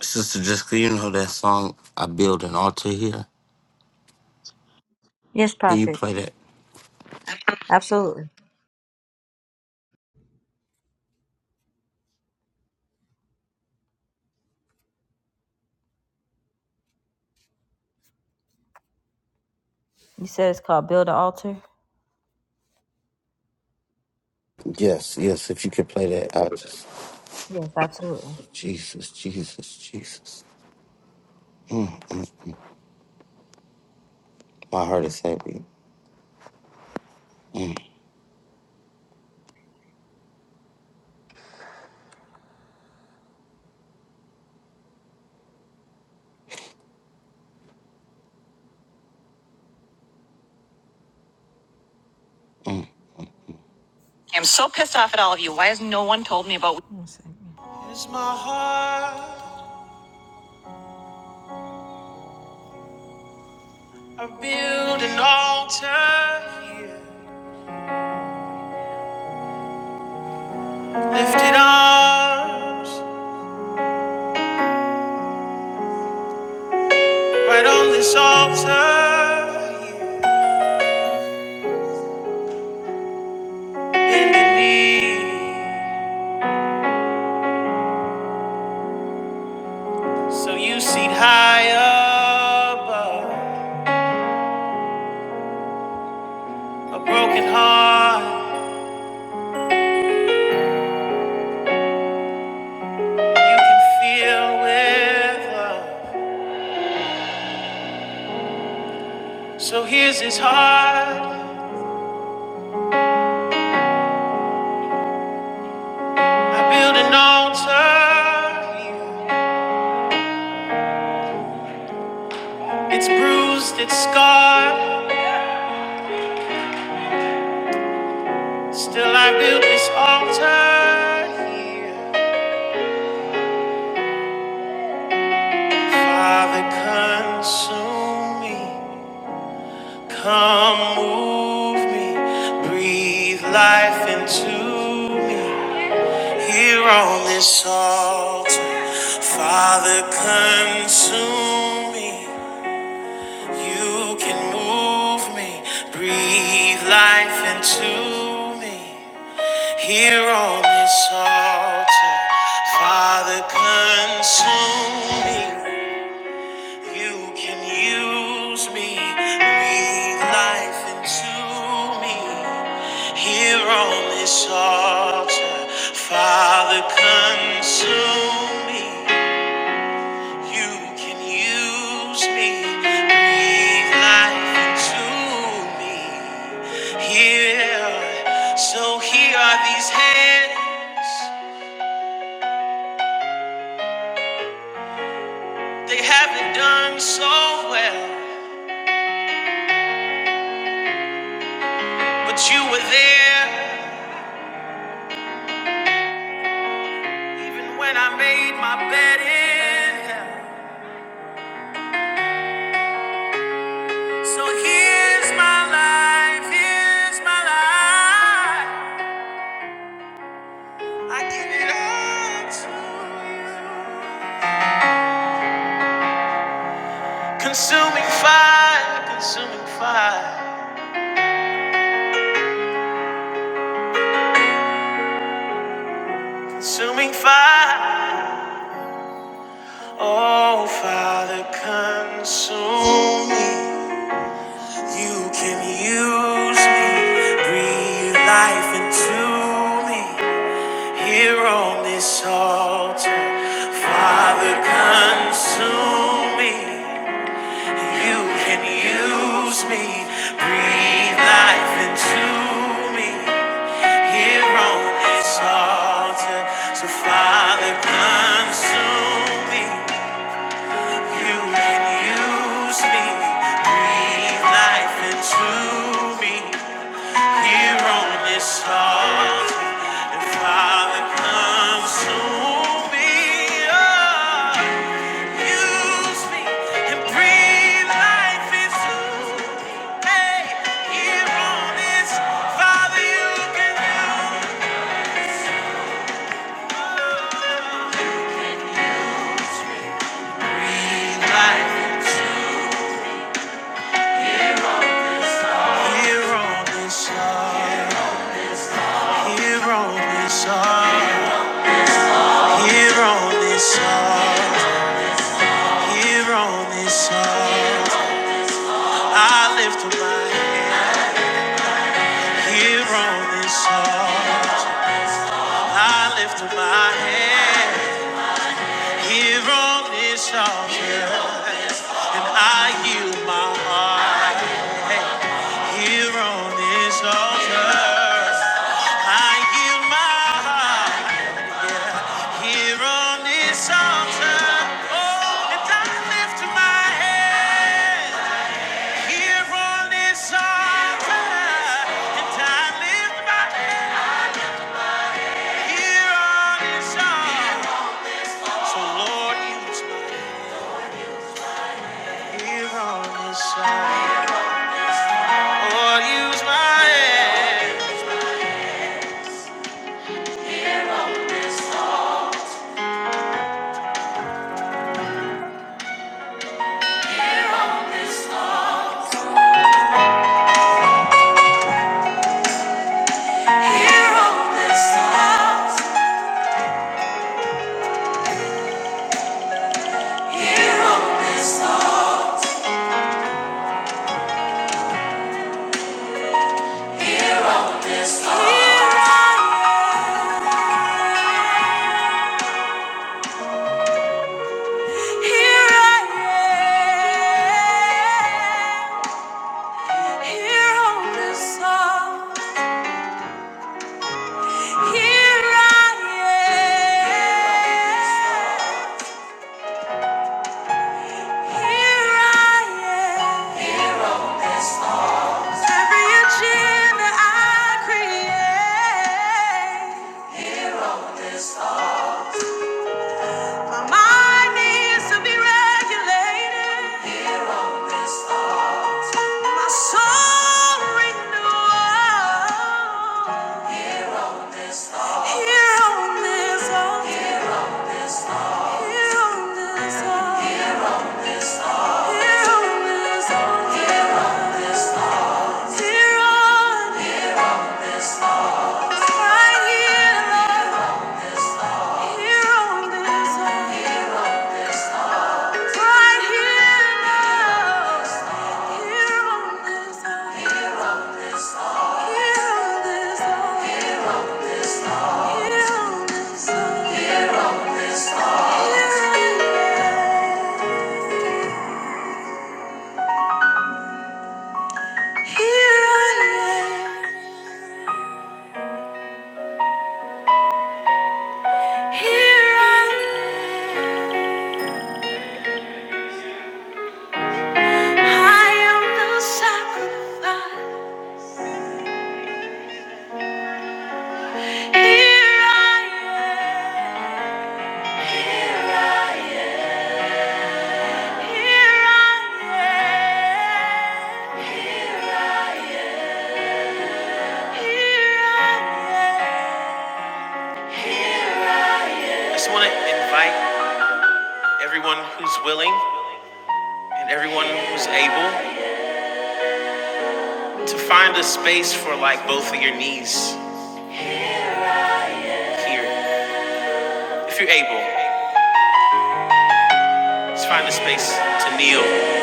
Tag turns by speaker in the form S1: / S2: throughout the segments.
S1: Sister Jessica, you know that song, I Build an Altar Here?
S2: Yes,
S1: Can you
S2: Prophet.
S1: play that?
S2: Absolutely. You said it's called Build an Altar?
S1: Yes, yes, if you could play that. I just,
S2: Yes, absolutely.
S1: Jesus, Jesus, Jesus. My heart is heavy.
S2: I'm so pissed off at all of you. Why has no one told me about. One second. Is my heart I build an altar here. Lifted arms right on this altar here. Bend the knee so you see high above. A broken heart you can feel with love. So here's his heart. I build an altar. It's bruised, it's scarred. Still, I build this altar here. Father, consume me. Come move me. Breathe life into me. Here on this altar, Father, consume me. You can move me, breathe life into me. Here on this altar, Father, consume me. You can use me, breathe life into me. Here on this altar, Father, consume me. You can use me, breathe life into me. Here, so here are these hands. They haven't done so well, but you were there even when I made my bed in hell. So here's my life, here's my life. I give it all to you. Consuming fire, consuming fire, consuming fire. Oh, Father, consume me. You can use me, breathe life into me. Here on this altar, Father, consume me. You can use me, breathe life into me here on this altar. So, Father, consume me. You can use me, breathe life into me here on this altar. And Father, consume me. Oh. Here on this song, I lift up my hand. Here on this altar, and I yield my heart. Hey, Here on this altar, I yield my heart. Here on this altar, oh, and I lift my head. Here on this altar, and I lift my head. Here on this altar, so Lord, use my here on this altar. Lord, use my hands. Every agenda I create. My mind needs to be regulated. My soul renewed. Here on this earth. here on this earth. here on this earth. here on, this earth. here on, right here, Lord, here on this earth. Sacrifice. Here I am. Here I am. I just want to invite everyone who's willing and everyone who's able to find a space for like both of your knees here. If you're able, just find a space to kneel.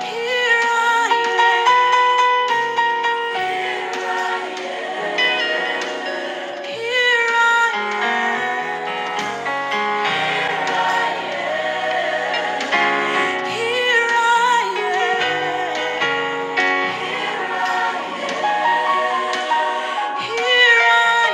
S2: Here I am. Here I am. Here I am. Here I am.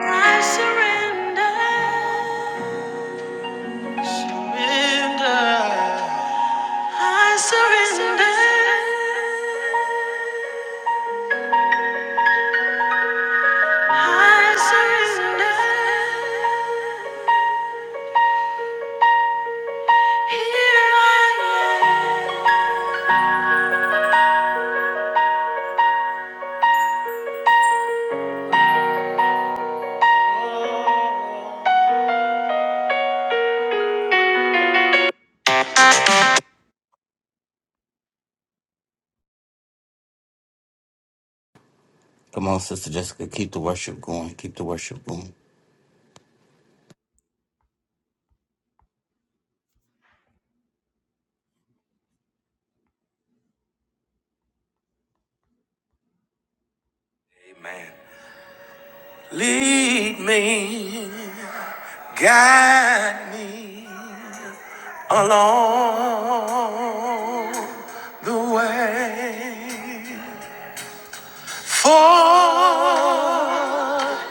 S2: I surrender. I surrender. I surrender. Here I am.
S1: Come on, Sister Jessica, keep the worship going. Keep the worship going.
S2: Lead me, guide me along the way. For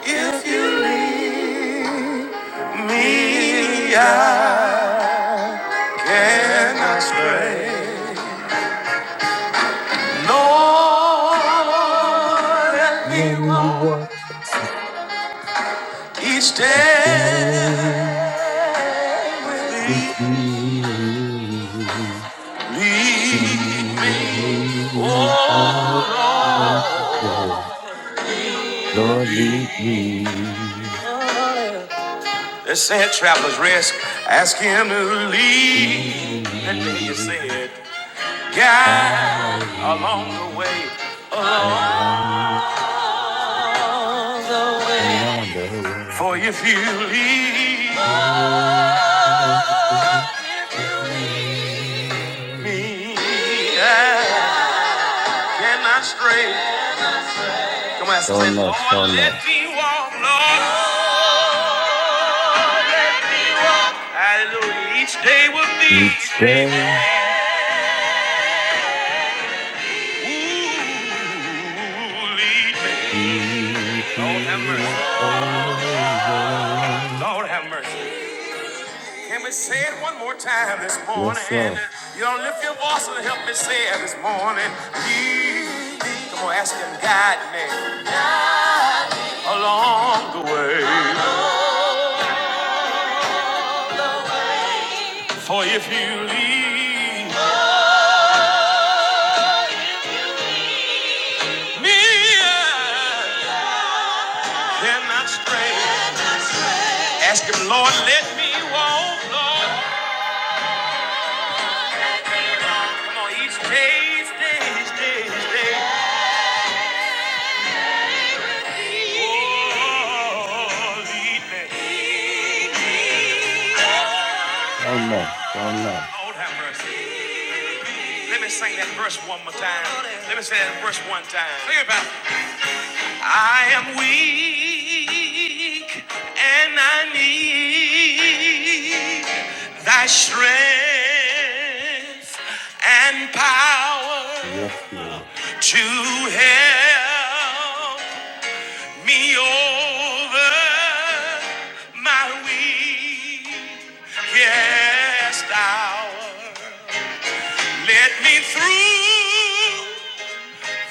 S2: if he
S1: Let me walk
S2: had
S1: down with you. Lord, lead me.
S2: Let's say it, Traveler's Risk. Ask him to lead. Let me hear you say it. guide along the
S1: Riding
S2: way.
S1: along, along
S2: For
S1: the
S2: if you lead
S1: road.
S2: me, I cannot stray. Come on, say,
S1: Donuts,
S2: Lord, let
S1: donuts.
S2: me walk, Lord. Hallelujah. Each day will be
S1: Each
S2: shape.
S1: day
S2: Ooh, lead me.
S1: we
S2: Lord have mercy.
S1: do over.
S2: Lord have mercy. Can we say it one more time this
S1: Yes,
S2: morning?
S1: sir.
S2: You don't lift your voice and help me say it this morning. Lead me. Come on, ask him, guide me. me cannot stray. Ask him, Lord, let me walk, Lord. Come on, each day, each day, each day, each day. Oh, lead me.
S1: Donuts, donuts.
S2: Lord have mercy. Let me sing that verse one more time. Let me say that verse one time. Think about it. I am weak and I need thy strength and power
S1: Yes, Lord.
S2: to help me over my weakest hour. Let me through.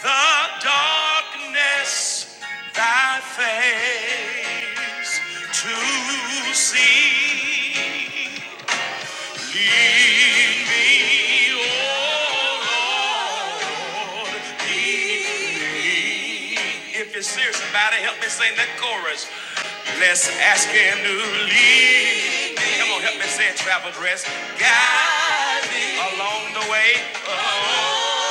S2: The darkness thy face to see. Lead me, O Lord, lead me. If you're serious about it, help me sing that chorus. Let's ask him to lead me. Come on, help me say it, travel dress. Guide me along the way. Oh,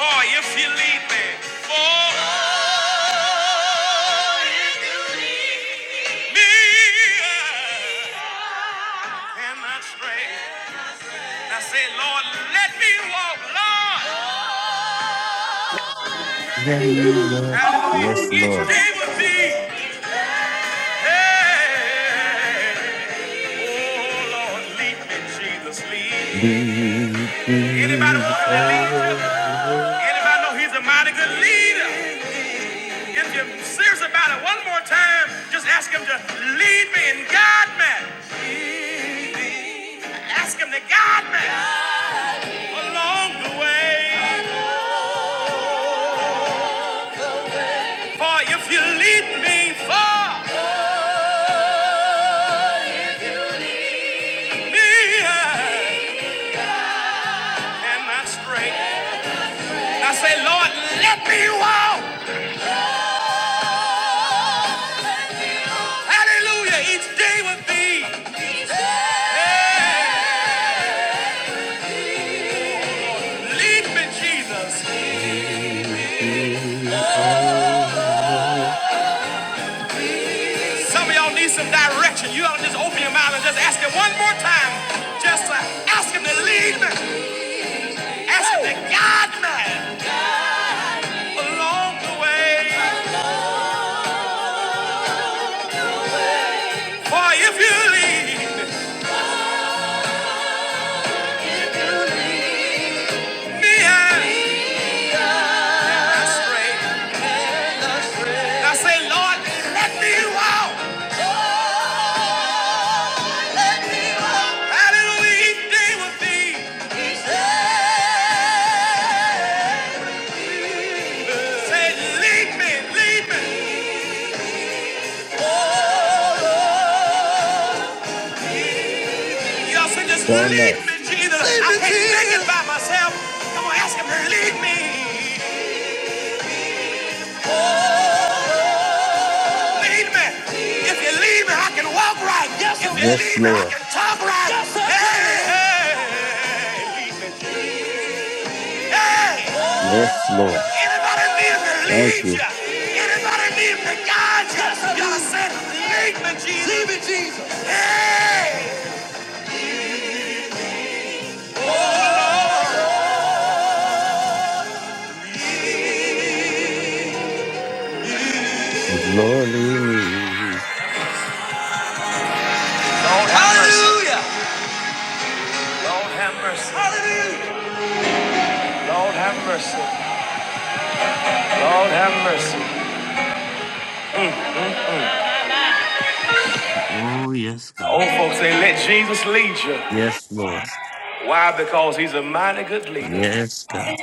S2: For if you lead me, for for if you lead me, I cannot stray. Now say, Lord, let me walk, Lord.
S1: Yes, Lord.
S2: Hallelujah.
S1: Yes,
S2: Each
S1: Lord.
S2: day with me. Hey. Oh, Lord, lead me, Jesus,
S1: Be,
S2: lead.
S1: be,
S2: Anybody want him to
S1: oh,
S2: lead you? Anybody know he's a mighty good leader? If you're serious about it, one more time, just ask him to lead me and guide me. Ask him to guide me along the way. For if you lead me far, oh, if you lead me I cannot stray. I say, Lord, let me walk. Hallelujah, each day with thee. Yeah. Lead me, Jesus. Lead
S1: Be,
S2: me.
S1: be, oh,
S2: Some of y'all need some direction. You ought to just open your mouth and just ask him one more time. Just to ask him to lead me. Ask him to guide me along the way. For if you lead me astray, I say, Lord, let me walk. Hallelujah, each day with thee. Say, lead me, lead me. Y'all say, just
S1: Sure
S2: lead
S1: enough.
S2: me, Jesus. I can't make it by myself. Come on, ask him to lead me. Lead me. If you lead me, I can walk right. Yes, if you
S1: Yes,
S2: lead me, I
S1: Lord.
S2: can talk right. Yes, sir. Hey, hey, hey.
S1: Yes, Lord.
S2: Anybody need him to
S1: Thank
S2: lead
S1: you.
S2: you? Anybody need him to guide you? Yes, sir. Y'all said, lead me, Jesus. Lead me, Jesus. Hey. Oh
S1: Glory me.
S2: Lord, have mercy. Hallelujah. Mercy. Lord, have mercy. Hallelujah. Lord, have mercy. Lord, have mercy.
S1: Oh, yes, God.
S2: Old folks say, let Jesus lead you.
S1: Yes, Lord.
S2: Why? Because he's a mighty good leader.
S1: Yes, God.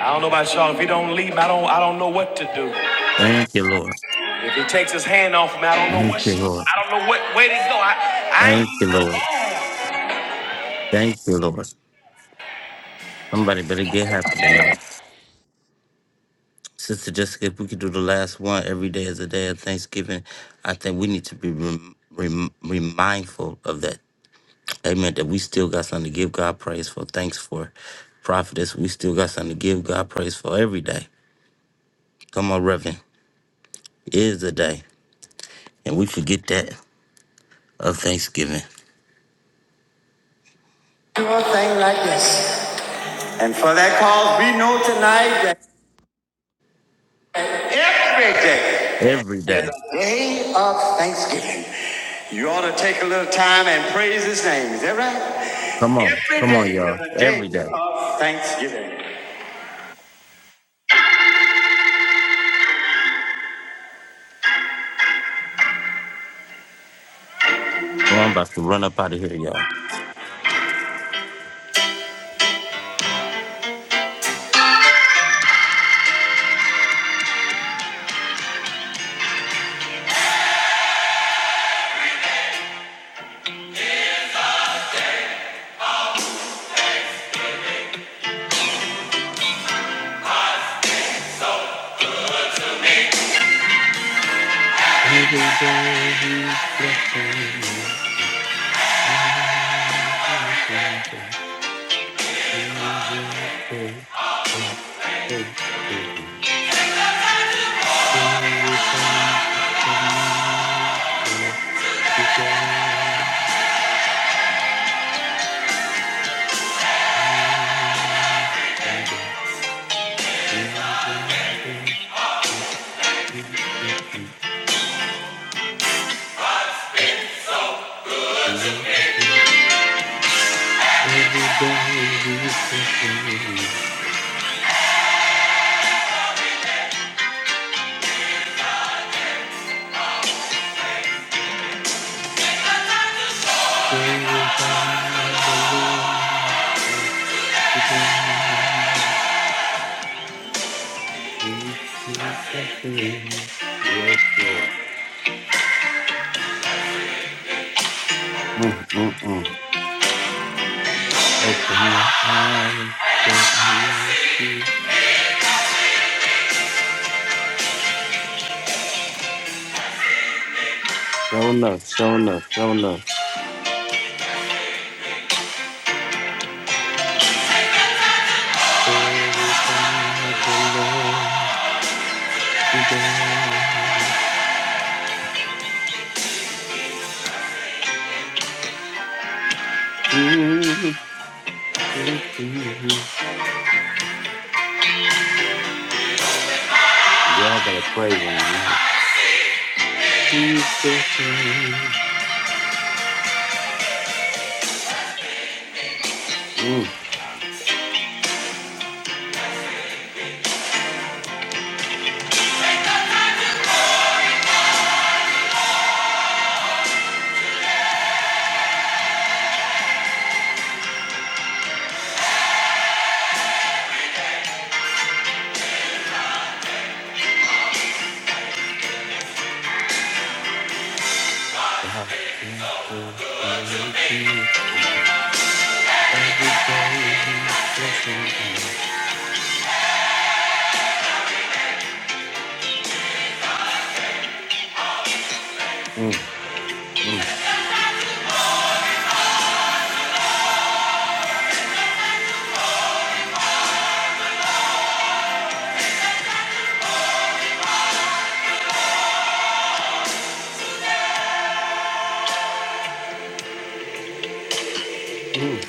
S2: I don't know about y'all. If he don't leave, I don't. I don't know what to do.
S1: Thank you, Lord.
S2: If he takes his hand off me, I don't know
S1: Thank you,
S2: what.
S1: Lord.
S2: I don't know what way to go. I. I
S1: Thank you,
S2: need
S1: Lord. Thank you, Lord. Somebody better get happy tonight. Sister Jessica, if we could do the last one every day as a day of Thanksgiving, I think we need to be rem- rem- remindful of that Amen. That we still got something to give God praise for. Thanks for prophetess. We still got something to give God praise for every day. Come on, Reverend. It is the day. And we forget that of Thanksgiving.
S2: the.
S1: Every day. Come on. Come on, y'all. Every day. Well, I'm about to run up out of here, y'all. Every day he's blessing me. Everything that he is for and so Everything that he is for. Every day we pray, glorify the Lord. Today we proclaim your Lord. Mm-mm-mm. Open my eyes, so I might see. Show enough, show enough, show enough. Glorify the Lord today. Mm, Let's see. Y'all better praise him tonight. Jesus, mm, God is so good. Every day, bless me. Mm, mm, mm.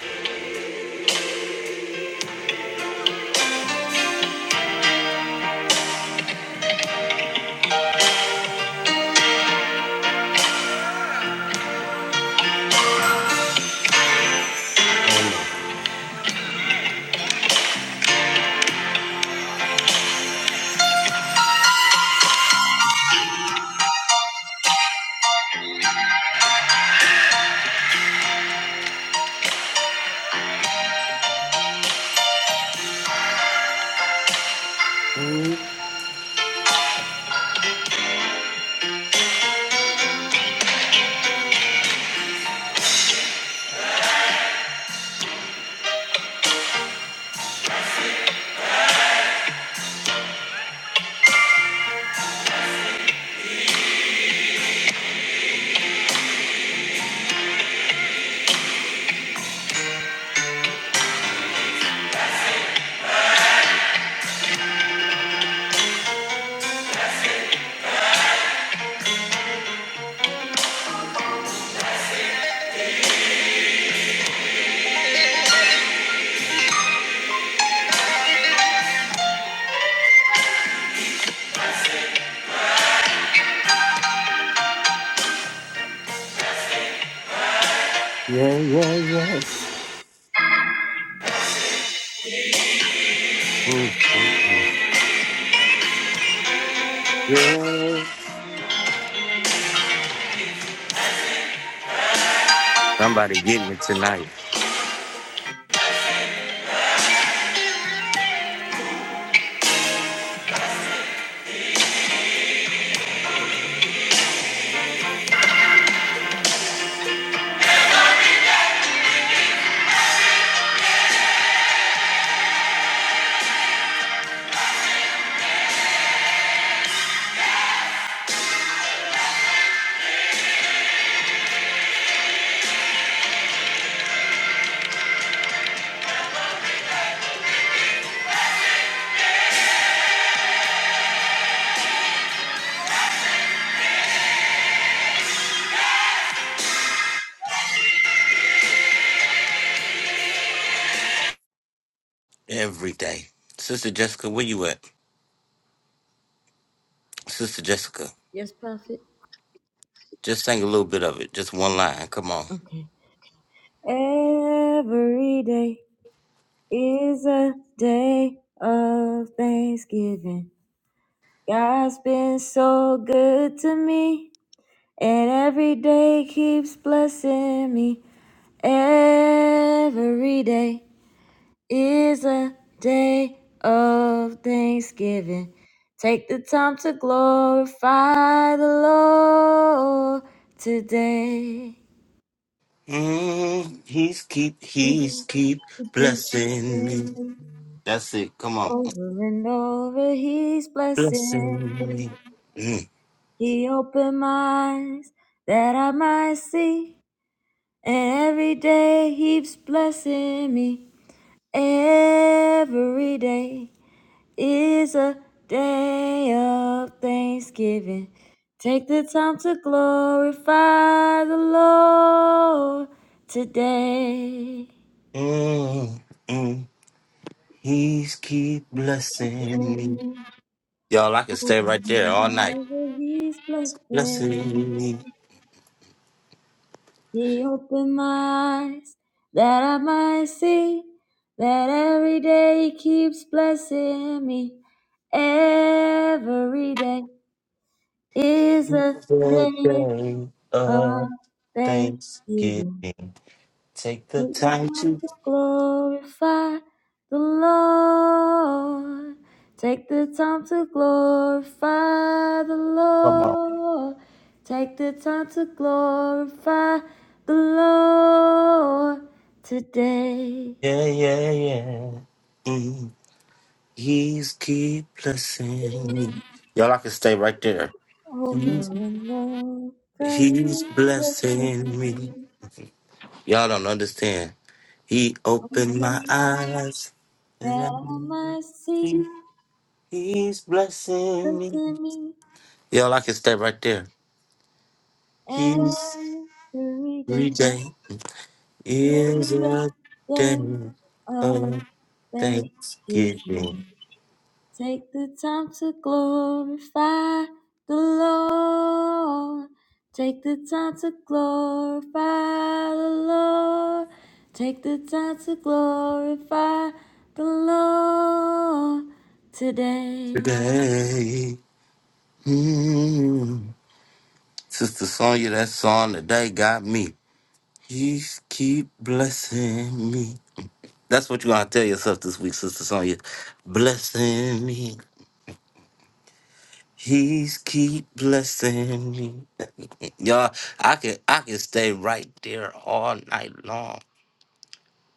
S1: I love it. Yeah, yeah, yeah. Mm, mm, mm. Yeah. Somebody getting it tonight. Every day. Sister Jessica, where you at? Sister Jessica,
S2: Yes, prophet.
S1: just sing a little bit of it. Just one line. Come on.
S2: Okay. Every day is a day of thanksgiving. God's been so good to me, and every day keeps blessing me. Every day. is a day of thanksgiving. Take the time to glorify the Lord today.
S1: Mm, he's keep, he's keep blessing me. That's it. Come on.
S2: Over and over, He's blessing
S1: Blessing
S2: me.
S1: me. Mm,
S2: He opened my eyes that I might see, and every day He's blessing me. Every day. is a day of thanksgiving. Take the time to glorify the Lord today.
S1: mm, mm. He's keep blessing me. Y'all, I can stay right there all night.
S2: He's blessed me.
S1: Blessing me
S2: He opened my eyes that I might see that every day He keeps blessing me. Every day is a
S1: the
S2: day
S1: day
S2: of
S1: of Thanksgiving.
S2: thanksgiving.
S1: Take the
S2: Let your
S1: time to
S2: counsel glorify the Lord. Take the time to glorify the
S1: come on.
S2: Lord. Take the time to glorify the Lord today.
S1: Yeah, yeah, yeah. Mm. He's keep blessing me. Y'all, I can stay right there.
S2: Over
S1: He's,
S2: and over
S1: he's
S2: you look
S1: blessing
S2: at
S1: me.
S2: me.
S1: Y'all don't understand. He opened my
S2: Open my
S1: eyes. And
S2: that I might see
S1: I He's blessing me.
S2: within me
S1: Y'all, I can stay right there. He's
S2: every day.
S1: every day
S2: every
S1: is
S2: day.
S1: a day
S2: Oh,
S1: of
S2: thank you.
S1: thanksgiving
S2: Take the time to glorify the Lord. Take the time to glorify the Lord. Take the time to glorify the Lord today.
S1: today. Mm. Sister Sonya, that song today got me. He's keep blessing me. That's what you're gonna tell yourself this week, Sister Sonya. Blessing me. He's keep blessing me. Y'all, I can I can stay right there all night long.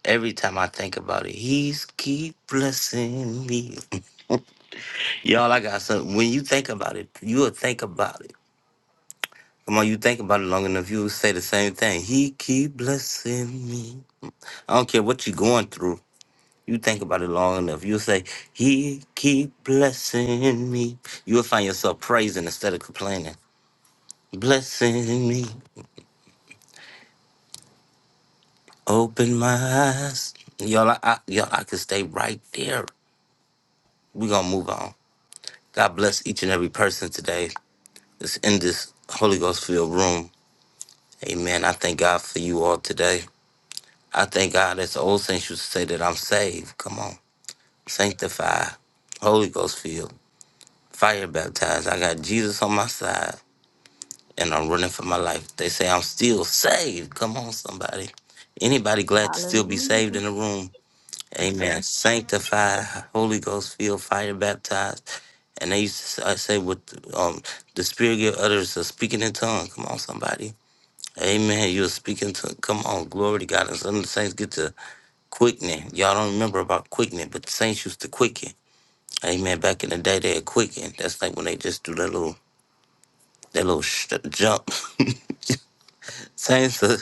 S1: Every time I think about it, he's keep blessing me. Y'all, I got something. When you think about it, you'll think about it. Come on, you think about it long enough, you'll say the same thing. He keep blessing me. I don't care what you're going through. You think about it long enough, you'll say, He keep blessing me. You'll find yourself praising instead of complaining. Blessing me. Open my eyes. Y'all, I, I, y'all, I can stay right there. We're going to move on. God bless each and every person today that's in this Holy Ghost filled room. Amen. I thank God for you all today. I thank God, as the old saints used to say, that I'm saved. Come on. Sanctified, Holy Ghost filled, fire baptized. I got Jesus on my side and I'm running for my life. They say I'm still saved. Come on, somebody. Anybody glad to still be
S2: Hallelujah.
S1: saved in the room? Amen. Sanctified, Holy Ghost filled, fire baptized. And they used to s- uh, say, with um, the Spirit give others a speaking in tongue. Come on, somebody. Amen. You're speaking to, come on, glory to God. And some of the saints get to quickening. Y'all don't remember about quickening, but the saints used to quicken. Amen. Back in the day, they had quickened. That's like when they just do that little, that little sh- jump. saints, uh,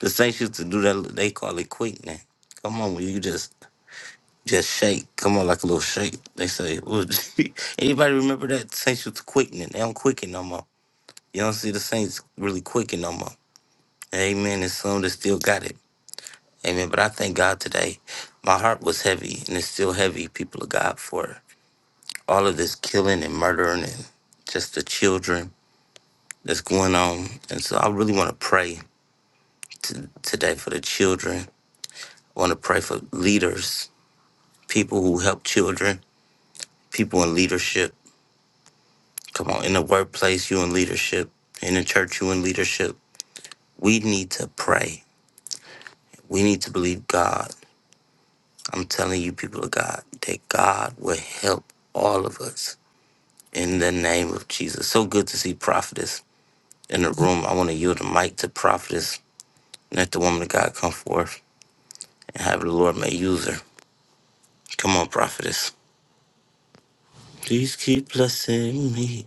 S1: the saints used to do that. They call it quickening. Come on, when you just Just shake. Come on, like a little shake. They say, well, anybody remember that saints was quickening? They don't quicken no more. You don't see the saints really quicken no more. Amen. And some that still got it. Amen. But I thank God today. My heart was heavy and it's still heavy, people of God, for all of this killing and murdering and just the children that's going on. And so I really want to pray to, today for the children. I want to pray for leaders, people who help children, people in leadership. Come on, in the workplace, you in leadership. In the church, you in leadership. We need to pray. We need to believe God. I'm telling you, people of God, that God will help all of us in the name of Jesus. So good to see prophetess in the room. I want to yield the mic to prophetess. Let the woman of God come forth and have the Lord may use her. Come on, prophetess. Please keep blessing me.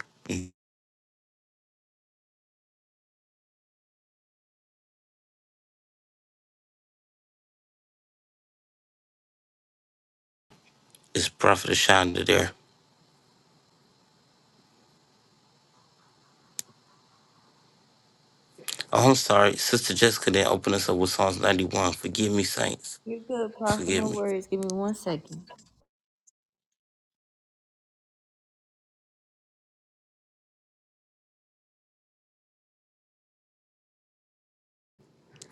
S1: It's prophetess Shonda there. Oh, I'm sorry. Sister Jessica didn't open us up with Psalms 91. Forgive me, saints.
S2: You're good, Prophet.
S1: Forgive
S2: No
S1: me.
S2: worries. Give me one second.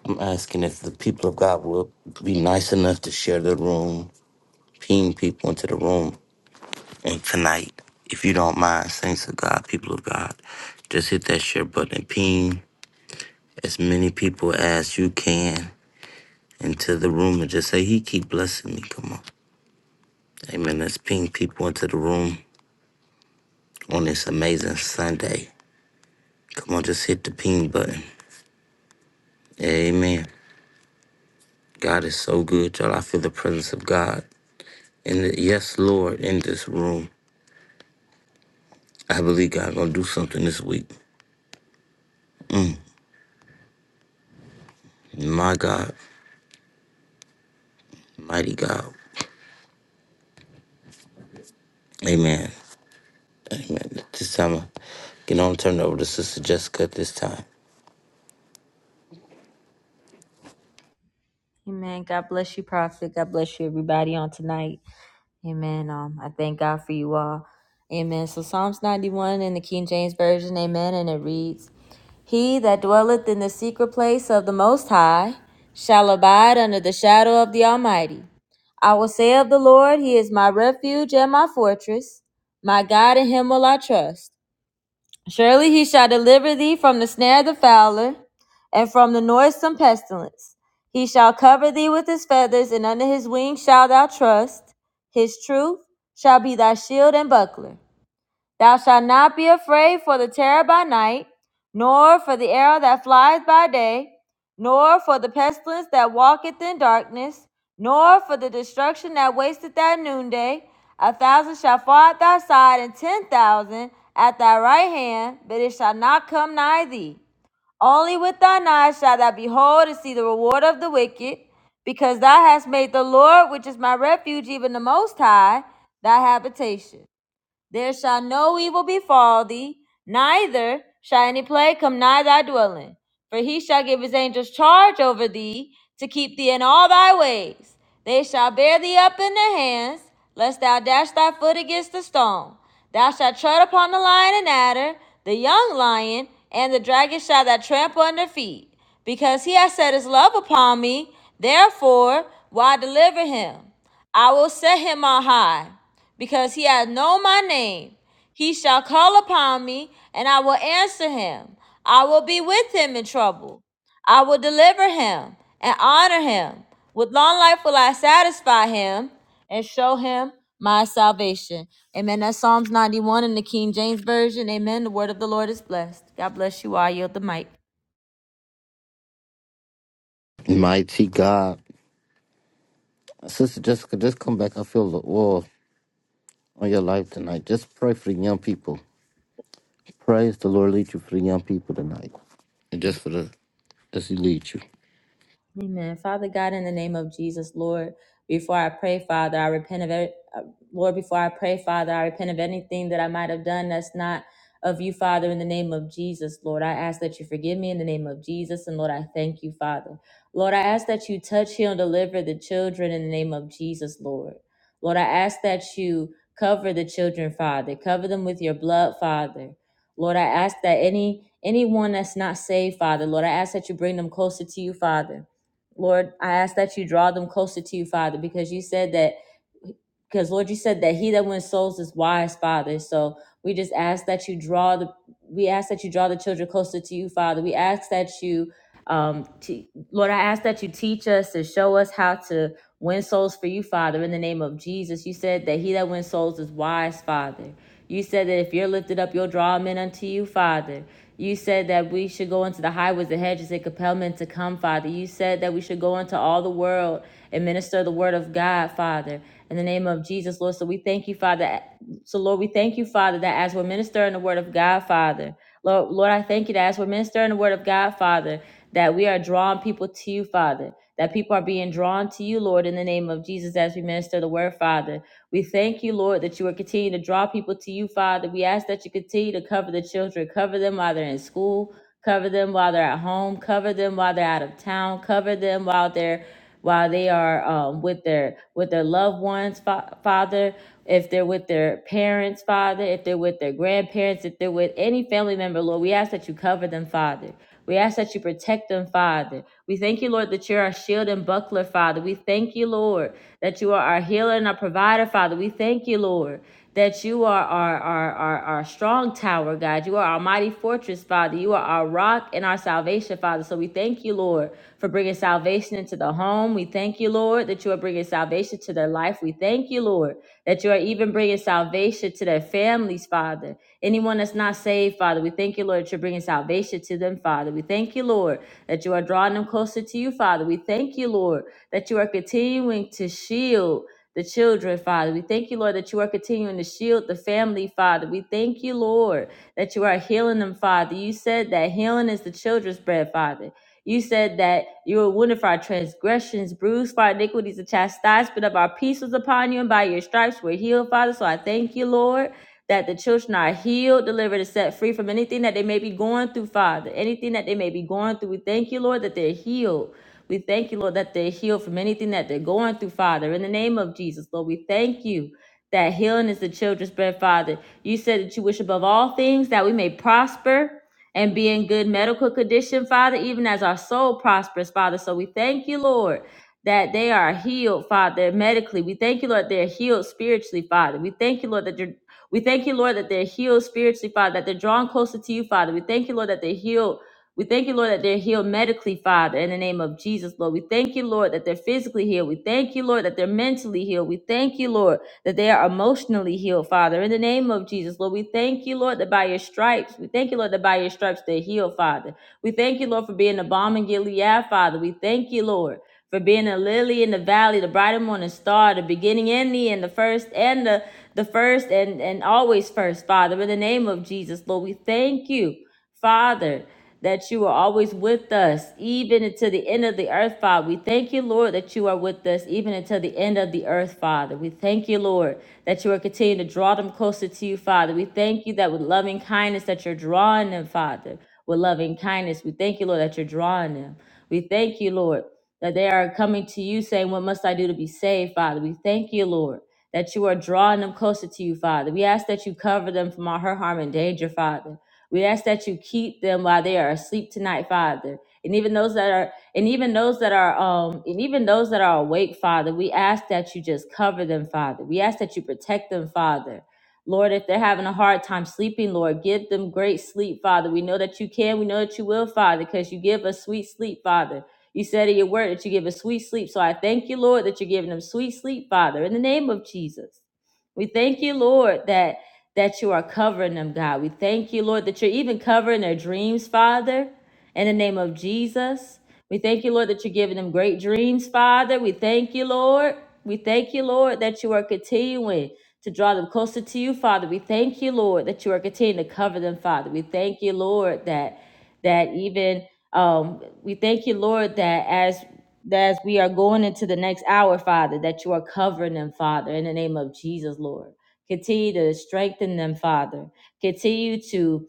S1: I'm asking if the people of God will be nice enough to share the room, ping people into the room. And tonight, if you don't mind, saints of God, people of God, just hit that share button and ping as many people as you can into the room and just say, He keep blessing me. Come on. Amen. Let's ping people into the room on this amazing Sunday. Come on, just hit the ping button. Amen. God is so good, y'all. I feel the presence of God. And yes, Lord, in this room. I believe God gonna do something this week. My God, mighty God. Amen. Amen. This time I can only turn it over to Sister Jessica at this time.
S2: Amen. God bless you, Prophet. God bless you, everybody, on tonight. Amen. Um, I thank God for you all. Amen. So Psalms 91 in the King James Version, amen, and it reads, He that dwelleth in the secret place of the Most High shall abide under the shadow of the Almighty. I will say of the Lord, He is my refuge and my fortress. My God, in Him will I trust. Surely he shall deliver thee from the snare of the fowler, and from the noisome pestilence. He shall cover thee with his feathers, and under his wings shalt thou trust. His truth shall be thy shield and buckler. Thou shalt not be afraid for the terror by night, nor for the arrow that flieth by day, nor for the pestilence that walketh in darkness, nor for the destruction that wasteth at noonday. A thousand shall fall at thy side, and ten thousand at thy right hand, but it shall not come nigh thee. Only with thine eyes shalt thou behold and see the reward of the wicked, because thou hast made the Lord, which is my refuge, even the Most High, thy habitation. There shall no evil befall thee, neither shall any plague come nigh thy dwelling. For he shall give his angels charge over thee to keep thee in all thy ways. They shall bear thee up in their hands, lest thou dash thy foot against a stone. Thou shalt tread upon the lion and adder, the young lion, and the dragon shall thou trample under feet. Because he has set his love upon me, therefore will I deliver him. I will set him on high because he hath known my name. He shall call upon me, and I will answer him. I will be with him in trouble. I will deliver him and honor him. With long life will I satisfy him and show him my salvation. Amen. That's Psalms 91 in the King James Version. Amen. The word of the Lord is blessed. God bless you. all. I yield the mic.
S1: Mighty God. Sister Jessica, just come back. I feel the oil on your life tonight. Just pray for the young people. Praise the Lord lead you for the young people tonight. And just for the as he leads you.
S2: Amen. Father God, in the name of Jesus, Lord, before I pray, Father, I repent of every, uh, Lord, before I pray, Father, I repent of anything that I might have done that's not of you, Father, in the name of Jesus, Lord. I ask that you forgive me in the name of Jesus, and Lord, I thank you, Father. Lord, I ask that you touch, heal, and deliver the children in the name of Jesus, Lord. Lord, I ask that you cover the children, Father. Cover them with your blood, Father. Lord, I ask that any anyone that's not saved, Father, Lord, I ask that you bring them closer to you, Father. Lord, I ask that you draw them closer to you, Father, because you said that, because Lord, you said that he that wins souls is wise, Father. So we just ask that you draw the, we ask that you draw the children closer to you, Father. We ask that you, um, te- Lord, I ask that you teach us and show us how to win souls for you, Father, in the name of Jesus. You said that he that wins souls is wise, Father. You said that if you're lifted up, you'll draw men unto you, Father. You said that we should go into the highways and hedges and compel men to come, Father. You said that we should go into all the world and minister the word of God, Father. In the name of Jesus, Lord. So we thank you, Father. So, Lord, we thank you, Father, that as we're ministering the word of God, Father, Lord, Lord, I thank you that as we're ministering the word of God, Father, that we are drawing people to you, Father, that people are being drawn to you, Lord, in the name of Jesus, as we minister the word, Father. We thank you, Lord, that you are continuing to draw people to you, Father. We ask that you continue to cover the children, cover them while they're in school, cover them while they're at home, cover them while they're out of town, cover them while they're while they are um, with their with their loved ones fa- father if they're with their parents father if they're with their grandparents if they're with any family member lord we ask that you cover them father we ask that you protect them father we thank you lord that you're our shield and buckler father we thank you lord that you are our healer and our provider father we thank you lord that you are our, our, our, our strong tower, God. You are our mighty fortress, Father. You are our rock and our salvation, Father. So we thank you, Lord, for bringing salvation into the home. We thank you, Lord, that you are bringing salvation to their life. We thank you, Lord, that you are even bringing salvation to their families, Father. Anyone that's not saved, Father, we thank you, Lord, that you're bringing salvation to them, Father. We thank you, Lord, that you are drawing them closer to you, Father. We thank you, Lord, that you are continuing to shield the children, Father. We thank you, Lord, that you are continuing to shield the family, Father. We thank you, Lord, that you are healing them, Father. You said that healing is the children's bread, Father. You said that you were wounded for our transgressions, bruised for our iniquities, the chastisement of our peace was upon you, and by your stripes we're healed, Father. So I thank you, Lord, that the children are healed, delivered, and set free from anything that they may be going through, Father. Anything that they may be going through, we thank you, Lord, that they're healed. We thank you, Lord, that they're healed from anything that they're going through, Father. In the name of Jesus, Lord, we thank you that healing is the children's bread, Father. You said that you wish above all things that we may prosper and be in good medical condition, Father, even as our soul prospers, Father. So we thank you, Lord, that they are healed, Father, medically. We thank you, Lord, they're healed spiritually, Father. We thank you, Lord, that you're we thank you, Lord, that they're healed spiritually, Father, that they're drawn closer to you, Father. We thank you, Lord, that they're healed we thank you, Lord, that they're healed medically, Father, in the name of Jesus, Lord. We thank you, Lord, that they're physically healed. We thank you, Lord, that they're mentally healed. We thank you, Lord, that they are emotionally healed, Father, in the name of Jesus, Lord. We thank you, Lord, that by your stripes, we thank you, Lord, that by your stripes they're healed, Father. We thank you, Lord, for being the balm in Gilead, Father. We thank you, Lord. For being a lily in the valley, the bright and morning star, the beginning and the end, the first and the the first and, and always first, Father, in the name of Jesus, Lord, we thank you. Father, that you are always with us, even until the end of the earth, Father. We thank you, Lord, that you are with us, even until the end of the earth, Father. We thank you, Lord, that you are continuing to draw them closer to you, Father. We thank you that with loving kindness that you're drawing them, Father. With loving kindness, we thank you, Lord, that you're drawing them. We thank you, Lord, that they are coming to you saying, What must I do to be saved, Father? We thank you, Lord that you are drawing them closer to you, Father. We ask that you cover them from all hurt, harm, and danger, Father. We ask that you keep them while they are asleep tonight, Father. And even those that are, and even those that are, um, and even those that are awake, Father, we ask that you just cover them, Father. We ask that you protect them, Father. Lord, if they're having a hard time sleeping, Lord, give them great sleep, Father. We know that you can. We know that you will, Father, because you give us sweet sleep, Father. You said in your word that you give us sweet sleep. So I thank you, Lord, that you're giving them sweet sleep, Father, in the name of Jesus. We thank you, Lord, that that you are covering them, God. We thank you, Lord, that you're even covering their dreams, Father, in the name of Jesus. We thank you, Lord, that you're giving them great dreams, Father. We thank you, Lord. We thank you, Lord, that you are continuing to draw them closer to you, Father. We thank you, Lord, that you are continuing to cover them, Father. We thank you, Lord, that that even um, we thank you, Lord, that as that as we are going into the next hour, Father, that you are covering them, Father, in the name of Jesus, Lord. Continue to strengthen them, Father. Continue to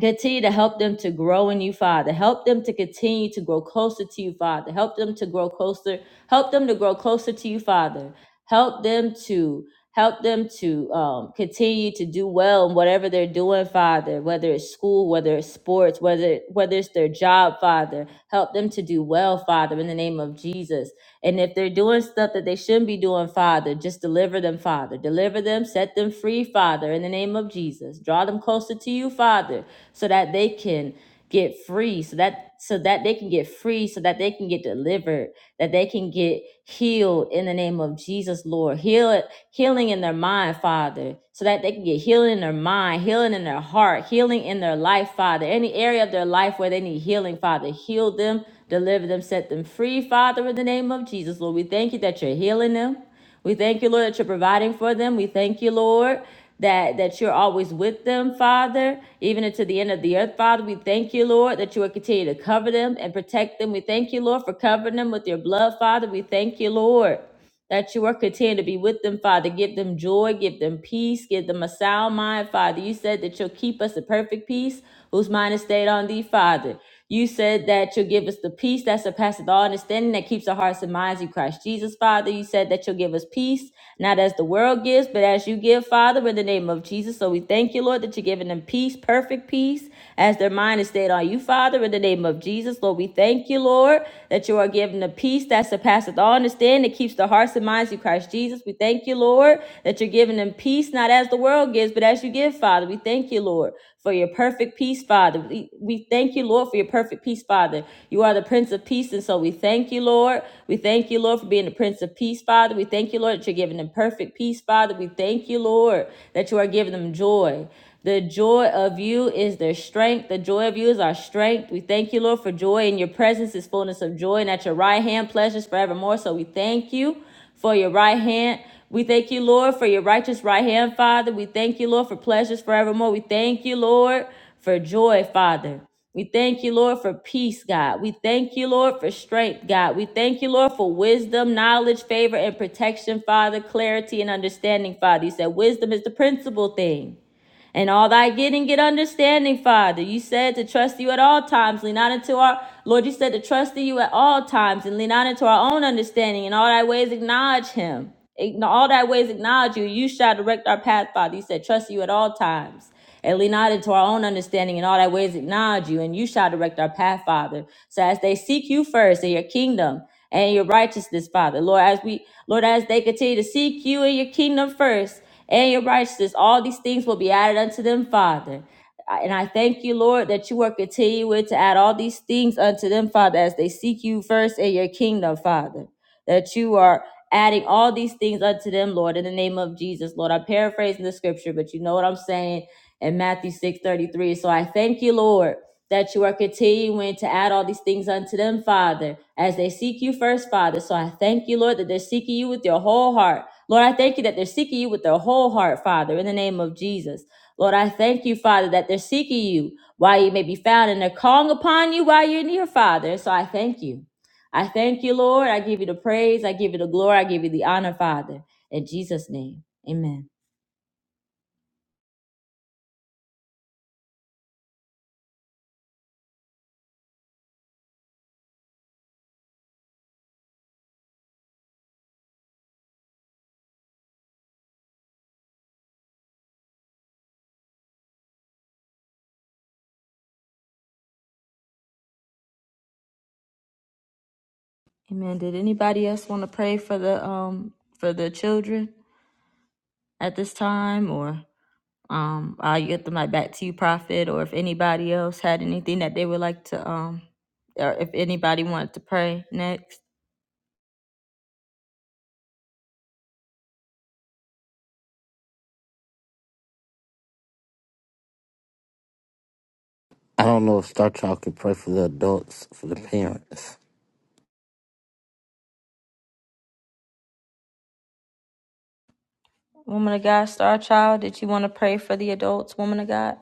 S2: Continue to help them to grow in you, Father. Help them to continue to grow closer to you, Father. Help them to grow closer. Help them to grow closer to you, Father. Help them to help them to um, continue to do well in whatever they're doing, Father. Whether it's school, whether it's sports, whether whether it's their job, Father. Help them to do well, Father. In the name of Jesus. And if they're doing stuff that they shouldn't be doing, Father, just deliver them, Father. Deliver them, set them free, Father, in the name of Jesus. Draw them closer to you, Father, so that they can get free, so that so that they can get free, so that they can get delivered, that they can get healed in the name of Jesus, Lord. Heal it, healing in their mind, Father, so that they can get healing in their mind, healing in their heart, healing in their life, Father. Any area of their life where they need healing, Father, heal them Deliver them, set them free, Father, in the name of Jesus, Lord. We thank you that you're healing them. We thank you, Lord, that you're providing for them. We thank you, Lord, that, that you're always with them, Father, even unto the end of the earth, Father. We thank you, Lord, that you will continue to cover them and protect them. We thank you, Lord, for covering them with your blood, Father. We thank you, Lord that you are content to be with them, Father. Give them joy, give them peace, give them a sound mind, Father. You said that you'll keep us in perfect peace, whose mind is stayed on thee, Father. You said that you'll give us the peace that surpasses all understanding, that keeps our hearts and minds in Christ Jesus, Father. You said that you'll give us peace, not as the world gives, but as you give, Father, in the name of Jesus. So we thank you, Lord, that you're giving them peace, perfect peace as their mind is stayed on you, Father, in the name of Jesus. Lord, we thank you, Lord, that you are giving the peace that surpasseth all understanding, that keeps the hearts and minds of Christ Jesus. We thank you, Lord, that you're giving them peace, not as the world gives, but as you give, Father. We thank you, Lord, for your perfect peace, Father. We, we thank you, Lord, for your perfect peace, Father. You are the Prince of Peace, and so we thank you, Lord. We thank you, Lord, for being the Prince of Peace, Father. We thank you, Lord, that you're giving them perfect peace, Father. We thank you, Lord, that you are giving them joy. The joy of you is their strength. The joy of you is our strength. We thank you, Lord, for joy in your presence is fullness of joy, and at your right hand, pleasures forevermore. So we thank you for your right hand. We thank you, Lord, for your righteous right hand, Father. We thank you, Lord, for pleasures forevermore. We thank you, Lord, for joy, Father. We thank you, Lord, for peace, God. We thank you, Lord, for strength, God. We thank you, Lord, for wisdom, knowledge, favor, and protection, Father, clarity, and understanding, Father. You said wisdom is the principal thing. And all thy getting, get understanding, Father. You said to trust you at all times, lean not into our Lord. You said to trust in you at all times and lean not into our own understanding. In all thy ways, acknowledge Him. In all thy ways, acknowledge you. You shall direct our path, Father. You said trust you at all times and lean not into our own understanding. In all thy ways, acknowledge you, and you shall direct our path, Father. So as they seek you first in your kingdom and your righteousness, Father. Lord, as we, Lord, as they continue to seek you and your kingdom first and your righteousness, all these things will be added unto them, Father. I- And I thank you, Lord, that you are continuing to add all these things unto them, Father, as they seek you first and your kingdom, Father that you are adding all these things unto them, Lord, in the name of Jesus, Lord. I'm paraphrasing the scripture, but you know what I'm saying in Matthew 6 33, So I thank you, Lord, that you are continuing to add all these things unto them, Father, as they seek you first, Father. So I thank you, Lord, that they're seeking you with their whole heart. Lord, I thank you that they're seeking you with their whole heart, Father, in the name of Jesus. Lord, I thank you, Father, that they're seeking you while you may be found and they're calling upon you while you're near, Father. So I thank you. I thank you, Lord. I give you the praise. I give you the glory. I give you the honor, Father. In Jesus' name. Amen. Amen. Did anybody else want to pray for the um for the children at this time or um I'll get them like back to you, Prophet, or if anybody else had anything that they would like to um or if anybody wanted to pray next.
S1: I don't know if Star Child can pray for the adults, for the parents.
S2: Woman of God, Star Child, did you want to pray for the adults, woman of God?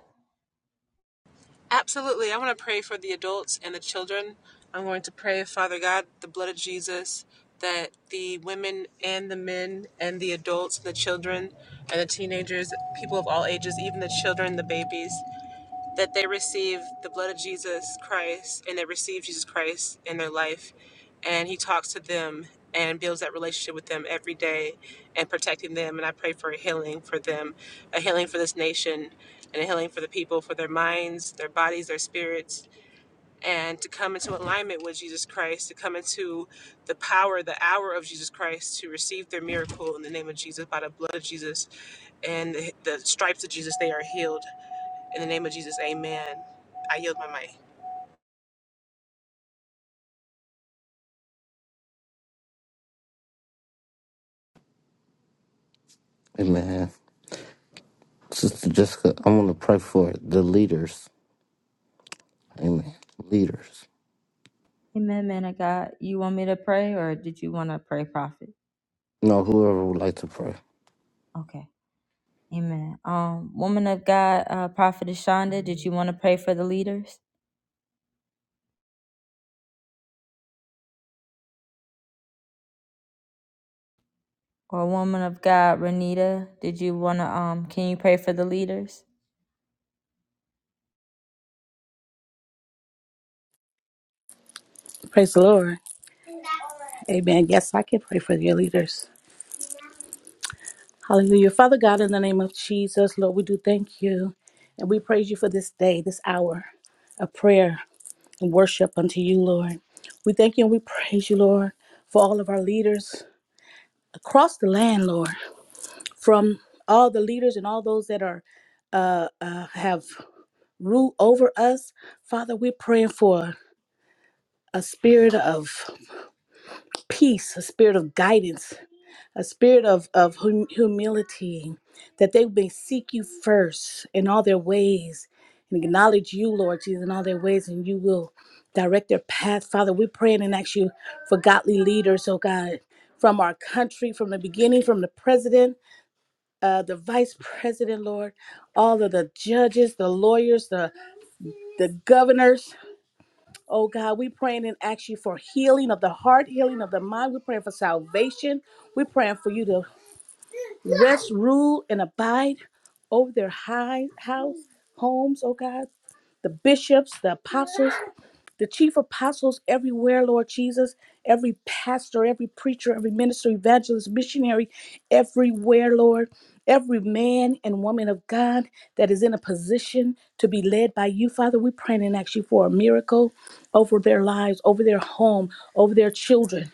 S3: Absolutely. I want to pray for the adults and the children. I'm going to pray, Father God, the blood of Jesus, that the women and the men and the adults, the children and the teenagers, people of all ages, even the children, the babies, that they receive the blood of Jesus Christ and they receive Jesus Christ in their life. And he talks to them and builds that relationship with them every day and protecting them. And I pray for a healing for them, a healing for this nation, and a healing for the people, for their minds, their bodies, their spirits, and to come into alignment with Jesus Christ, to come into the power, the hour of Jesus Christ, to receive their miracle in the name of Jesus, by the blood of Jesus and the, the stripes of Jesus, they are healed. In the name of Jesus, amen. I yield my mic.
S1: Amen. Sister Jessica, I want to pray for the leaders. Amen. Leaders.
S2: Amen, man of God. You want me to pray or did you want to pray, Prophet?
S1: No, whoever would like to pray.
S2: Okay. Amen. Um, woman of God, uh, Prophetess Shonda, did you want to pray for the leaders? Or woman of God, Renita, did you want to, um, can you pray for the leaders?
S4: Praise the Lord. Amen. Yes, I can pray for your leaders. Hallelujah. Father God, in the name of Jesus, Lord, we do thank you and we praise you for this day, this hour of prayer and worship unto you, Lord. We thank you and we praise you, Lord, for all of our leaders across the land, Lord, from all the leaders and all those that are uh, uh, have rule over us. Father, we're praying for a spirit of peace, a spirit of guidance, a spirit of, of hum- humility, that they may seek you first in all their ways and acknowledge you, Lord Jesus, in all their ways, and you will direct their path. Father, we pray and ask you for godly leaders, oh God, from our country, from the beginning, from the president, uh, the vice president, Lord, all of the judges, the lawyers, the, the governors. Oh God, we praying and ask you for healing of the heart, healing of the mind. We're praying for salvation. We're praying for you to Rest, rule, and abide over their high house, homes, oh God. The bishops, the apostles, the chief apostles everywhere, Lord Jesus, every pastor, every preacher, every minister, evangelist, missionary, everywhere, Lord, every man and woman of God that is in a position to be led by you, Father, we pray and ask you for a miracle over their lives, over their home, over their children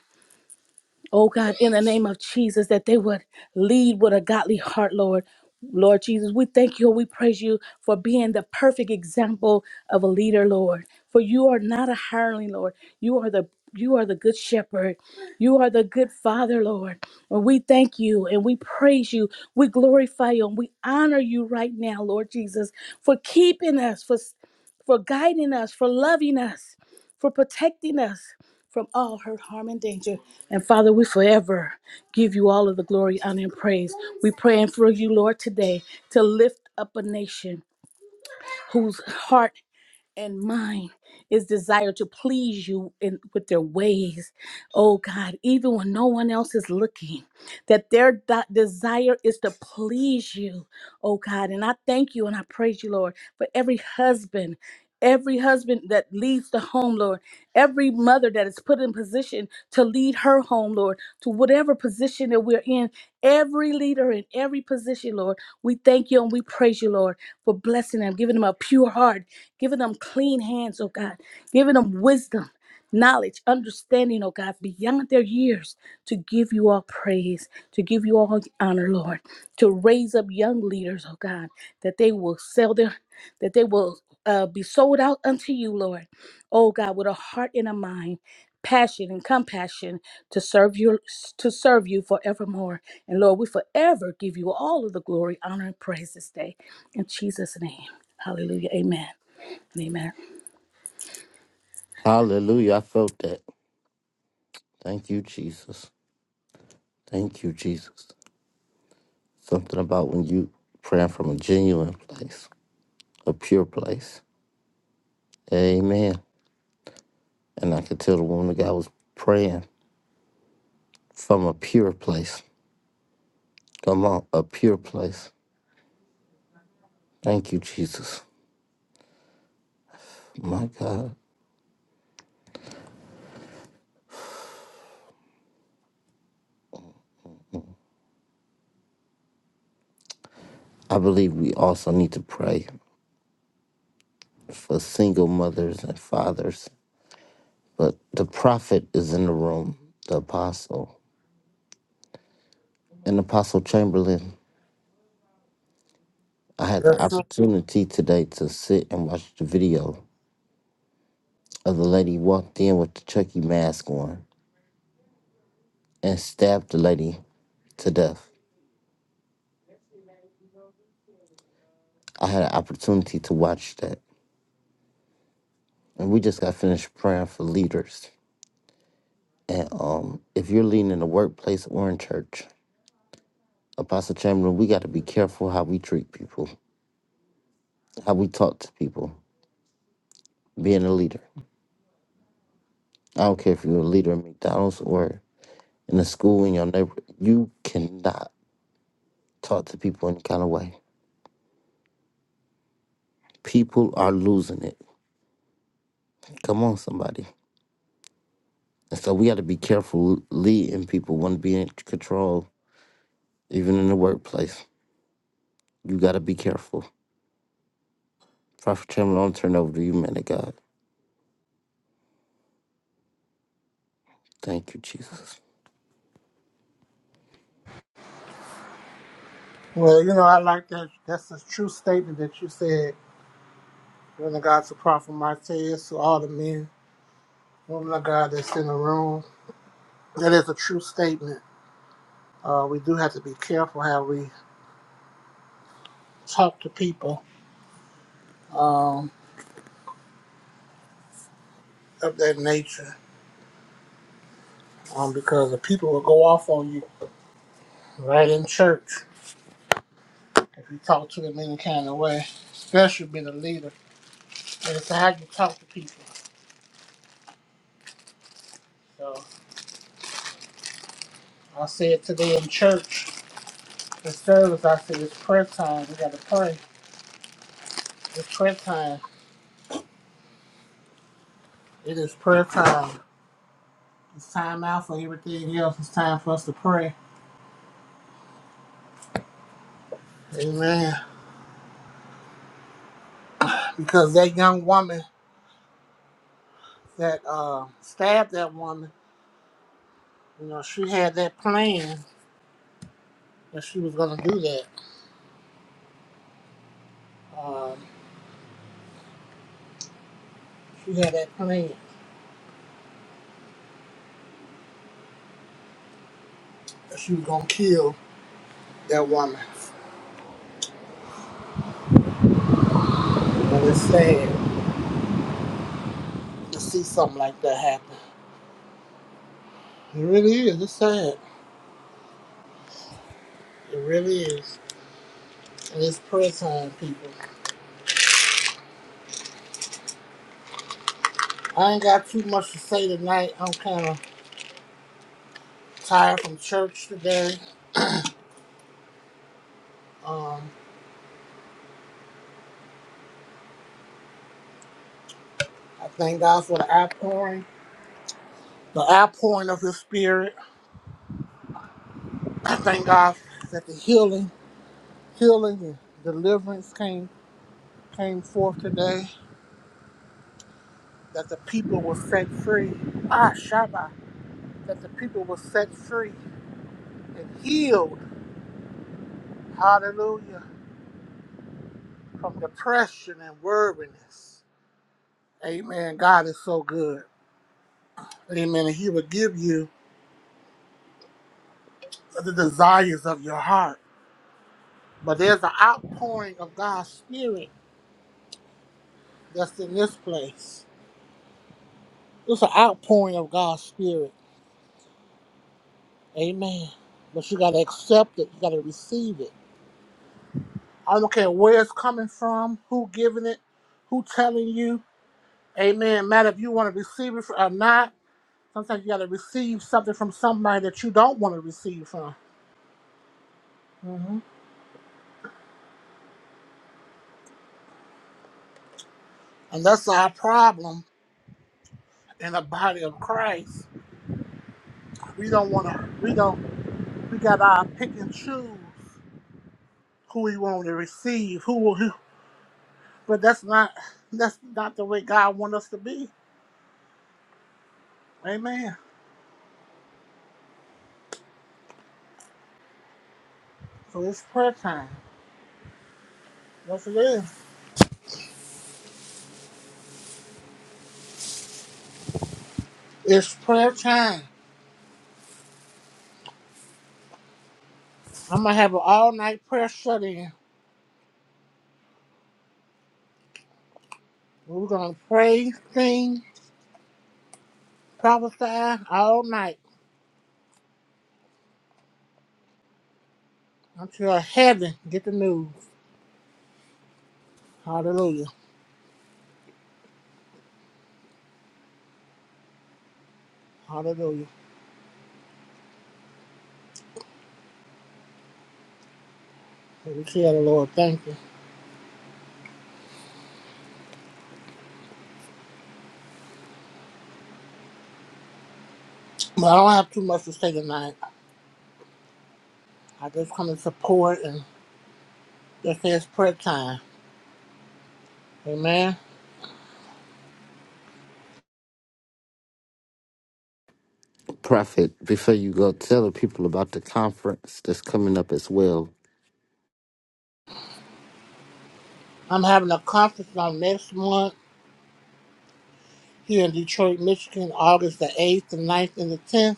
S4: Oh God, in the name of Jesus, that they would lead with a godly heart, Lord. Lord Jesus, we thank you. We praise you for being the perfect example of a leader, Lord. For you are not a hireling, Lord. You are the you are the good shepherd. You are the good father, Lord. And we thank you and we praise you. We glorify you and we honor you right now, Lord Jesus, for keeping us, for for guiding us, for loving us, for protecting us from all hurt, harm, and danger. And Father, we forever give you all of the glory, honor, and praise. We praying for you, Lord, today to lift up a nation whose heart and mine is desire to please you in with their ways oh god even when no one else is looking that their de- desire is to please you oh god and i thank you and i praise you lord for every husband Every husband that leaves the home, Lord, every mother that is put in position to lead her home, Lord, to whatever position that we're in, every leader in every position, Lord, we thank you and we praise you, Lord, for blessing them, giving them a pure heart, Giving them clean hands, oh God. Giving them wisdom, knowledge, understanding, oh God, beyond their years to give you all praise, to give you all honor, Lord. To raise up young leaders, oh God, that they will sell their, that they will uh, be sold out unto you, Lord. Oh God, with a heart and a mind, passion and compassion to serve you, to serve you forevermore. And Lord, we forever give you all of the glory, honor, and praise this day. In Jesus' name. Hallelujah. Amen. Amen.
S1: Hallelujah. I felt that. Thank you, Jesus. Thank you, Jesus. Something about when you praying from a genuine place, a pure place. Amen. And I could tell the woman of God was praying from a pure place. Come on, a pure place. Thank you, Jesus. My God. I believe we also need to pray for single mothers and fathers. But the prophet is in the room, the apostle, and Apostle Chamberlain. I had the
S5: That's it.
S1: opportunity today to sit and watch the video of the lady walked in with the Chucky mask on and stabbed the lady to death. I had an opportunity to watch that. And we just got finished praying for leaders. And um, if you're leading in the workplace or in church, Apostle Chamberlain, we got to be careful how we treat people, how we talk to people, being a leader. I don't care if you're a leader in McDonald's or in a school in your neighborhood, you cannot talk to people any kind of way People are losing it. Come on, somebody. And so we got to be careful leading people want to be in control, even in the workplace. You got to be careful. Prophet Chairman, I'm turn over to you, man of God. Thank you, Jesus.
S5: Well, you know, I like that. That's a true statement that you said. Woman of God to Prophet Martez, to all the men, woman of God that's in the room. That is a true statement. Uh, we do have to be careful how we talk to people um, of that nature um, because the people will go off on you right in church if you talk to them any kind of way, especially being a leader. And it's how you talk to people. So I said today in church, the service, I said it's prayer time. We got to pray. It's prayer time. It is prayer time. It's time out for everything else. It's time for us to pray. Amen. Because that young woman that uh, stabbed that woman, you know, she had that plan that she was going to do that. Um, she had that plan that she was going to kill that woman. But it's sad to see something like that happen. It really is. It's sad. It really is. And it's prayer time, people. I ain't got too much to say tonight. I'm kind of tired from church today. Um, I thank God for the outpouring, the outpouring of His Spirit. I thank God that the healing, healing and deliverance came came forth today. That the people were set free. Ah, Shabbat. That the people were set free and healed. Hallelujah. From depression and weariness. Amen. God is so good. Amen. And He will give you the desires of your heart. But there's an outpouring of God's Spirit that's in this place. It's an outpouring of God's Spirit. Amen. But you got to accept it. You got to receive it. I don't care where it's coming from, who giving it, who telling you. Amen. Matter if you want to receive it or not. Sometimes you got to receive something from somebody that you don't want to receive from. hmm And that's our problem in the body of Christ. We don't want to. We don't. We got our pick and choose who we want to receive. Who will. Who, but that's not. That's not the way God wants us to be. Amen. So it's prayer time. Yes, it is. It's prayer time. I'm gonna have an all night prayer shut in. We're gonna pray, sing, prophesy all night until heaven get the news. Hallelujah. Hallelujah. So we tell the Lord, thank you. But I don't have too much to say tonight. I just come to support and just say it's prayer time. Amen.
S1: Prophet, before you go, tell the people about the conference that's coming up as well.
S5: I'm having a conference on next month here in Detroit, Michigan, August the 8th, the ninth, and the 10th.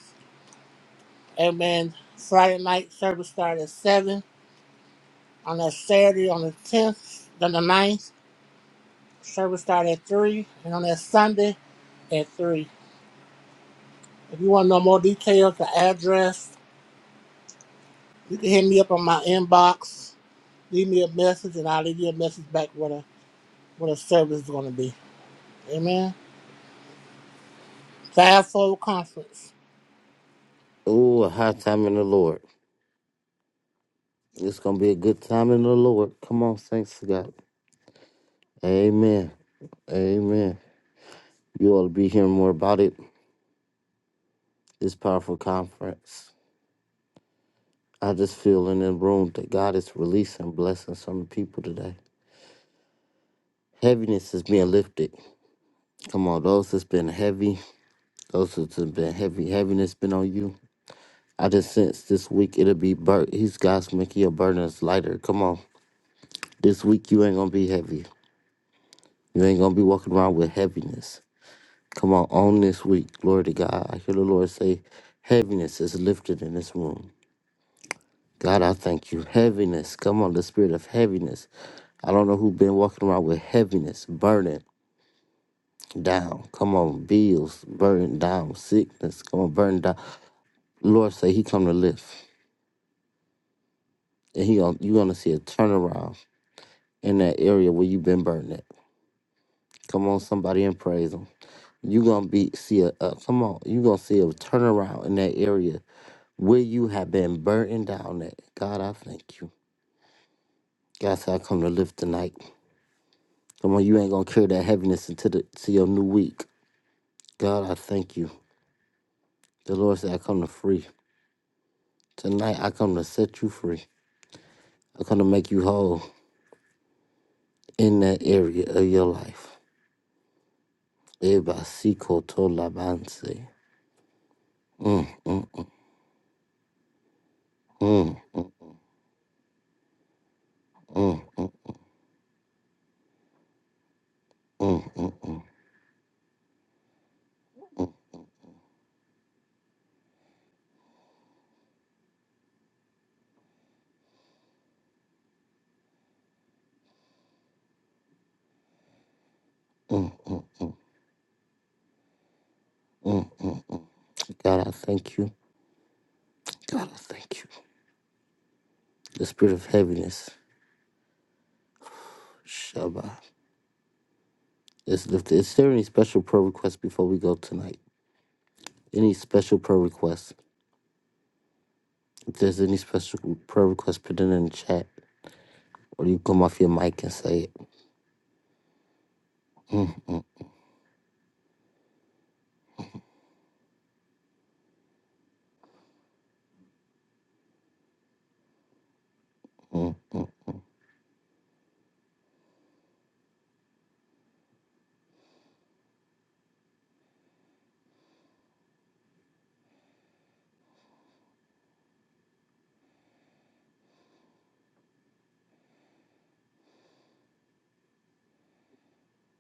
S5: Amen. Friday night service started at 7. On that Saturday, on the 10th, then the ninth, service started at 3. And on that Sunday, at 3. If you want to know more details, the address, you can hit me up on my inbox. Leave me a message, and I'll leave you a message back what a, what a service is going to be. Amen. Fivefold Conference.
S1: Oh, a high time in the Lord. It's going to be a good time in the Lord. Come on, thanks to God. Amen. Amen. You ought to be hearing more about it. This powerful conference. I just feel in the room that God is releasing blessings on the people today. Heaviness is being lifted. Come on, those that's been heavy, those that's been heavy, heaviness been on you. I just sense this week it'll be bur He's God's making your burdens lighter. Come on, this week you ain't gonna be heavy. You ain't gonna be walking around with heaviness. Come on, on this week, glory to God. I hear the Lord say, heaviness is lifted in this room. God, I thank you. Heaviness, come on, the spirit of heaviness. I don't know who been walking around with heaviness, burden. down. Come on, bills burn down, sickness come on, burn down. Lord say He come to lift, and He gon- you gonna see a turnaround in that area where you been burning. At. Come on, somebody and praise Him. You gonna be see a uh, come on. You gonna see a turnaround in that area where you have been burning down. At God, I thank you. God said, I come to lift tonight. Come on, you ain't gonna carry that heaviness into the to your new week. God, I thank you. The Lord said, I come to free. Tonight I come to set you free. I come to make you whole. in that area of your life. Ebasiko to labanse. Mm, mm, mm, mm, mm, mm, mm, mm, mm, mm, mm, mm, mm, mm. mm. God, I thank you. God, I thank you. The spirit of heaviness, Shabbat, is lifted. Is there any special prayer request before we go tonight? Any special prayer request? If there's any special prayer request, put it in the chat, or you come off your mic and say it. Mm, mm, mm, mm, mm.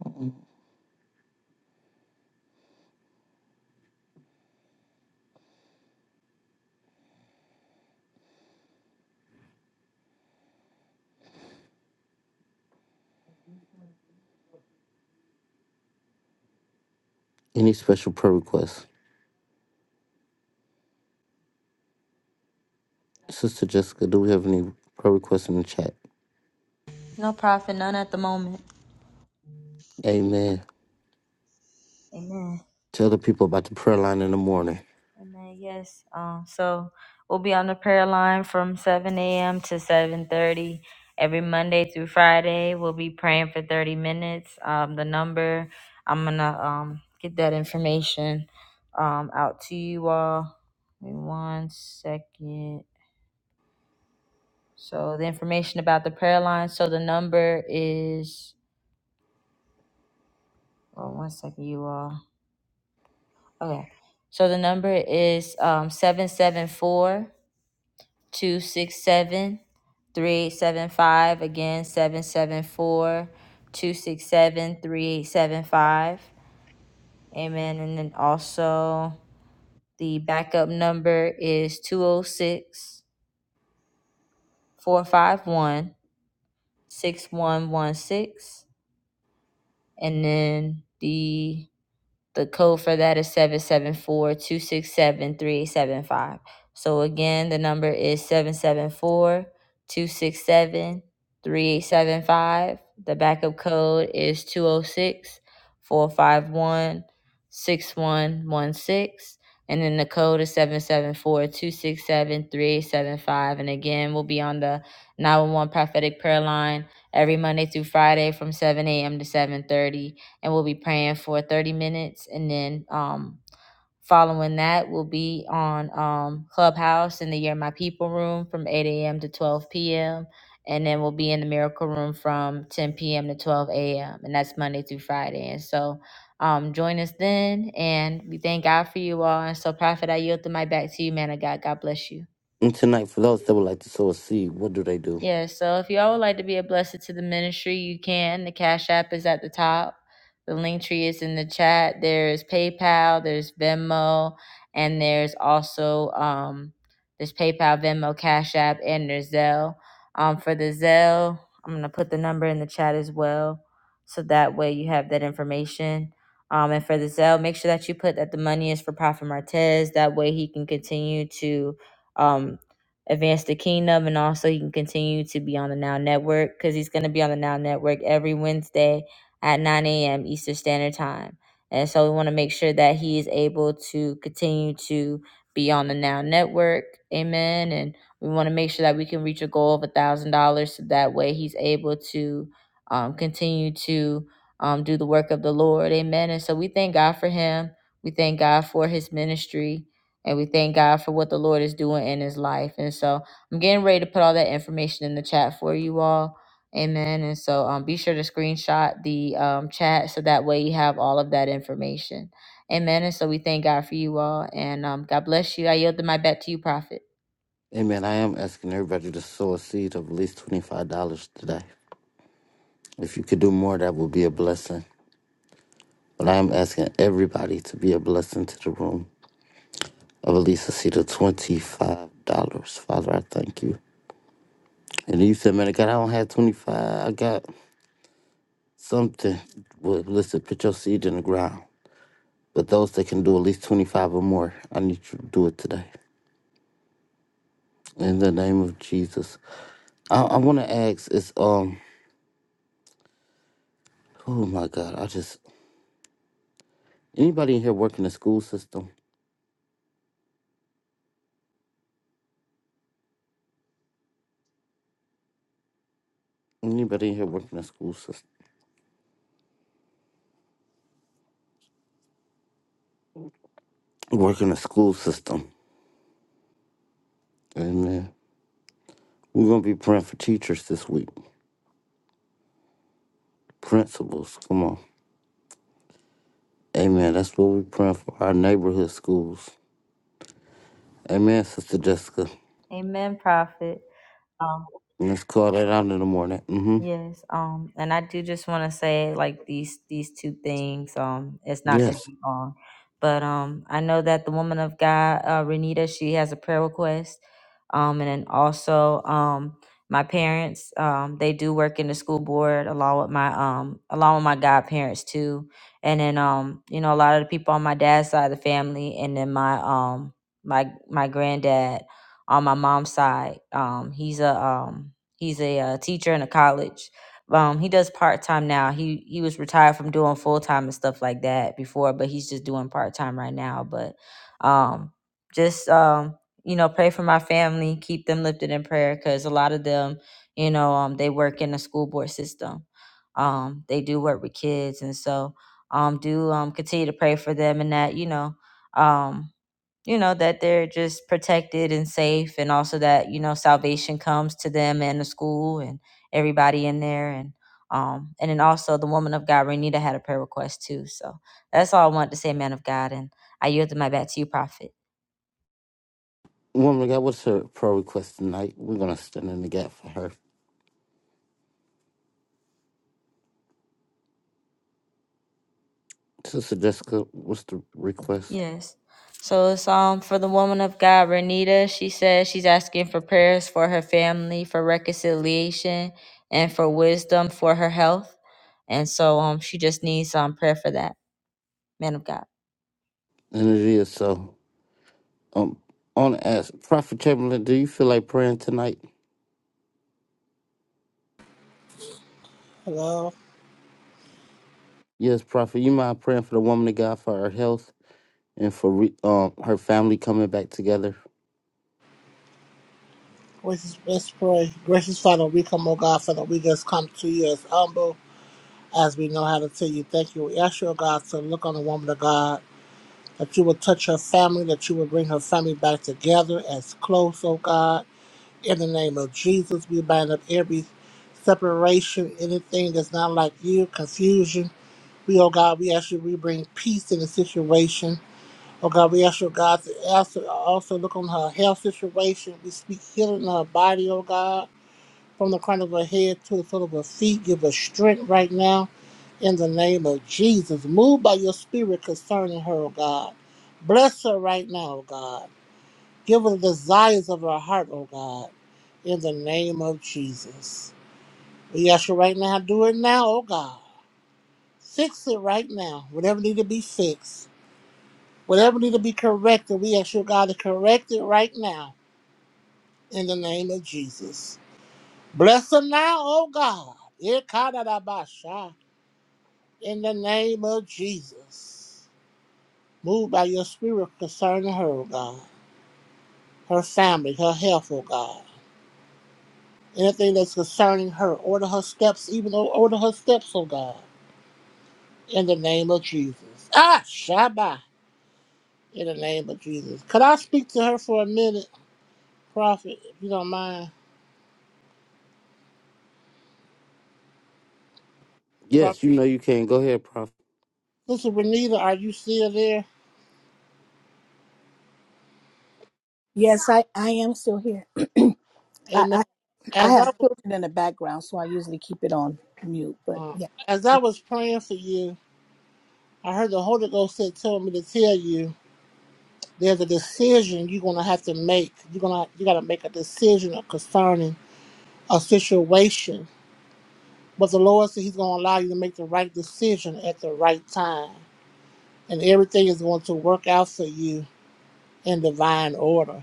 S1: mm. Any special prayer request? Sister Jessica, do we have any prayer requests in the chat?
S2: No prophet, none at the moment.
S1: Amen.
S2: Amen.
S1: Tell the people about the prayer line in the morning.
S2: Amen. Yes. Um. So we'll be on the prayer line from 7 a.m. to 7:30 every Monday through Friday. We'll be praying for 30 minutes. Um. The number. I'm gonna um get that information um out to you all. Give me one second. So the information about the prayer line. So the number is. Oh, one second, you all. Okay. So the number is um seven seven four. two six seven three eight seven five again seven seven four two six seven three eight seven five amen and then also the backup number is 206 451 6116, and then the The code for that is 774 So again, the number is 774 The backup code is two o six four five one six one one six, And then the code is 774 And again, we'll be on the 911 prophetic prayer line every Monday through Friday from 7 a.m. to 7:30 and we'll be praying for 30 minutes and then um following that we will be on um clubhouse in the year my people room from 8 a.m to 12 p.m and then we'll be in the miracle room from 10 p.m to 12 a.m and that's monday through friday and so um join us then and we thank god for you all and so prophet i yield the mic back to you man of god god bless you
S1: And tonight, for those that would like to sow a seed, what do they do?
S2: Yeah, so if y'all would like to be a blessing to the ministry, you can. The Cash App is at the top. The link tree is in the chat. There's PayPal, there's Venmo, and there's also um there's PayPal, Venmo, Cash App, and there's Zelle. Um for the Zelle, I'm gonna put the number in the chat as well. So that way you have that information. Um and for the Zelle, make sure that you put that the money is for Prophet Martez. That way he can continue to um advance the kingdom and also he can continue to be on the now network because he's going to be on the now network every wednesday at 9 a.m eastern standard time and so we want to make sure that he is able to continue to be on the now network amen and we want to make sure that we can reach a goal of a thousand dollars so that way he's able to um, continue to um, do the work of the lord amen and so we thank god for him we thank god for his ministry and we thank God for what the Lord is doing in his life. And so I'm getting ready to put all that information in the chat for you all. Amen. And so um, be sure to screenshot the um, chat so that way you have all of that information. Amen. And so we thank God for you all. And um, God bless you. I yield the mic back to you, Prophet.
S1: Amen. I am asking everybody to sow a seed of at least $25 today. If you could do more, that would be a blessing. But I am asking everybody to be a blessing to the room of at least a seed of $25. Father, I thank you. And you said, man, God, I don't have 25 I got something. Well, listen, put your seed in the ground. But those that can do at least 25 or more, I need you to do it today. In the name of Jesus. I, I want to ask is, um, oh my God, I just, anybody in here work in the school system? Anybody in here work in the school system? Work in the school system. Amen. We're going to be praying for teachers this week, principals. Come on. Amen. That's what we're praying for, our neighborhood schools. Amen, Sister Jessica.
S2: Amen, Prophet. Um,
S1: Let's call that out in the morning. Mm hmm.
S2: Yes, um, and I do just want to say like these these two things. Um, it's not gonna
S1: Yes.
S2: be long, but um, I know that the woman of God, uh, Renita, she has a prayer request. Um, and then also um, my parents, um, they do work in the school board along with my um along with my godparents too. And then um, you know, a lot of the people on my dad's side of the family, and then my um my my granddad on my mom's side, um, he's a um He's a uh, teacher in a college. Um, he does part time now. He he was retired from doing full time and stuff like that before, but he's just doing part time right now. But um, just um, you know, pray for my family. Keep them lifted in prayer because a lot of them, you know, um, they work in the school board system. Um, they do work with kids, and so um, do um, continue to pray for them and that you know. Um, you know that they're just protected and safe and also that you know salvation comes to them and the school and everybody in there and um and then also the woman of god renita had a prayer request too so that's all i wanted to say man of god and i yielded my back to you prophet
S1: Woman of God, what's her prayer request tonight? We're going to stand in the gap for her. Sister Jessica, what's the request?
S2: Yes. So it's um for the woman of God, Renita. She says she's asking for prayers for her family, for reconciliation, and for wisdom for her health. And so um she just needs um prayer for that, man of God.
S1: And it is so. Um, on ask Prophet Chamberlain, do you feel like praying tonight?
S5: Hello.
S1: Yes, Prophet. You mind praying for the woman of God for her health and for re- um her family coming back together?
S5: Gracious, let's pray. Gracious Father, we come, O God, Father, we just come to you as humble. as we know how to tell you thank you. We ask you, oh God, to look on the woman of God, that you would touch her family, that you would bring her family back together as close, oh God. In the name of Jesus, we bind up every separation, anything that's not like you, confusion. We, oh God, we ask you, we bring peace in the situation. Oh God, we ask you, oh God, to also, also look on her health situation. We speak healing in her body, oh God, from the crown of her head to the sole of her feet. Give her strength right now in the name of Jesus. Move by your spirit concerning her, oh God. Bless her right now, oh God. Give her the desires of her heart, oh God, in the name of Jesus. We ask you right now, do it now, oh God. Fix it right now. Whatever need to be fixed, whatever need to be corrected, we ask you, God, to correct it right now in the name of Jesus. Bless her now, oh God. Ikadadabasha, In the name of Jesus. Move by your spirit concerning her, O God. Her family, her health, O God. Anything that's concerning her, order her steps, even o- order her steps, O God. In the name of Jesus. Ah, Shabbat. In the name of Jesus. Could I speak to her for a minute, Prophet, if you don't mind? Prophet.
S1: Yes, you know you can. Go ahead, Prophet.
S5: Sister Renita, are you still there?
S4: Yes, I, I am still here. I,
S5: Amen.
S4: I, I
S5: As I
S4: have
S5: was,
S4: children in the background, so I usually keep it on mute. But
S5: uh,
S4: yeah,
S5: as I was praying for you, I heard the Holy Ghost said, told me to tell you there's a decision you're gonna have to make. You're gonna you gotta make a decision concerning a situation. But the Lord said He's gonna allow you to make the right decision at the right time, and everything is going to work out for you in divine order.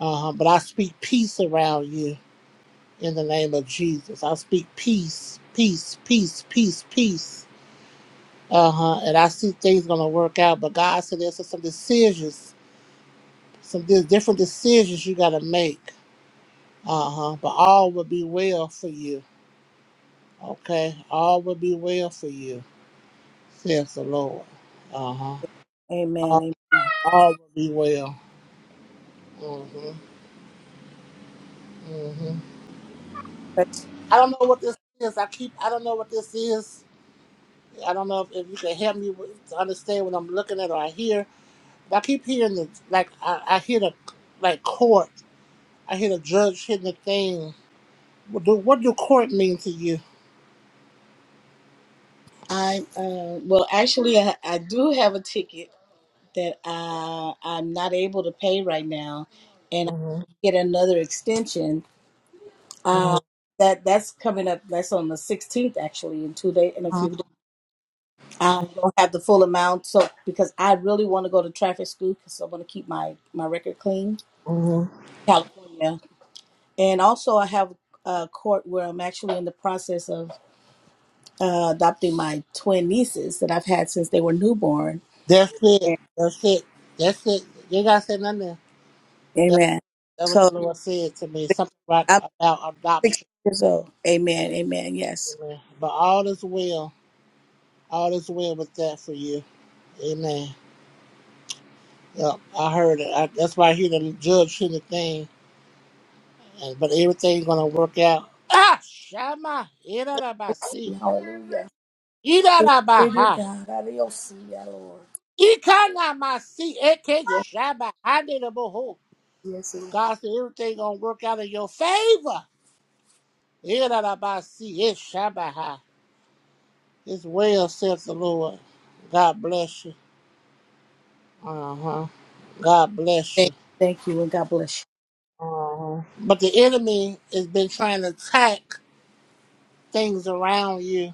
S5: Uh, but I speak peace around you in the name of Jesus. I speak peace, peace, peace, peace, peace. Uh huh. And I see things gonna work out. But God said there's some decisions, some di- different decisions you gotta make Uh huh. But all will be well for you. Okay. All will be well for you, says the Lord. Uh huh.
S4: amen.
S5: All,
S4: amen.
S5: all will be well. Mm-hmm. Mm-hmm.
S4: But
S5: I don't know what this is. I keep. I don't know what this is. I don't know if, if you can help me with, to understand what I'm looking at or I hear. But I keep hearing the like. I, I hear the like court. I hear the judge hitting the thing. What do what do court mean to you?
S4: I uh, well, actually, I, I do have a ticket that I I'm not able to pay right now, and I
S5: Mm-hmm.
S4: get another extension. Uh, that that's coming up. That's on the 16th, actually, in two days, in a few days. I don't have the full amount, so because I really want to go to traffic school because I want to keep my my record clean,
S5: Uh-huh.
S4: California. And also, I have a court where I'm actually in the process of uh, adopting my twin nieces that I've had since they were newborn.
S5: That's it. That's it. That's it. You ain't gotta say nothing. There. That's,
S4: Amen.
S5: that's what the
S4: So
S5: Lord said to me. Something about,
S4: I'm
S5: about
S4: six
S5: adoption.
S4: years old. Amen. Amen. Yes.
S5: Amen. But all is well. All is well with that for you. Amen. Yep, I heard it. I, that's why I hear the judge hear the thing. And, but everything's gonna work out. Ah, Shama. Irarabasi.
S4: Hallelujah. Glory to
S5: Irarabaha.
S4: God. Adios, yeah, Lord.
S5: Ikanamasi. Eke
S4: Yes,
S5: Shaba. I did a boho.
S4: yes, Lord.
S5: God said everything gonna work out in your favor. Irarabasi, Yeshabaha. It's well, says the Lord. God bless you. Uh huh. God bless
S4: Thank,
S5: you.
S4: thank you, and God bless
S5: Uh-huh. But the enemy has been trying to attack things around you,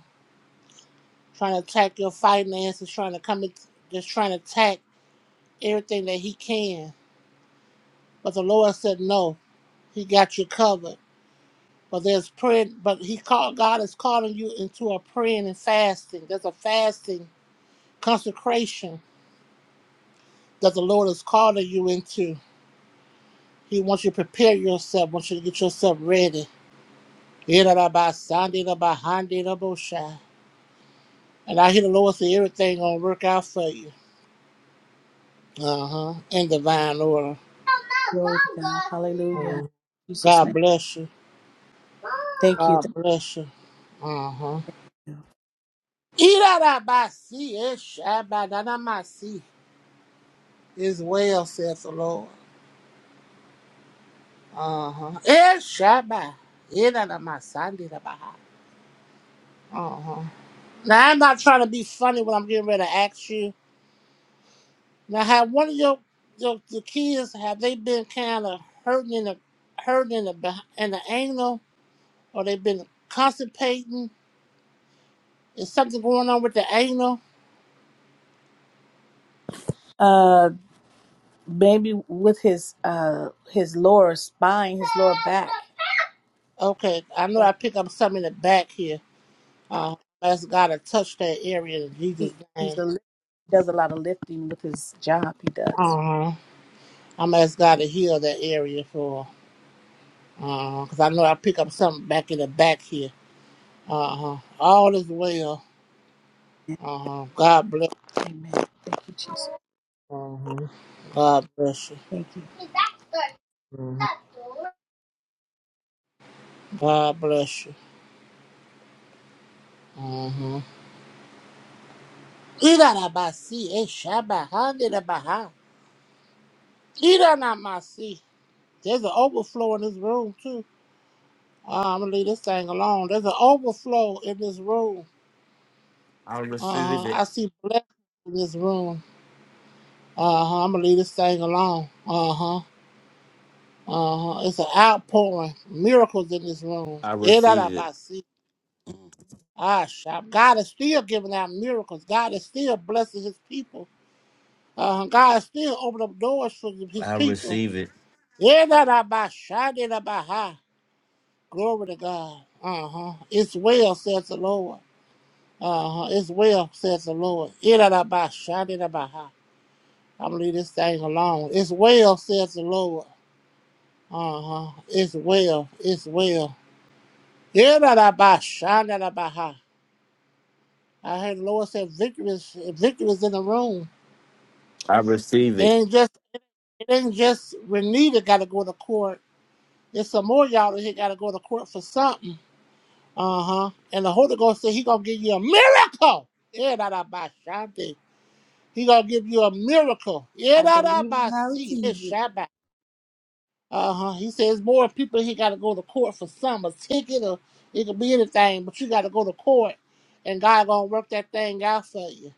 S5: trying to attack your finances, trying to come, in, just trying to attack everything that he can. But the Lord said, No, he got you covered. But there's prayer, but he called, God is calling you into a praying and fasting. There's a fasting consecration that the Lord is calling you into He wants you to prepare yourself, wants you to get yourself ready. Irababa, sandiraba, handirabosha. And I hear the Lord say everything gonna work out for you. Uh-huh. In divine order.
S4: you. Glory to God. Hallelujah. In
S5: Uh-huh.
S4: Jesus'
S5: God
S4: name.
S5: bless you.
S4: Thank you. Thank
S5: God bless you. Uh-huh.
S4: you.
S5: Irababasi, eshabadanamasi. Is well, says the Lord. Uh-huh. Eshaba. Iranamasandirabaha. Uh-huh. Now I'm not trying to be funny when I'm getting ready to ask you. Now, have one of your your the kids have they been kind of hurting in the hurting in the beh- in the anal, or they been constipating? Is something going on with the anal?
S4: Uh, maybe with his uh his lower spine, his lower back.
S5: Okay, I know I pick up something in the back here. Uh, ask God to touch that area in Jesus'
S4: He, he's
S5: name.
S4: a lift- he does a lot of lifting with his job. He does.
S5: Uh huh. I'm ask God to heal that area for, uh, cause I know I pick up something back in the back here. Uh huh. All is well. Uh huh. God bless.
S4: Amen. Thank you, Jesus.
S5: Uh huh. God bless you.
S4: Thank you.
S5: Mm-hmm. God bless you. Mm-hmm. Iranabasi, Eshabahandi Iranamasi. There's an overflow in this room too. Uh, I'm gonna leave this thing alone. There's an overflow in this room.
S1: I
S5: Uh
S1: receive
S5: huh.
S1: it.
S5: I see blessings in this room. Uh huh. I'm gonna leave this thing alone. Uh huh. Uh huh. It's an outpouring, miracles in this room.
S1: I receive it.
S5: Iranabasi. Ah, shab. God is still giving out miracles. God is still blessing His people. Uh, God still open up doors for his
S1: I
S5: people.
S1: receive it.
S5: Yeah, that I by shot it about high. Glory to God. Uh huh. It's well, says the Lord. Uh huh. It's well, says the Lord. Yeah, that I by shot it about high. I'm leave this thing alone. It's well, says the Lord. Uh huh. It's well. It's well. Yeah, that I by shot it about high. I heard the Lord said victory is, victory is in the room.
S1: I receive
S5: It
S1: it.
S5: ain't just it ain't just Renita got to go to court. There's some more y'all that got to go to court for something. Uh huh. And the Holy Ghost said he gonna give you a miracle. Yeah, da da ba shanti. He gonna give you a miracle. Yeah,
S2: I
S5: da da
S2: believe
S5: ba
S2: and I
S5: see.
S2: receive
S5: It's
S2: it.
S5: Shabbat. Uh huh. He says more people he got to go to court for some a ticket or it could be anything, but you got to go to court, and God gonna work that thing out for you.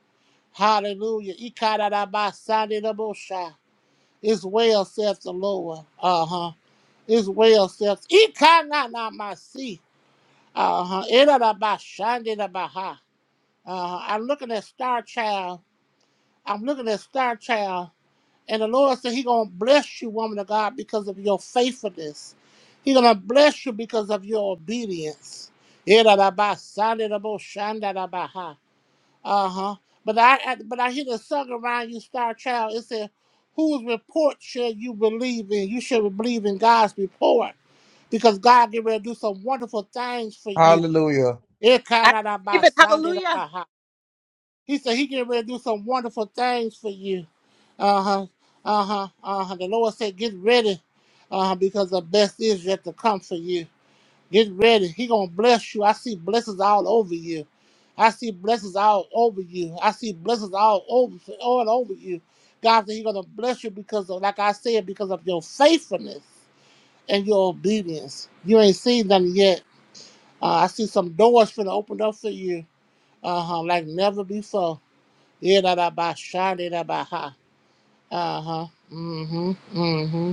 S5: Hallelujah. Ikada da ba shanti da bo sha. It's well, saith the Lord. Uh huh. It's well, saith. Ikana na ma see. Uh-huh. Irarabashandirabaha. Uh-huh. I'm looking at Star Child. I'm looking at Star Child. And the Lord said He gonna bless you, woman of God, because of your faithfulness. He gonna bless you because of your obedience. Irarabasandirabosandabaha. Uh-huh. But I, I but I hear the song around you, Star Child. It said, Whose report shall you believe in? You should believe in God's report. Because God get ready to do some wonderful things for you.
S6: Hallelujah.
S3: I
S5: Ekanadabasandedabaha. He said he getting ready to do some wonderful things for you. Uh-huh. Uh-huh. Uh-huh. The Lord said, get ready. Uh-huh. Because the best is yet to come for you. Get ready. He gonna bless you. I see blessings all over you. I see blessings all over you. I see blessings all over all over you. God said he gonna bless you because of like I said, because of your faithfulness and your obedience. You ain't seen nothing yet. Uh, I see some doors finna open up for you uh huh. Like never before. Yeah, that I ba shiny, that da ba ha. Uh huh. Mm hmm. Mm hmm.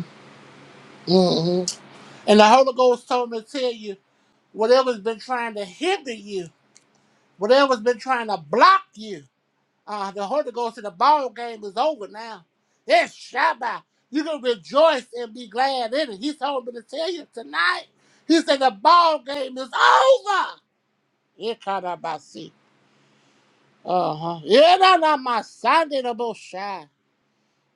S5: Mm hmm. And the Holy Ghost told me to tell you whatever's been trying to hinder you, whatever's been trying to block you. Uh, the Holy Ghost in the ball game is over now. It's Shabbat. You can rejoice and be glad in it. He told me to tell you tonight. He said the ball game is over. Yeah, kind of I see. Uh huh. Yeah, da da my Sunday the bullshine.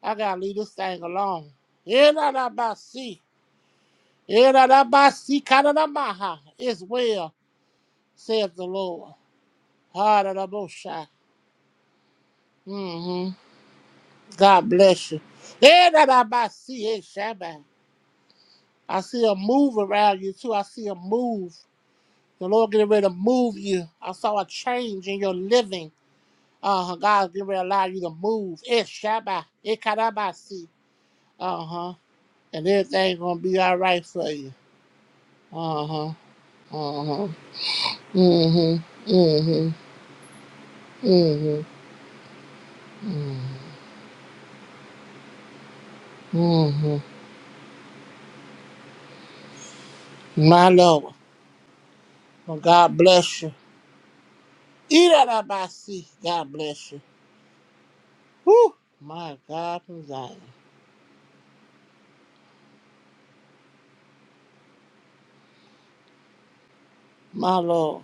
S5: I gotta leave this thing alone. Yedadabasi. Yedadabasi kadadamaha. It's well, says the Lord. Hadadabosha. Mm-hmm. God bless you. Yedadabasi eshabai. I see a move around you too. I see a move. The Lord getting ready to move you. I saw a change in your living. Uh-huh. God's getting ready to allow you to move. It's Shabbat. It karabasi. Uh-huh. And everything gonna be all right for you. Uh-huh. Mhm. Mhm. Mhm. Mhm. Mhm. My Lord. Well, God bless you. Eat out of my seat. God bless you. Whew. My God from Zion. My Lord.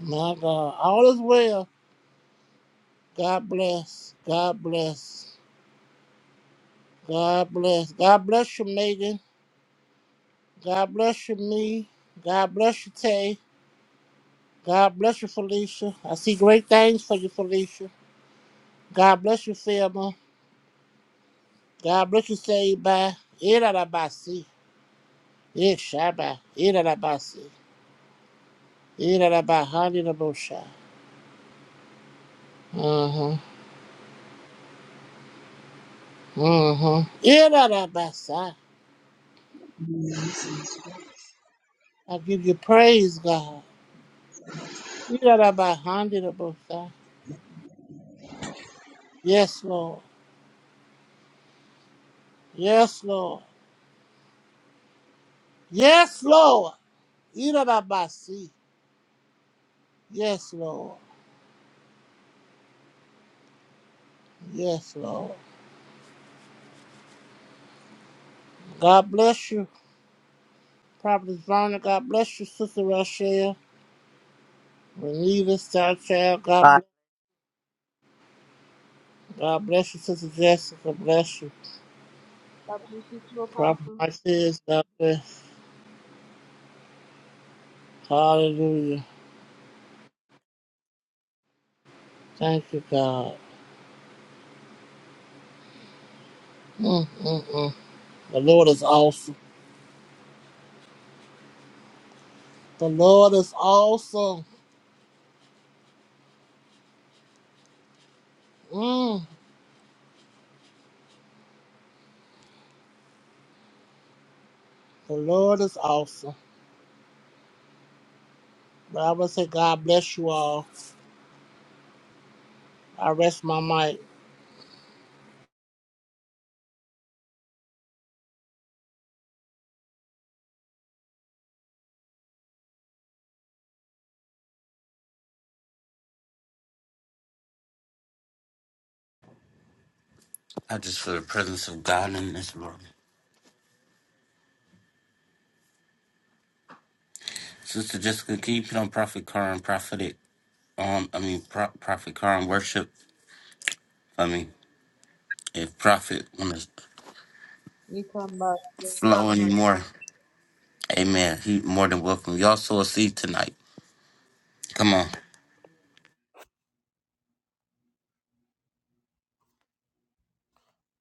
S5: My God. All is well. God bless. God bless. God bless. God bless you, Megan. God bless you, me. God bless you, Tay. God bless you, Felicia. I see great things for you, Felicia. God bless you, Philma. God, Yabreki seiba, irarabasi, ishaba, irarabasi, irarabahani rabosha. Mm-hmm, mm-hmm. Irarabasa. I give you praise, God. Irarabahani rabosha. Yes, Lord. Yes, Lord. Yes, Lord. Irarabasi. Yes, Lord. Yes, Lord. God bless you, Prophet Verna. God bless you, Sister Rochelle. Reneva, Star Child. God bless God bless you, Sister Jessica. God Bless you. Prophet Martez, God bless. Hallelujah. Thank you, God. Mm, mm, mm. The Lord is awesome. The Lord is awesome. Mm. The Lord is awesome. But I would say, God bless you all. I rest my mic.
S1: I just feel the presence of God in this room. Sister Jessica, can you put on Prophet Karan, prophetic, um, I mean, Pro- Prophet Karan worship for me? If Prophet want to
S2: You talking about
S1: flow anymore, amen. He more than welcome. Y'all sow a seed tonight. Come on.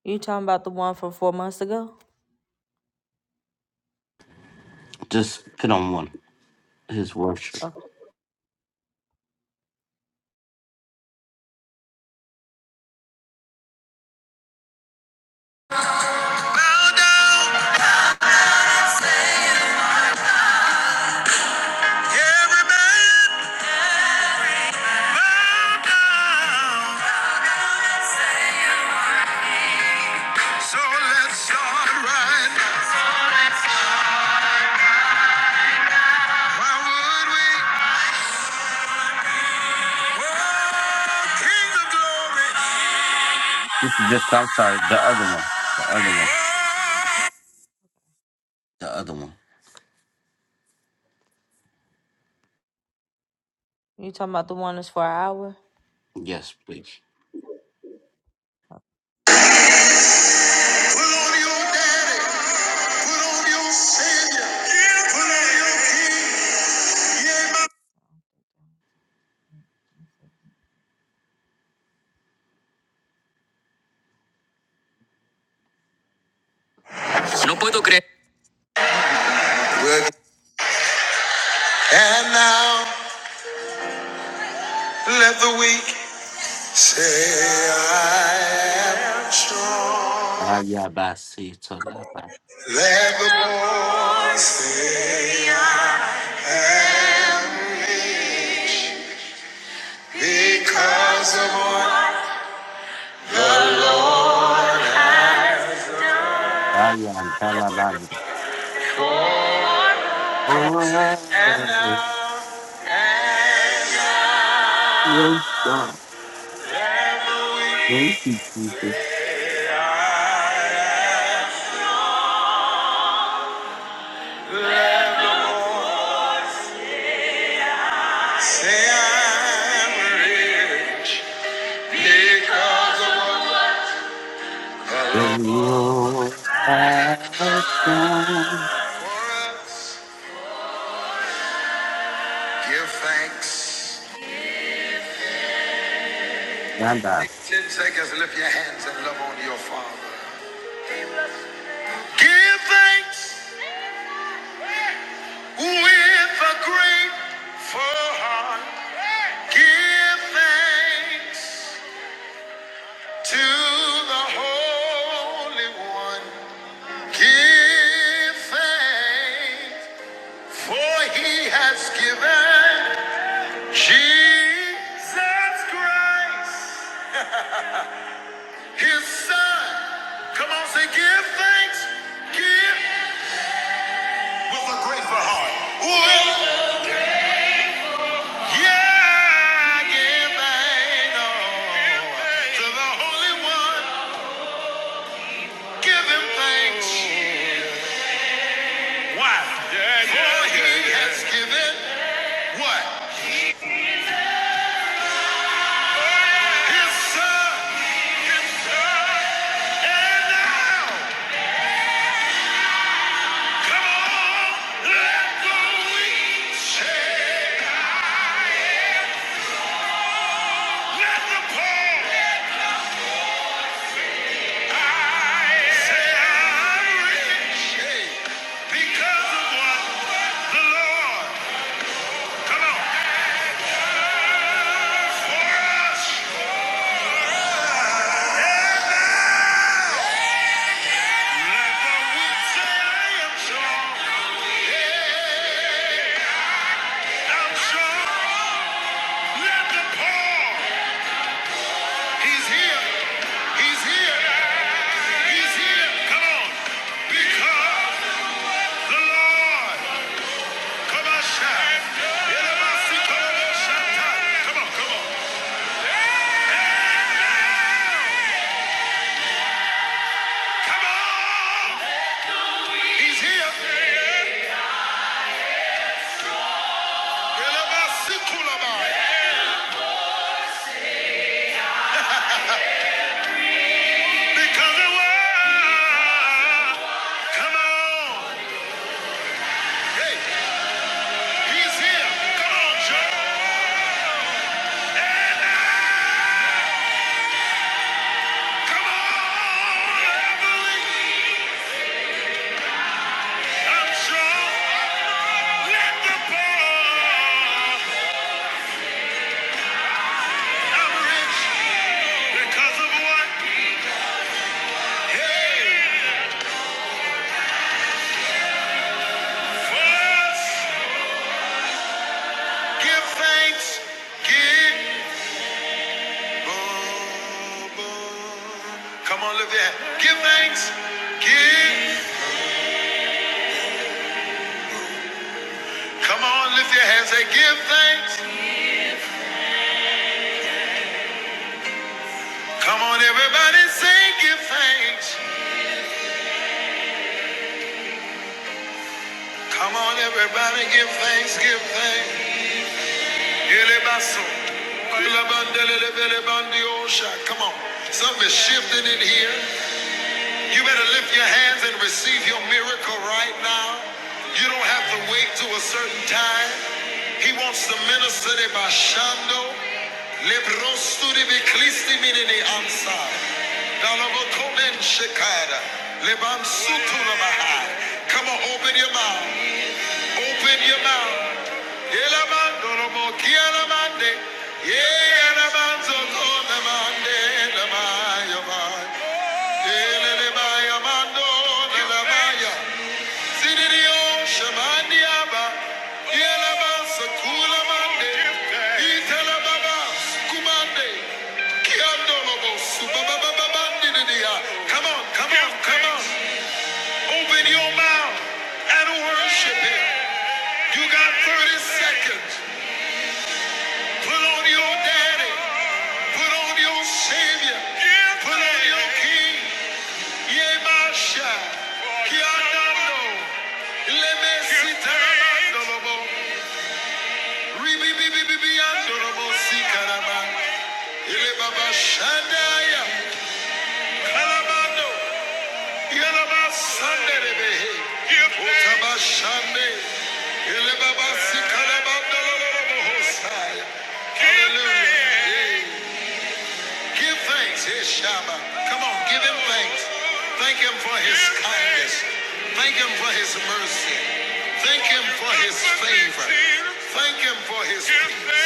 S2: you talking about the one from four months ago?
S1: Just put on one. His worship.
S2: Oh. Bow down. So right
S1: Just, I'm sorry. The other one. The other one. The other one.
S2: You talking about the one that's for an hour?
S1: Yes, please.
S2: And now let the weak
S1: Ayabasi tolaba. Ayandalalanda. Oh, yes, God. Thank you, Jesus. The Lord has
S2: Give thanks.
S1: done.
S2: Take ten seconds and lift your hands and love on your father. Give thanks. With a grateful heart, give thanks to the Holy One. Give thanks, for he has given Jesus Christ, his son. Come on, say, give thanks, give with a grateful heart. With Yeah, give thanks oh, to the Holy One. Give him thanks. Why? Yeah, yeah, he yeah, yeah. has given what? His son. His son. And now, come on, let the weak say, let the poor say, I'm rich because of what the Lord. He's here. He's here. He's here. Come on. Because the Lord. Come on, shout. Come on, come on. Come on. He's here. Because the world, come on. Hey, he's here. Come on, Joe. And I, come on, Beverly. I'm strong. Let the poor. I'm rich because of what? Hey, for give thanks, give. Come on, lift your hands. Give thanks. Give. Come on, lift your hands. Say, give thanks. Come on, everybody, say, give thanks. Come on, everybody, give thanks. Give thanks. Elebaso. Kulabandele, lebele, bandiosha. Come on. Something is shifting in here. You better lift your hands and receive your miracle right now. You don't have to wait to a certain time. He wants to minister to Bashando. Lebrosturi Beklisti Minini Ansa. Dalabokomen Shekada. Leban Sutula Bahai. Come on, open your mouth. Open your mouth. Yelamando Romo Kialamande. Yelamando Zonamande. Come on, come on, come on. Open your mouth and worship Him. You got 30 seconds. Put on your daddy. Put on your Savior. Put on your King. Yemasha, Kianando, Lemesitarabandolobo, Ribibibibiandolobo, Sikaraba, Ilebaba Shandaya, Kalabando, Yalaba Sanderebehe, Otaba Shande, Ilebaba Sikarabandolobo, Hosaya. Hallelujah. Give thanks, his Shabbat. Come on, give him thanks. Thank him for his kindness. Thank him for his mercy. Thank him for his favor. Thank him for his peace.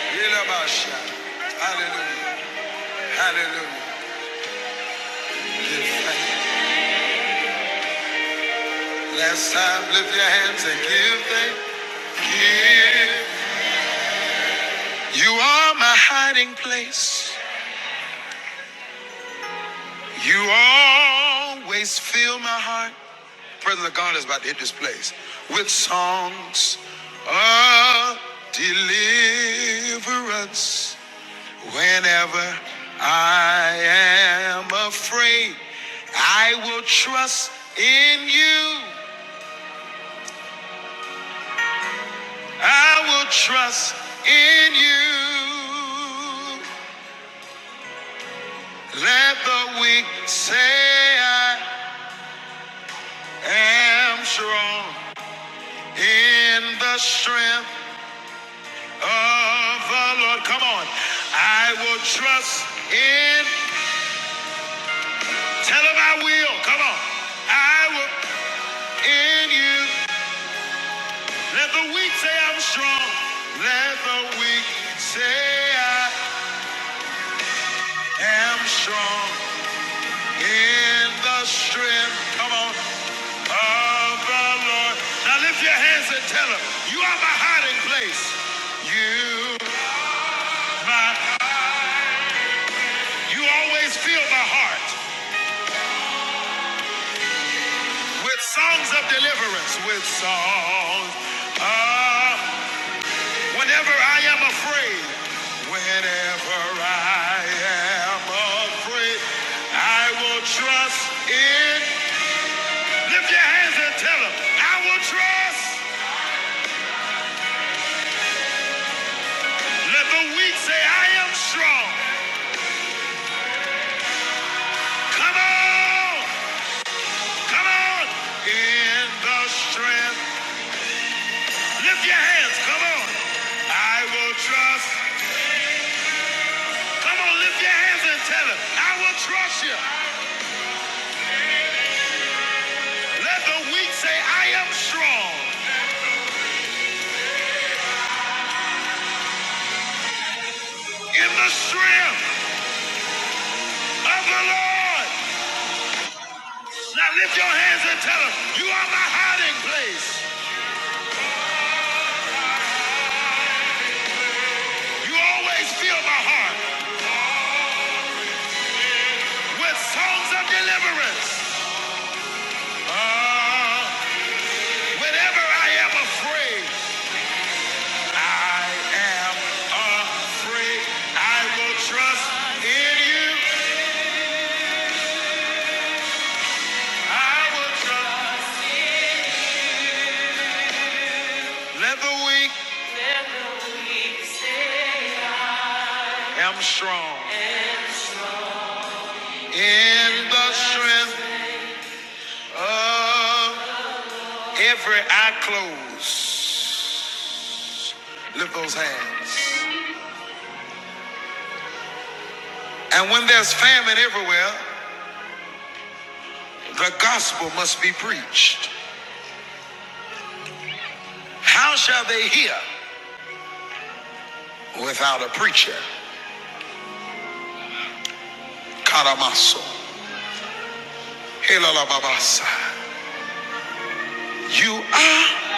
S2: Yilabasha. Hallelujah. Hallelujah. Give thanks. Last time, lift your hands and give thanks. Give. You are my hiding place. You always fill my heart. Presence of God is about to hit this place with songs of deliverance. Whenever I am afraid, I will trust in you. I will trust in you. Let the weak say I am strong in the strength of the Lord. Come on. I will trust in. Tell him I will. Come on. I will in you. Let the weak say I'm strong. Let the weak say I am strong in the strength. Come on. Of the Lord. Now lift your hands and tell him you are my hiding place. You my you always feel my heart. with songs of deliverance, with songs. of whenever I am afraid, whenever I am afraid, I will trust in. Lift your hands and tell them, I will trust. Let the weak say, I am strong. Come on, come on. In the strength. Lift your hands, come on. I will trust. Come on, lift your hands and tell it. I will trust you. Let the weak say, I am strong in the strength of the Lord. Now lift your hands and tell him, You are my hiding place. You always fill my heart with songs of deliverance. Ah, whenever I am afraid, I am afraid. I will trust in you. I will trust. Let the weak am strong in the strength of every eye closed. Lift those hands. And when there's famine everywhere, the gospel must be preached. How shall they hear without a preacher? Karamaso. Helalababasa. You are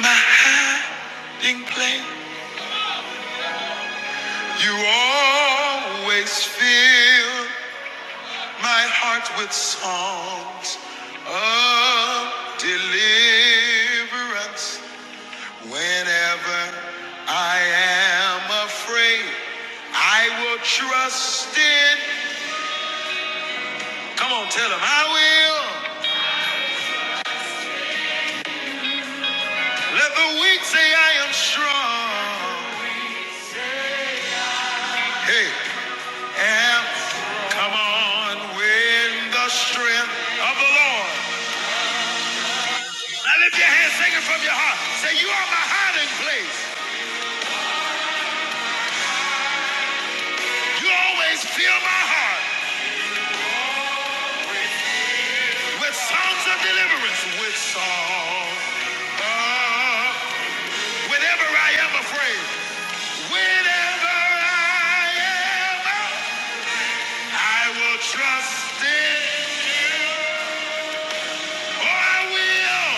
S2: my hiding place. You always fill my heart with songs of deliverance. Whenever I am afraid, I will trust in. Come on, tell him I will. Let the weak say I am strong. Hey, and come on with the strength of the Lord. Now lift your hands, sing it from your heart. Say, You are my hiding place. You always fill my heart with songs of deliverance, with songs. of Whenever I am afraid, whenever I am, I will trust in you. Oh, I will.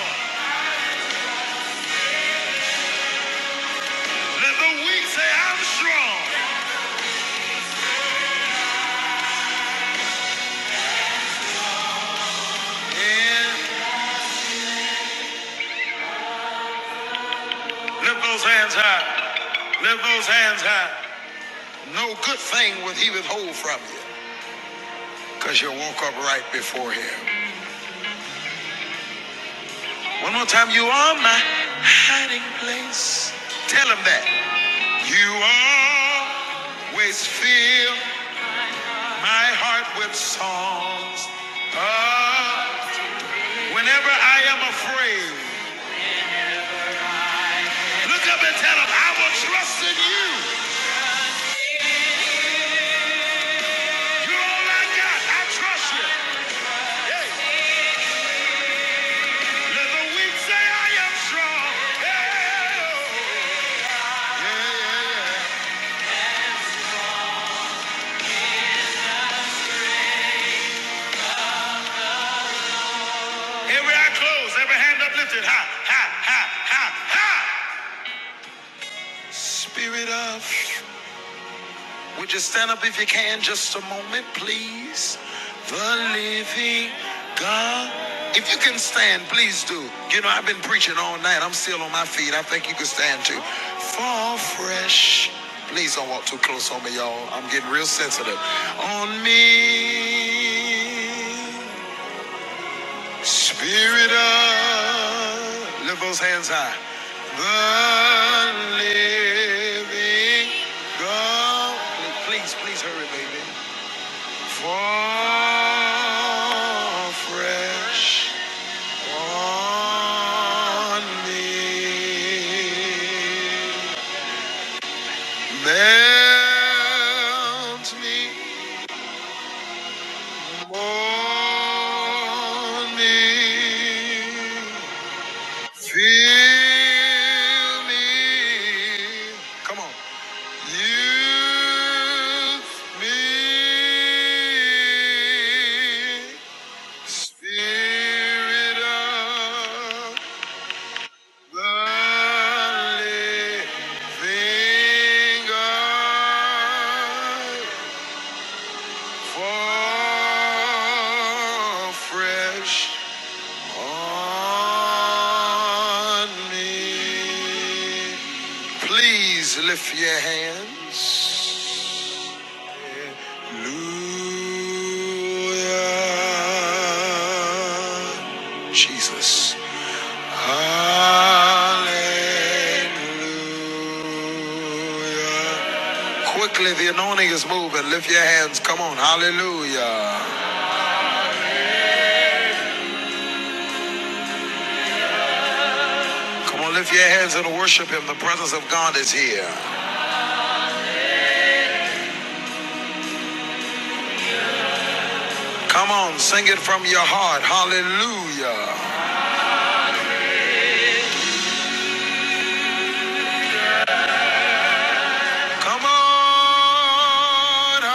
S2: Let the weak say I'm strong. And lift those hands high. Lift those hands high. No good thing will he withhold from you, because you'll up right before him. One more time, you are my hiding place. Tell him that. You always feel. my heart with songs. of- whenever I am afraid, look up and tell him, I will trust in you. You're all I got. I trust you. Hey. Let the weak say I am strong. Hey. Yeah, yeah, yeah. Every eye closed, every hand uplifted. Ha, ha, ha, ha, ha. Spirit of. Would you stand up if you can just a moment, please? The living God. If you can stand, please do. You know, I've been preaching all night. I'm still on my feet. I think you can stand too. Fall fresh. Please don't walk too close on me, y'all. I'm getting real sensitive. On me. Spirit of, lift those hands high. The living God. Please, please hurry, baby. Fall fresh on me. Melt me, mold me. Fill me. Come on. Use me. Spirit of the living God. Fall fresh. on me. Please lift your hands. Hallelujah. Jesus. Hallelujah. Quickly, the anointing is moving. Lift your hands. Come on. Hallelujah. Come on, lift your hands and worship Him. The presence of God is here. Come on, sing it from your heart. Hallelujah. Come on. ah.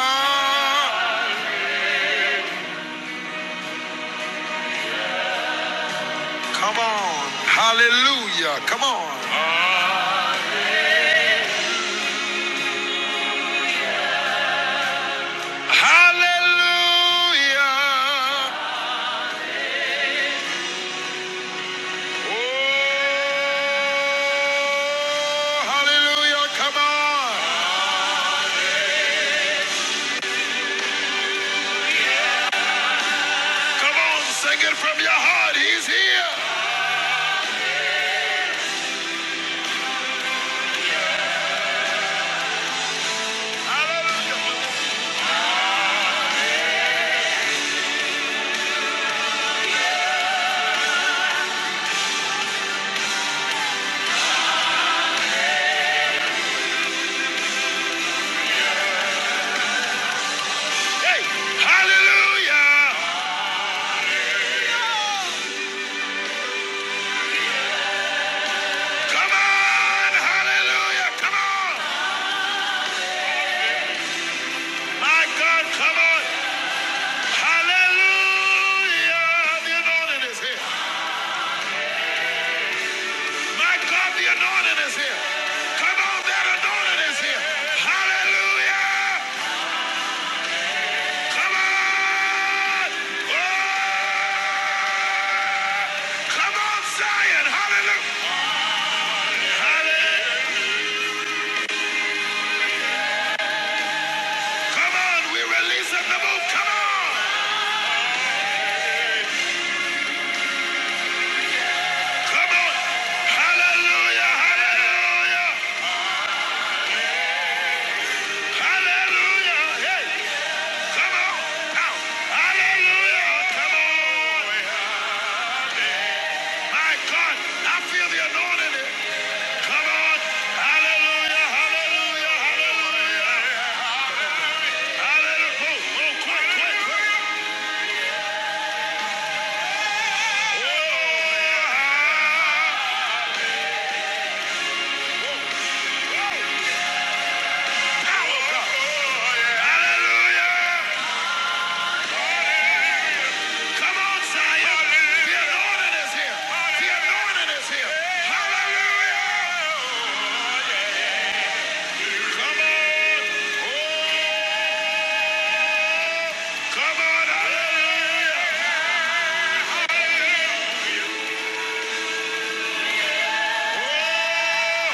S2: Come on. Hallelujah. Come on. Hallelujah. Oh, hallelujah. Come on. Come on, sing it from your heart. He's here. Hey, hallelujah. Come on. Hallelujah. Come on. My God, come on. Hallelujah. The anointing is here. My God, the anointing is here. Come on, that anointing is here. Hallelujah. Come on. Oh, come on, Zion. Hallelujah. Hallelujah. Come on, we're releasing the move. Come on. Come on. Hallelujah. Hallelujah. Hallelujah. Hey. Come on, now. Hallelujah. Come on. My God, I feel the anointing. Come on. Hallelujah. Hallelujah. Hallelujah. Hallelujah. Oh, oh, quick, quick, quick. Oh, yeah. Power, Hallelujah. Come on, Zion. The anointing is here. The anointing is here. Hallelujah. Come on. Oh, come on. Hallelujah. Oh,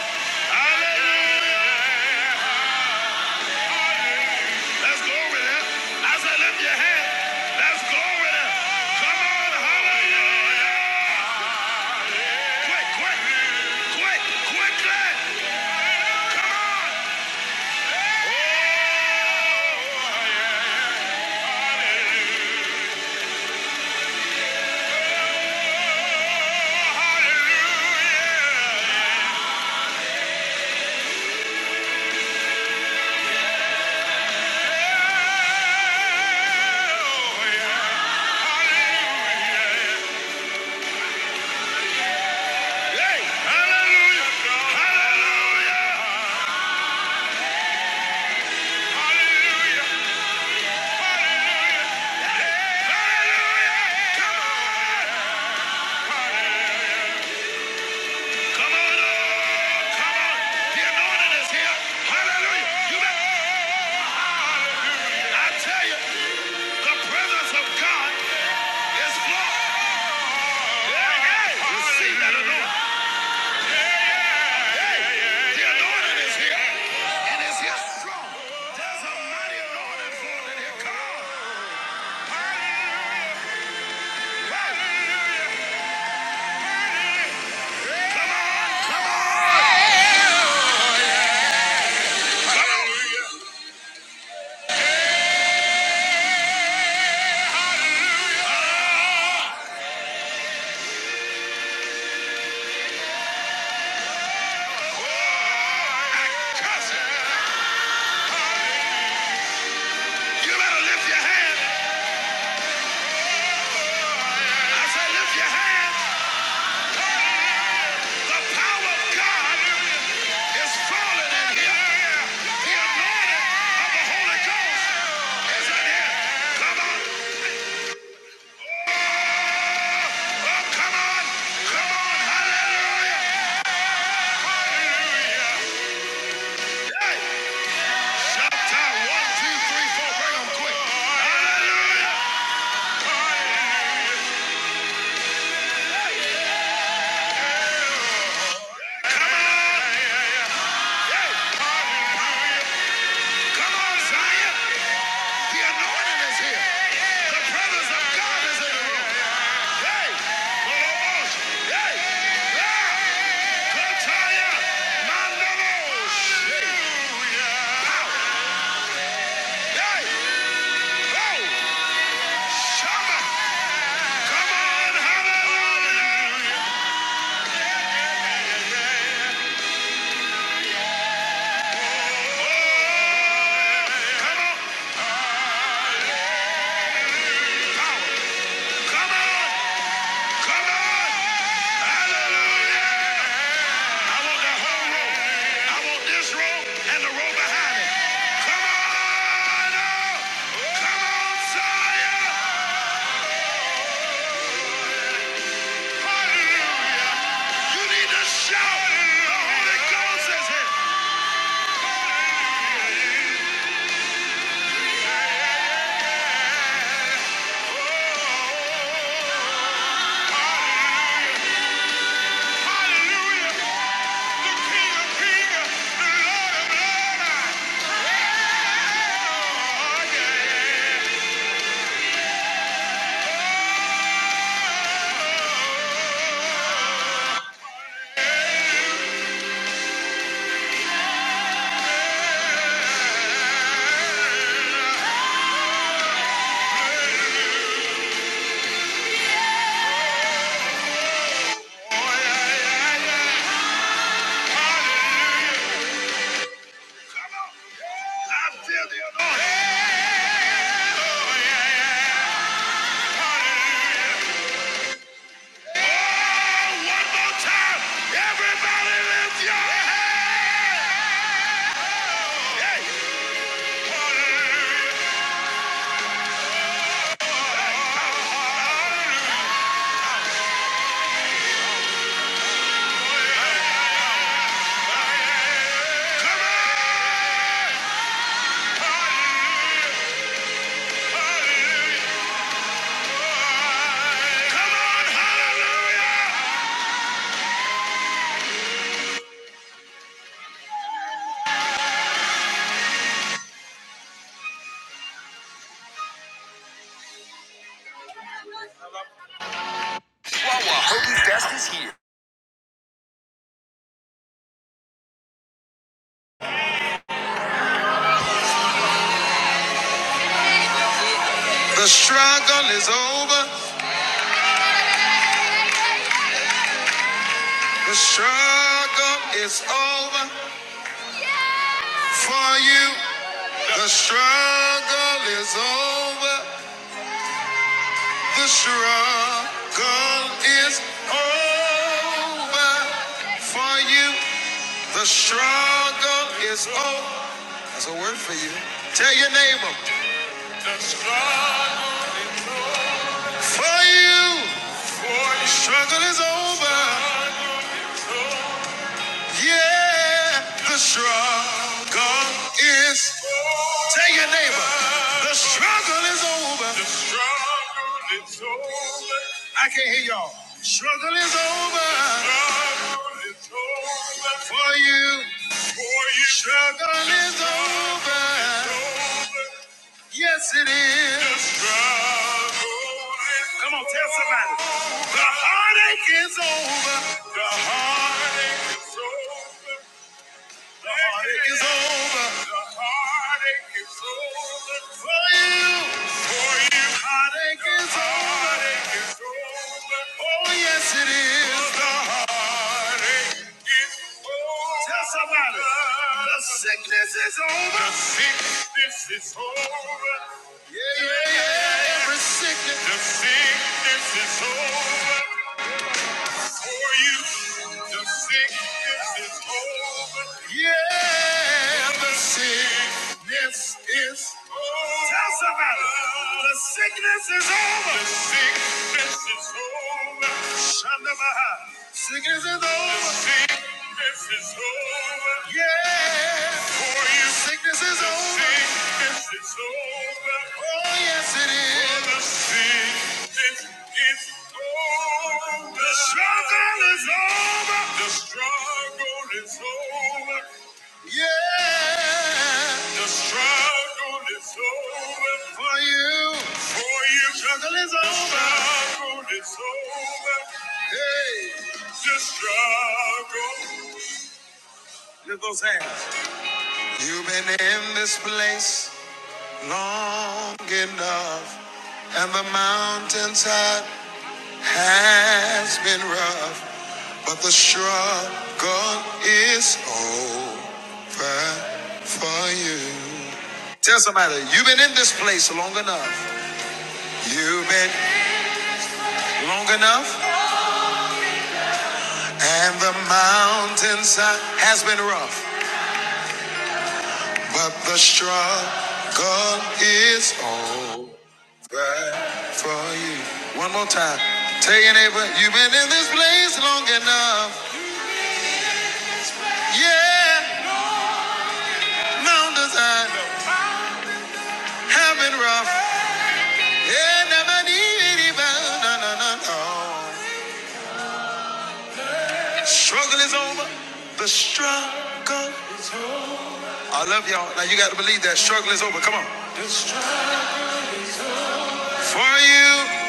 S2: hallelujah. Let's go with it. I said, lift your hand. Let's go with it. Come on. Hallelujah. Quick, quick, quick, quickly. I tell you, the presence of God Yes, Lord. Yeah, yeah. Receive that anointing. The anointing is here. And it's here strong. There's a mighty Come on. Come on. Come on. Come on. Hallelujah. I curse it. You better lift your hand. I said lift your hand. The power of God is falling in here. The anointing of the Holy Ghost is in here. Come on, come on, hallelujah. Shout one, two, three, four, bring 'em quick. come on. Yeah. Come on, Zion. The anointing is here. The presence of God is in the room. Hey! Lobos! Hey! Ah! Kotaya! Mandalos! Hallelujah! Hey! Oh! Shama! Come on! Hallelujah! Come on! Come on! Come on! Hallelujah! I want that whole road. I want this road and the road behind it. Come on up. Come on, Zion. Hallelujah. You need to shout. The Holy Ghost is here. Hallelujah. The King of Kings, the Lord of Lords. I feel the anointing. Oh, yeah, yeah. yeah. Hallelujah. Oh, one more time. Everybody lift your head. The struggle is over. The struggle is over for you. The struggle is over. The struggle is over for you. The struggle is over. That's a word for you. Tell your neighbor. The struggle for you. For you. Struggle is over. Yeah. The struggle is. Tell your neighbor. The struggle is over. The struggle is over. I can't hear y'all. Struggle is over. Struggle is over. For you. For you. Struggle is over. Yes, it is. Struggle. Come on, tell somebody. The heartache is over. The heartache is over. The heartache is over. The heartache is over. For you. For you. Heartache is The over. Heartache is over. Oh, yes, it is. The heartache is over. Tell somebody. The sickness is over. The sickness is over. Yeah, yeah, yeah. Every sickness. The sickness is over for you. The sickness is over. Yeah, the sickness is over. Tell somebody, the sickness is over. The sickness is over. Shanda Baha. Sickness is over. Sickness is over. Yeah. For you. Sickness is over. Sickness is over. Oh, yes, it is. For the sickness is over. The struggle is over. The struggle is over. Yeah, the struggle is over for you. For you, struggle is over. struggle is over. Hey, the struggle. Lift those hands. You've been in this place long enough, and the mountains have has been rough, but the struggle is over for you. Tell somebody, you've been in this place long enough. You've been long enough, and the mountainside has been rough, but the struggle is over for you. One more time. Tell your neighbor, you've been in this place long enough. Yeah, mountains high. I've been rough. Yeah, never needed it, but no, no, no, no. Struggle is over. The struggle. I love y'all. Now you got to believe that struggle is over. Come on. For you,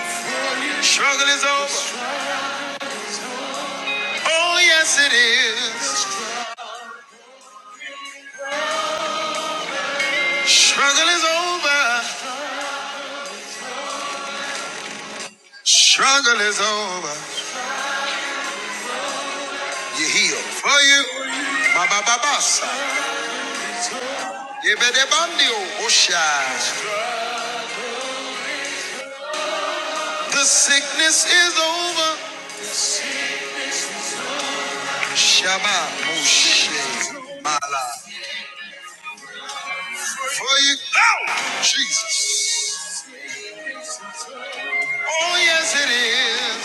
S2: struggle is over. Oh, yes, it is. Struggle is over. Struggle is over. You heal. For you. Ba ba ba ba. sa. Ye bandio. Osha. The sickness is over. Shabbat. Moshe. Mala. For you go, Jesus. Oh, yes, it is.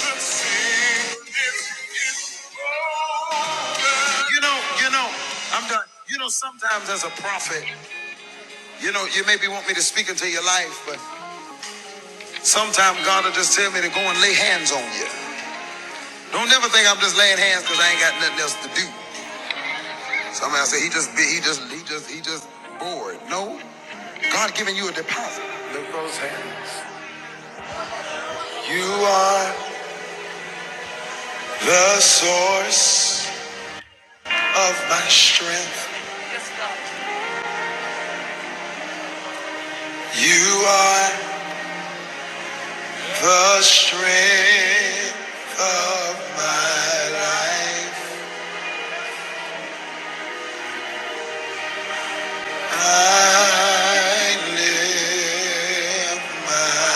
S2: You know, you know, I'm done. You know, sometimes as a prophet, you know, you maybe want me to speak into your life, but sometimes God will just tell me to go and lay hands on you. Don't never think I'm just laying hands because I ain't got nothing else to do. Somebody say he just be, he just, he just, he just bored. No, God giving you a deposit. Lift those hands. You are. The source of my strength. You are the strength of my life. I live my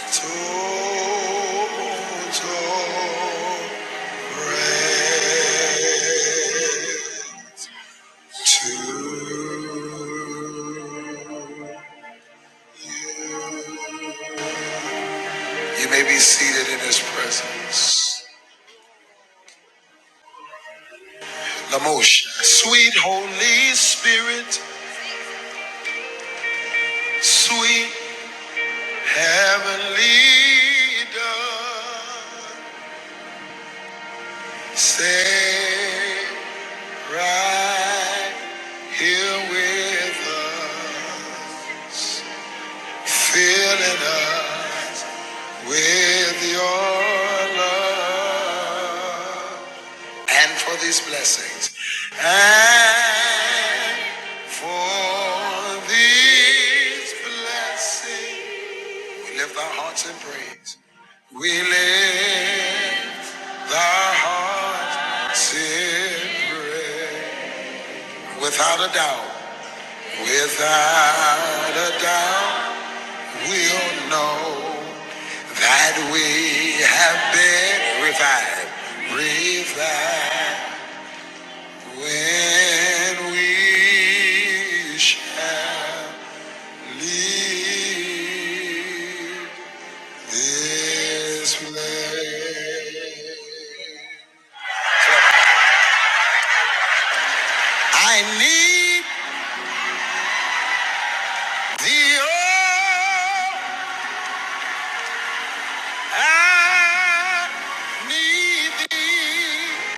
S2: hand total praise to You may be seated in his presence. Lamosha. Sweet Holy Spirit, sweet Heavenly Dove, stay right here with us, filling us with your love and for these blessings. And For these blessings, we lift our hearts in praise. We lift our hearts in praise. Without a doubt, without a doubt, we'll know that we have been revived. Revived when we shall. Leave this place. I need thee, oh, I need thee.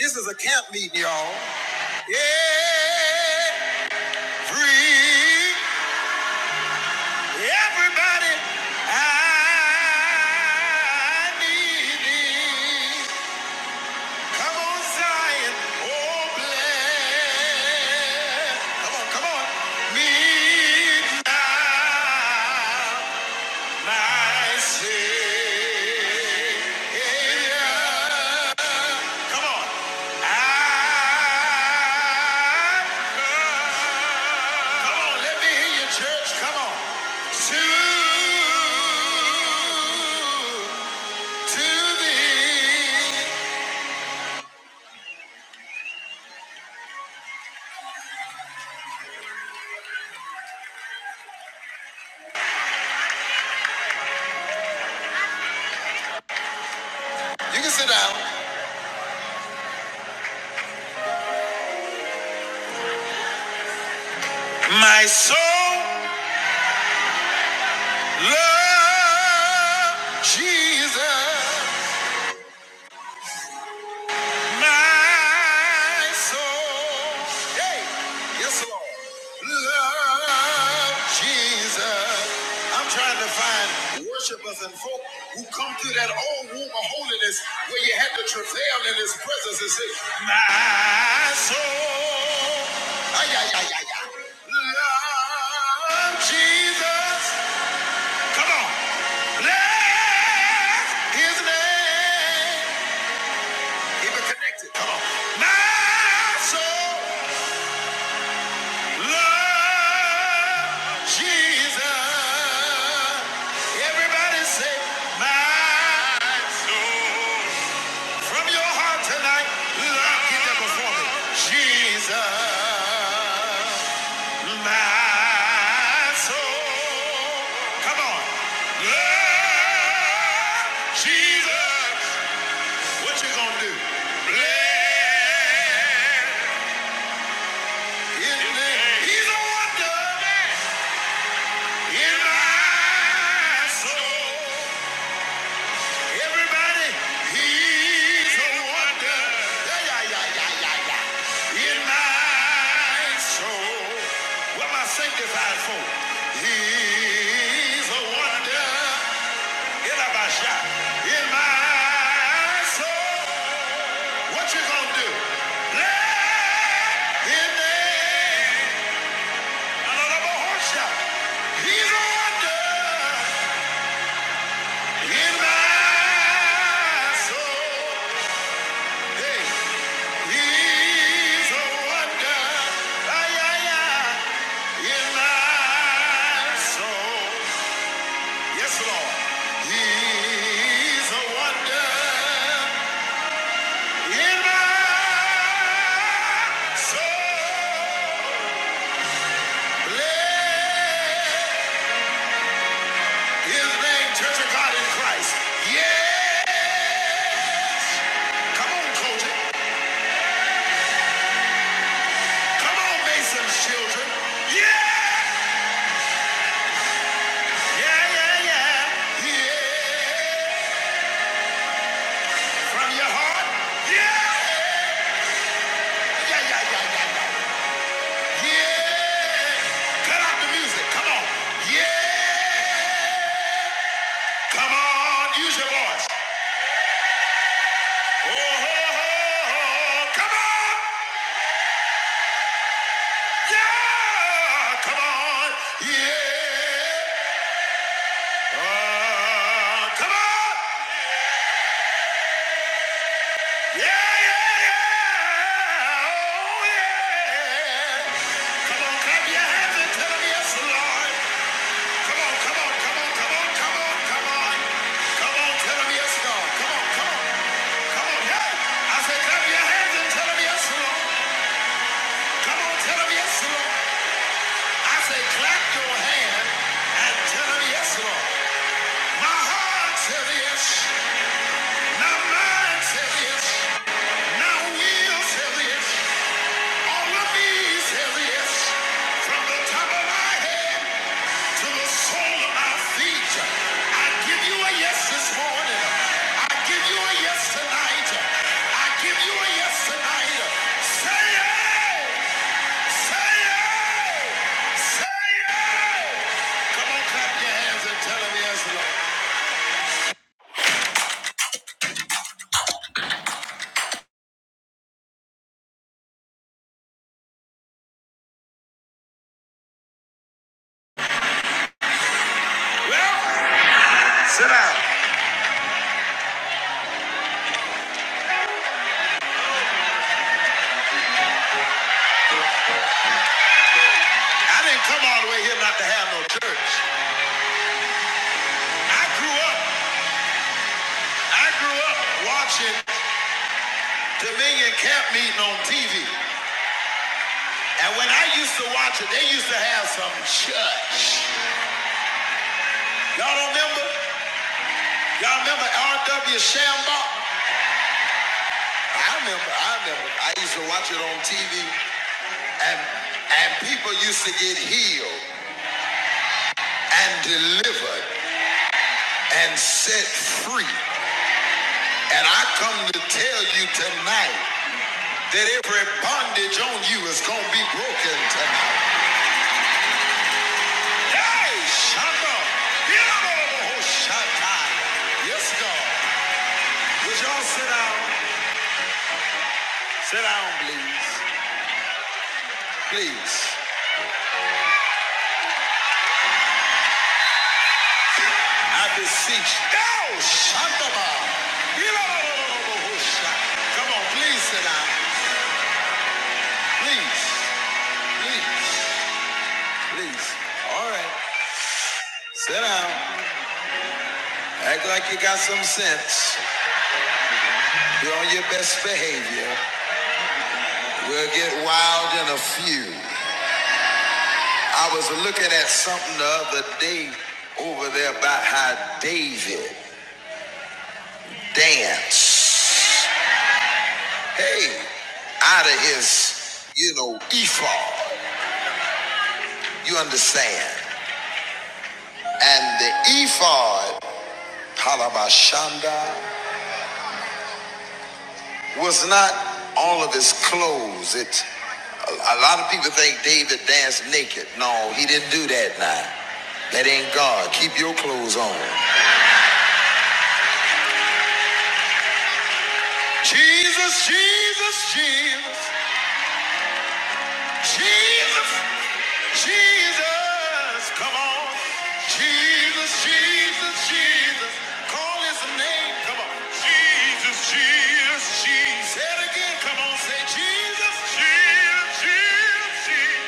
S2: This is a camp meeting, y'all. Every, everybody, I need thee. Come on, Zion. Oh, bless. Come on, come on. Me my Savior. Come on, let me hear you, church. Come on. To, to thee. You can sit down. My soul loves Jesus. My soul, hey, yes, Lord, love Jesus. I'm trying to find worshipers and folk who come through that old womb of holiness where you had to travail in His presence and say, My soul, ay, ay, ay, ay, ay. love Jesus. Come on, bless His name. Keep it connected. Come on. My soul loves Jesus. Everybody say, my soul. From your heart tonight, love. Get that before me. Jesus, my soul. Come on. Love Jesus. What you gonna do? Bless. He's a wonder in my soul. Everybody, he's a wonder. Yeah, yeah, yeah, yeah, yeah, yeah. In my soul. What am sanctified for? He's a wonder. In my shop. In my soul. What you gonna do? Let him in. He's a wonder in my soul. Hey. Church of God in Christ. Yeah! Come on, Cody. Come on, Mason's children. Yeah, yeah, yeah. Yeah. From your heart. Yeah. Yeah, yeah, yeah, yeah, yeah. Yeah. Cut out the music. Come on. Yeah. Come on. Use your voice. Oh, oh, oh, oh. Come on. Yeah. Come on. Yeah. Oh, come on. Yeah. Yeah, yeah, yeah. Oh, yeah. Come on, clap your hands and tell 'em yes, Lord. Come on, come on, come on, come on, come on, come on. Come on, tell 'em yes, Lord. Come on, come on, come on. Yeah. I say, clap your hands and tell 'em yes, Lord. Come on, tell 'em yes, Lord. I say, clap your hand and tell 'em yes, Lord. My heart says yes. My mind says yes. My will says yes. All of me says yes. From the top of my head to the sole of my feet, I give you a yes this morning. I give you a yes tonight. I give you a yes tonight. Say it! Say it! Say it! Come on, clap your hands and tell him yes, Well, sit down. I didn't come all the way here not to have no church. I grew up, I grew up watching Dominion camp meeting on TV. And when I used to watch it, they used to have some church. Y'all don't remember? Y'all remember R.W. Shambach? I remember, I remember. I used to watch it on TV and and people used to get healed and delivered and set free. And I come to tell you tonight that every bondage on you is gonna be broken tonight. Hey, Shaka! Shaka! Yes, God. Would y'all sit down? Sit down, please. Please. I beseech you. Oh, Shaka! Come on, please sit down. Please. Please. Please. All right. Sit down. Act like you got some sense. Be on your best behavior. We'll get wild in a few. I was looking at something the other day over there about how David danced. Hey, out of his, you know, ephod. You understand? And the ephod, Palabashanda, was not all of his clothes. It. A a lot of people think David danced naked. No, he didn't do that now. That ain't God. Keep your clothes on. Jesus, Jesus, Jesus, Jesus. Jesus, come on. Jesus, Jesus, Jesus. Call his name. Come on. Jesus, Jesus, Jesus. Say it again. Come on. Say Jesus, Jesus, Jesus, Jesus.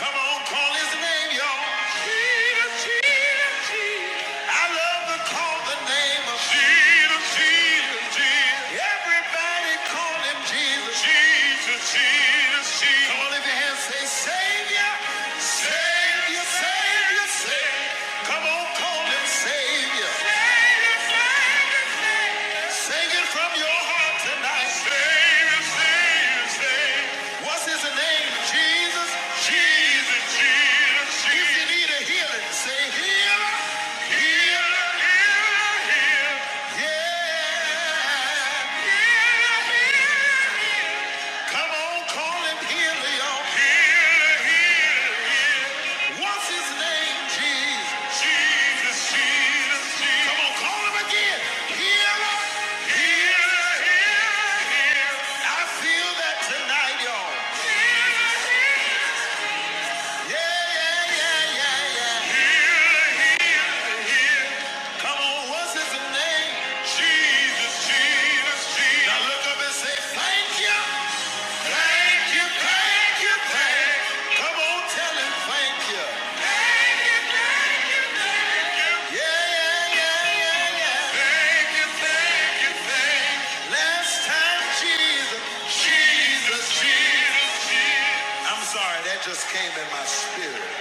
S2: Come on. Call his name, y'all. Jesus, Jesus, Jesus. I love to call the name of Jesus, Jesus, Jesus. Everybody call him Jesus. Jesus, Jesus, Jesus. Come on, lift your hands. Say Savior. Savior, Savior, Savior. Come on, call him Savior. What Jesus? Jesus, Jesus, Jesus. If you need a healing, say healer, healer, healer, healer. Yeah. Healer, healer, healer. What's his name? Jesus. Jesus, Jesus. Call him a healer, healer, healer, healer. I feel that tonight, y'all. Yeah, yeah, yeah, yeah, yeah. Here he Come on, what's his name? Jesus, Jesus, Jesus. Now look up and say, thank you. Thank you, thank you, thank you. Come on, tell him thank you. Thank you, thank you, thank you. Yeah, yeah, yeah, yeah, yeah. Thank you, thank you, thank you. Last time, Jesus. Jesus, Jesus, Jesus. I'm sorry, that just came in my spirit.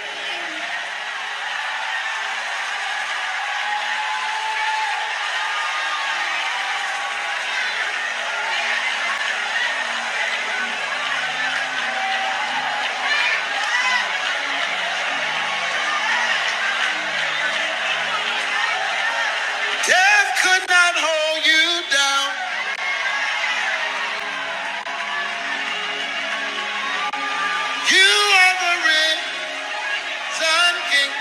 S2: Death could not hold you down. You are the risen king.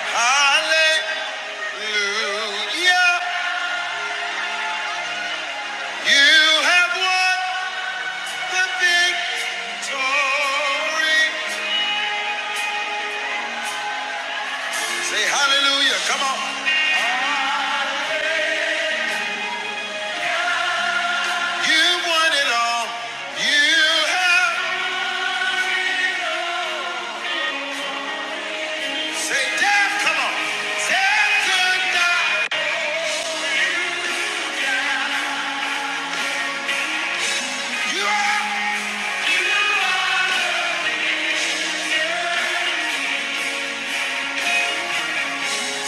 S2: Hallelujah. You have won the victory. Say hallelujah. Come on. You won it all. You have. Say death. Come on. Death could not. You are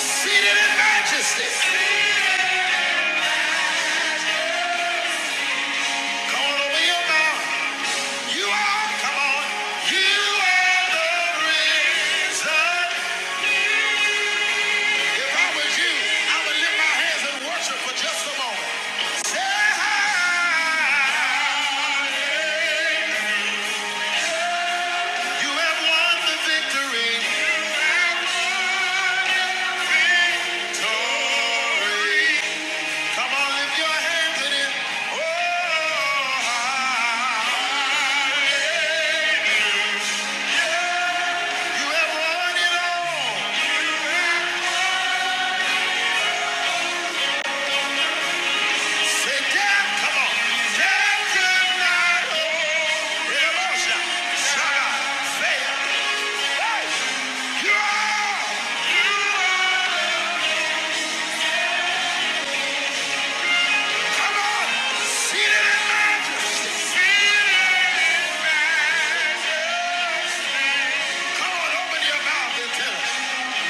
S2: seated in majesty. Come on over your mouth. You are, come on, you are the reason. If I was you, I would lift my hands and worship for just a moment. hallelujah. you have won the victory. You have won the victory. Come on, lift your hands in Oh, hallelujah. You have won it all. Say, come on. Death could not hold him." Emotion, saga, You are. You are. Come on. Seated in majesty. Seated in majesty. Come on, open your mouth and tell us.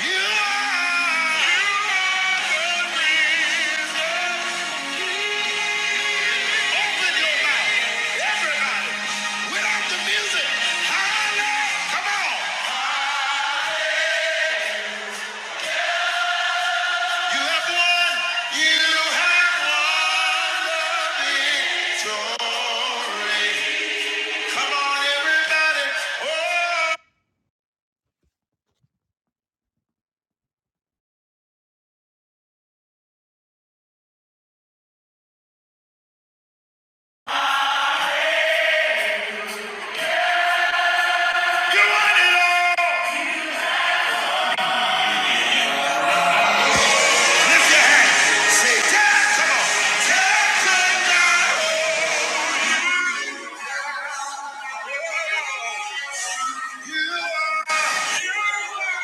S2: You are. You are the reason. Open your mouth, everybody. Without the music, holla! Come on! You have won. You have won the victory. Come on, everybody! Oh, lift your hands. Say, "Dad, come on, Dad, come on." You are.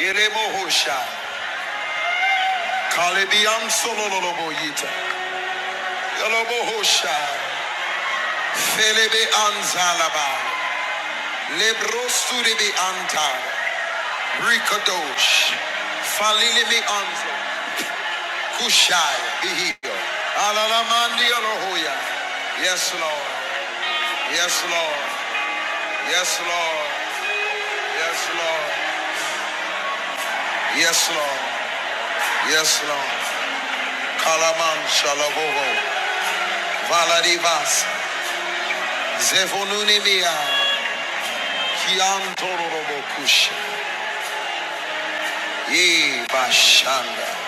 S2: Yeremo Hosha. Kalebi ansololobo yita. Yolobo hosha. Felebe anzalaba. Lebrosuribi anta. Rikadosh. Falilibi anza. Kushai. Bihio. Alalamandi olohoya. Yes, Lord. Yes, Lord. Yes, Lord. Yes, Lord. Yes, Lord. Yes, Lord. Kalaman shalabobo. Valadivas. Zevonunimia. Kiantorobo Kusha. Yee, Bashanda.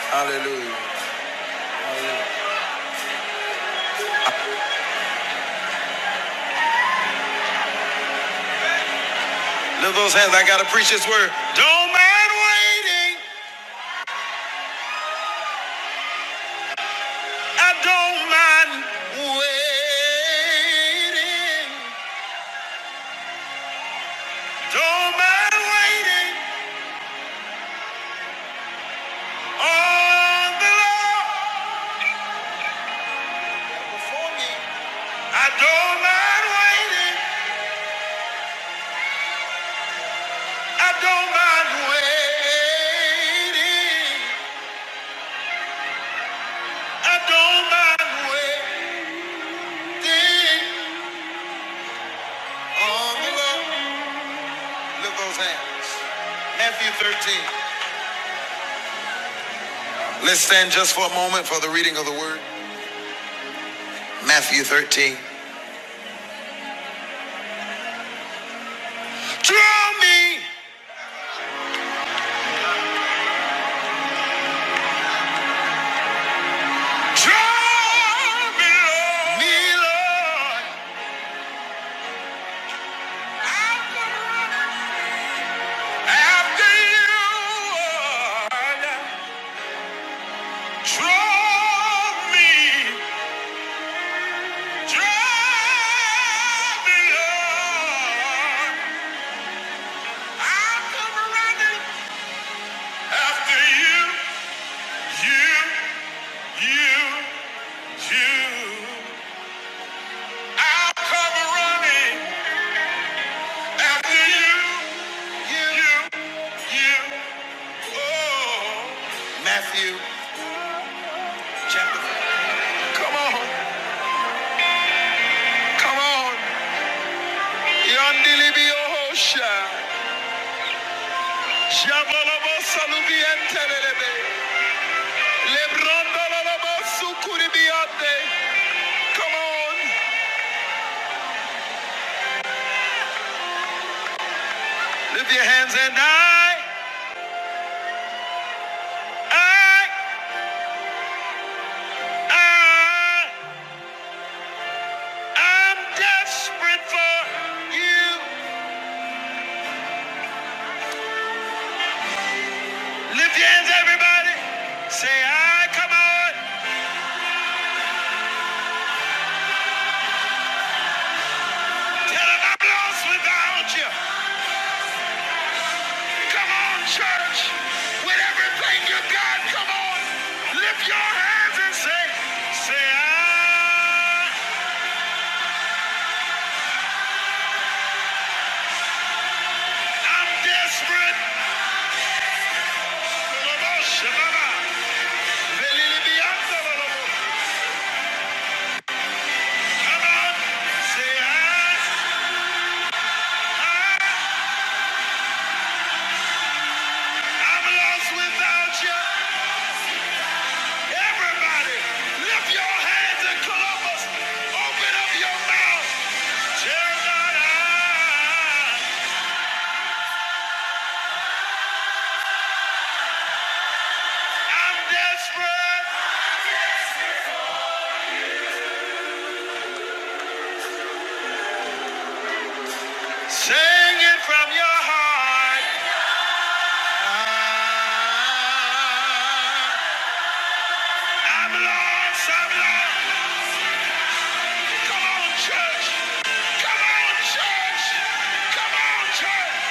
S2: Hallelujah. Lift those hands. I got to preach this word. Don't mind waiting. Don't mind waiting. Mind wait- on the Lord. Before me. I don't mind waiting. Mind waiting. Lift those hands. Matthew 13. Let's stand just for a moment for the reading of the word. Matthew 13. Draw me. Draw me, Lord, after you. Draw me, draw me, Lord. I'll come running after you, you, you, you. I'll come running after you, you, you. Oh, Matthew, come on, come on. Yandilibiyosha, Jabalaba Salubientelebe, Lebrandalaba Sukuribiyande. Come on, lift your hands and I, I, I, I'm desperate for you. Lift your hands, everybody. Say I, come on. Tell 'em I'm lost without you. Come on, church. With everything you got, come on. Lift your hands and say, say, I, I'm desperate. Say, I, I'm lost without you. Everybody, lift your hands and Columbus. Open up your mouth. Tell God I'm desperate. Come on, come on, church.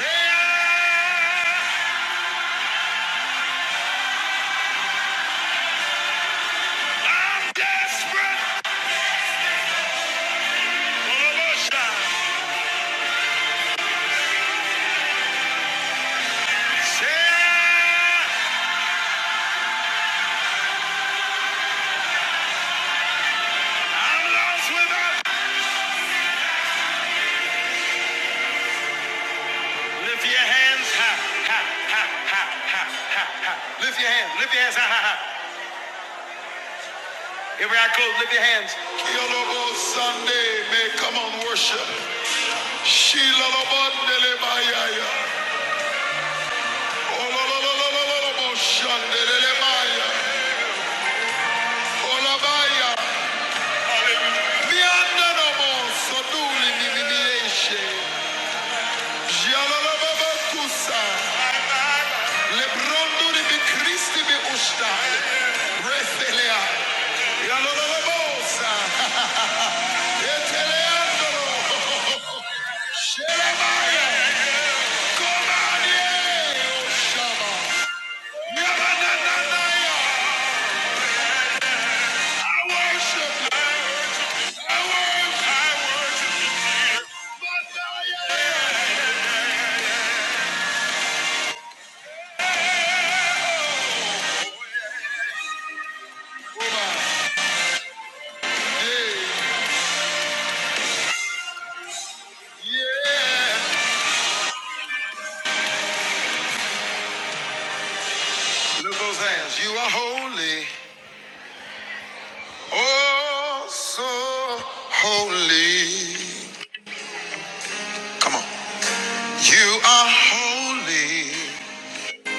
S2: Say, I'm desperate. Lift your hands high. Lift your hands. Lift your hands high, high, high. Here we are, close. Lift your hands. Kiolobo Sunday may come on worship. Shilolobo Nelemayaya. Ololololololobo Shandelelebaya. Olabaya. Miandanobo Soduli Nivinieshe. Jalolobo Kusa. Lebrondo Nibi Christi Bi Ushtai. Breathelea. Look those hands. You are holy. Oh, so holy. Come on. You are holy.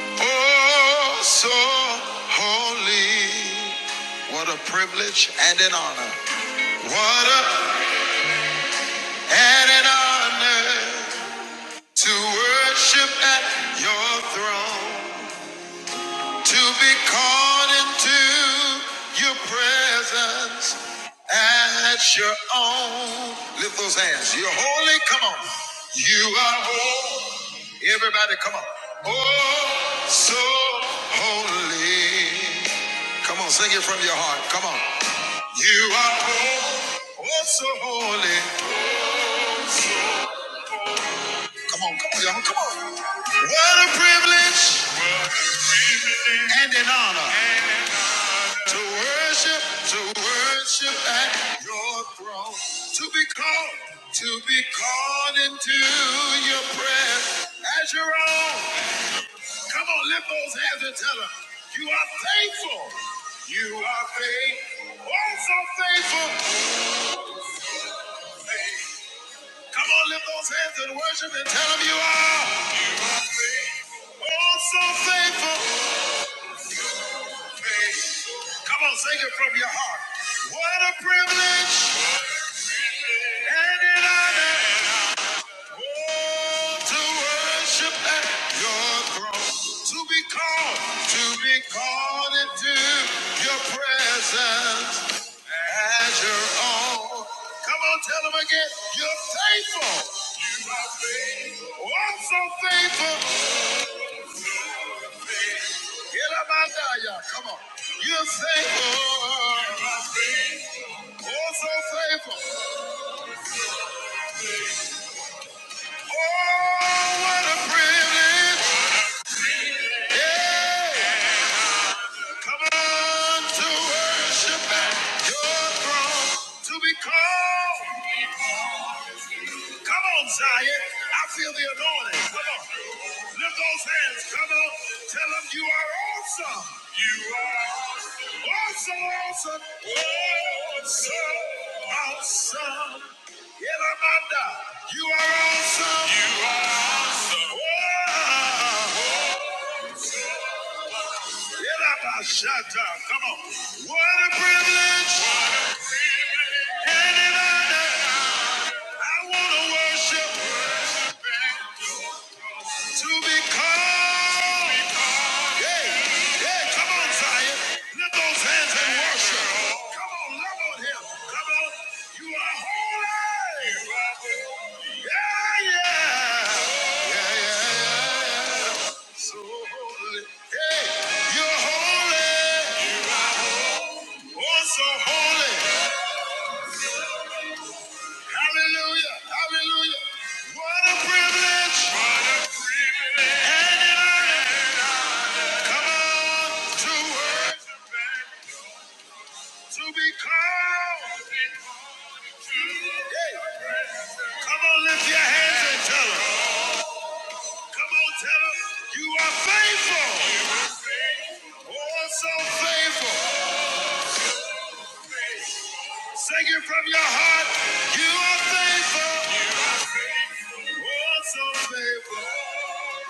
S2: Oh, so holy. What a privilege and an honor. What a and an honor To worship at your throne, to be called into your presence at your own. Lift those hands. You're holy. Come on. You are holy. Everybody, come on. Oh, so holy. Come on, sing it from your heart. Come on. You are holy. Oh, so holy. Come on. What a privilege. and in honor to worship, to worship at your throne, to be called, to be called into your presence as your own. Come on, lift those hands and tell them you are faithful. You are faithful, oh so faithful. Come on, lift those hands and worship and tell them you are. You are faithful, oh so faithful. Come on, sing it from your heart. What a privilege and an honor oh, to worship at your throne, to be called, to be called into your presence as your own. Come on, tell them again, you're faithful. You are faithful. Oh, so faithful. Yelamandaya, Come on. You're faithful. Oh, so faithful. Oh, what a privilege. Hey, Come on to worship at your throne. To be called. Come on, Zion. I feel the anointing. Come on. Lift those hands. Come on. Tell them you are awesome. You are awesome, awesome, awesome, awesome. Elamanda, you are awesome. You are awesome. Wow. Elabashata, Come on. What a privilege and an honor. I want to worship. To be called. Yeah, yeah, come on, Zion. Lift those hands and worship. Come on, love on him. Come on. You are holy. Yeah, yeah. Yeah, yeah, yeah. So holy. Hey, you're holy. Oh, so holy. Hallelujah. Hallelujah. What a privilege. What a privilege. And an honor. Come on. To worship and to be called. To Hey. Come on, lift your hands and tell them. Come on, tell them. You are faithful. You are faithful. Oh, so faithful. Sing it from your heart. You are faithful. You are faithful. Oh, so faithful.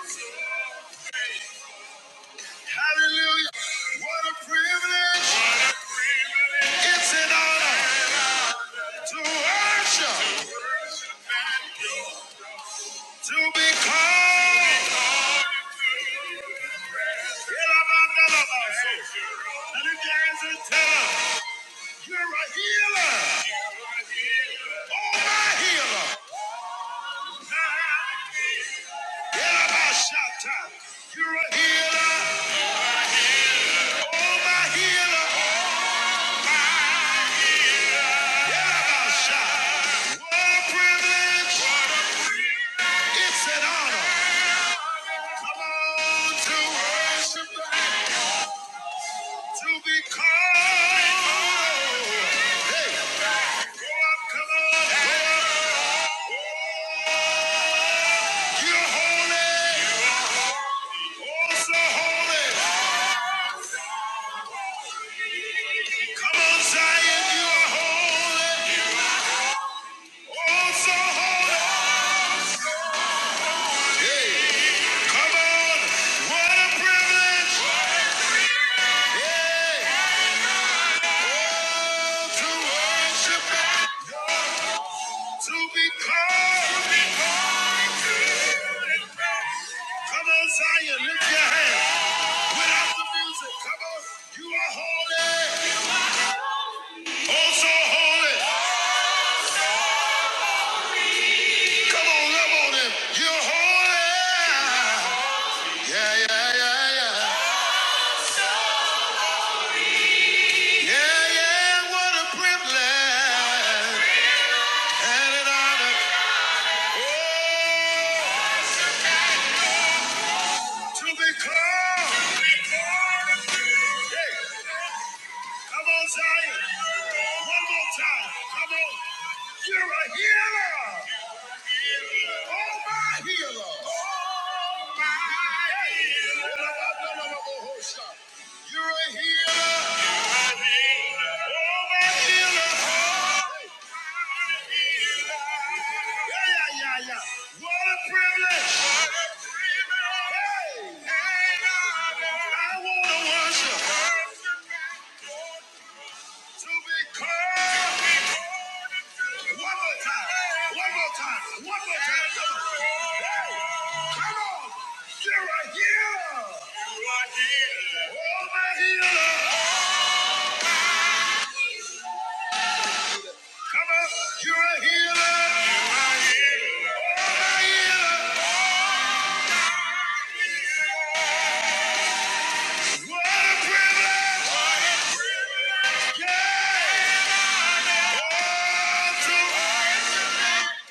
S2: So faithful. Hallelujah. What a privilege. What a privilege. It's an honor to worship. To be called. And if you answer, tell him, you're a healer. Oh, my healer. Yelabashata. You're a healer. Oh, my healer. Yelabashata. What a privilege. It's an honor. Come on to worship To be called. Hey. Go up, come on. Hey. You're holy. you are so holy. Come on, Zion. You are holy. you are so holy. Come on. What a privilege. Hey. To worship. To be called. Come on, Zion. Lift your hands. Without the music, come on. You are holy. Oh, so holy. Come on, love on him. You're holy. Yeah, yeah, yeah, yeah. Yeah, yeah, what a privilege and an honor. to be called. Hey, come on, Zion. One more time. Come on. You're a healer. Oh, my healer. Oh, my healer. You're a healer. Oh, my healer, oh Yeah, yeah, yeah. What a privilege, Hey, I wanna worship, to be called. be called One more time. One more time. One more time. Come on. Hey, come on. You're a healer. You are healer. Oh, my healer. Come on. You're a healer. You are healer. Oh, my healer. What a privilege. What a privilege. Yeah. Oh, to,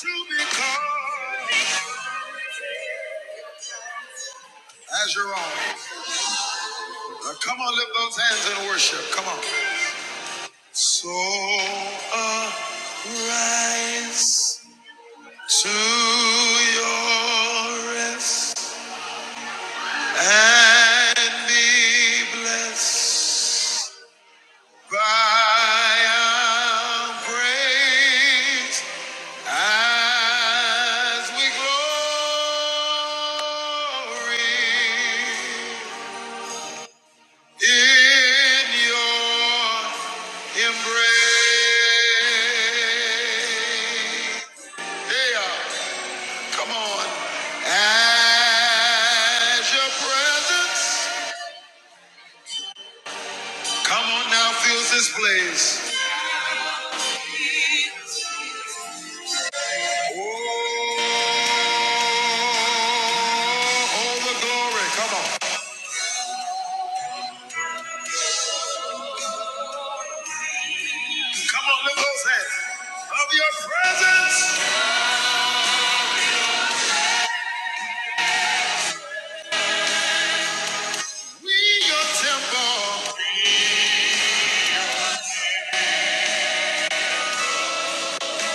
S2: to be called as your own. Come on, lift those hands and worship. Come on. So arise to your rest and be blessed by our praise as we glory in your Embrace. Yeah, come on. As your presence. Come on now, fills this place. Oh, all the glory. Come on. Come on, lift those hands. Of your presence, we your temple.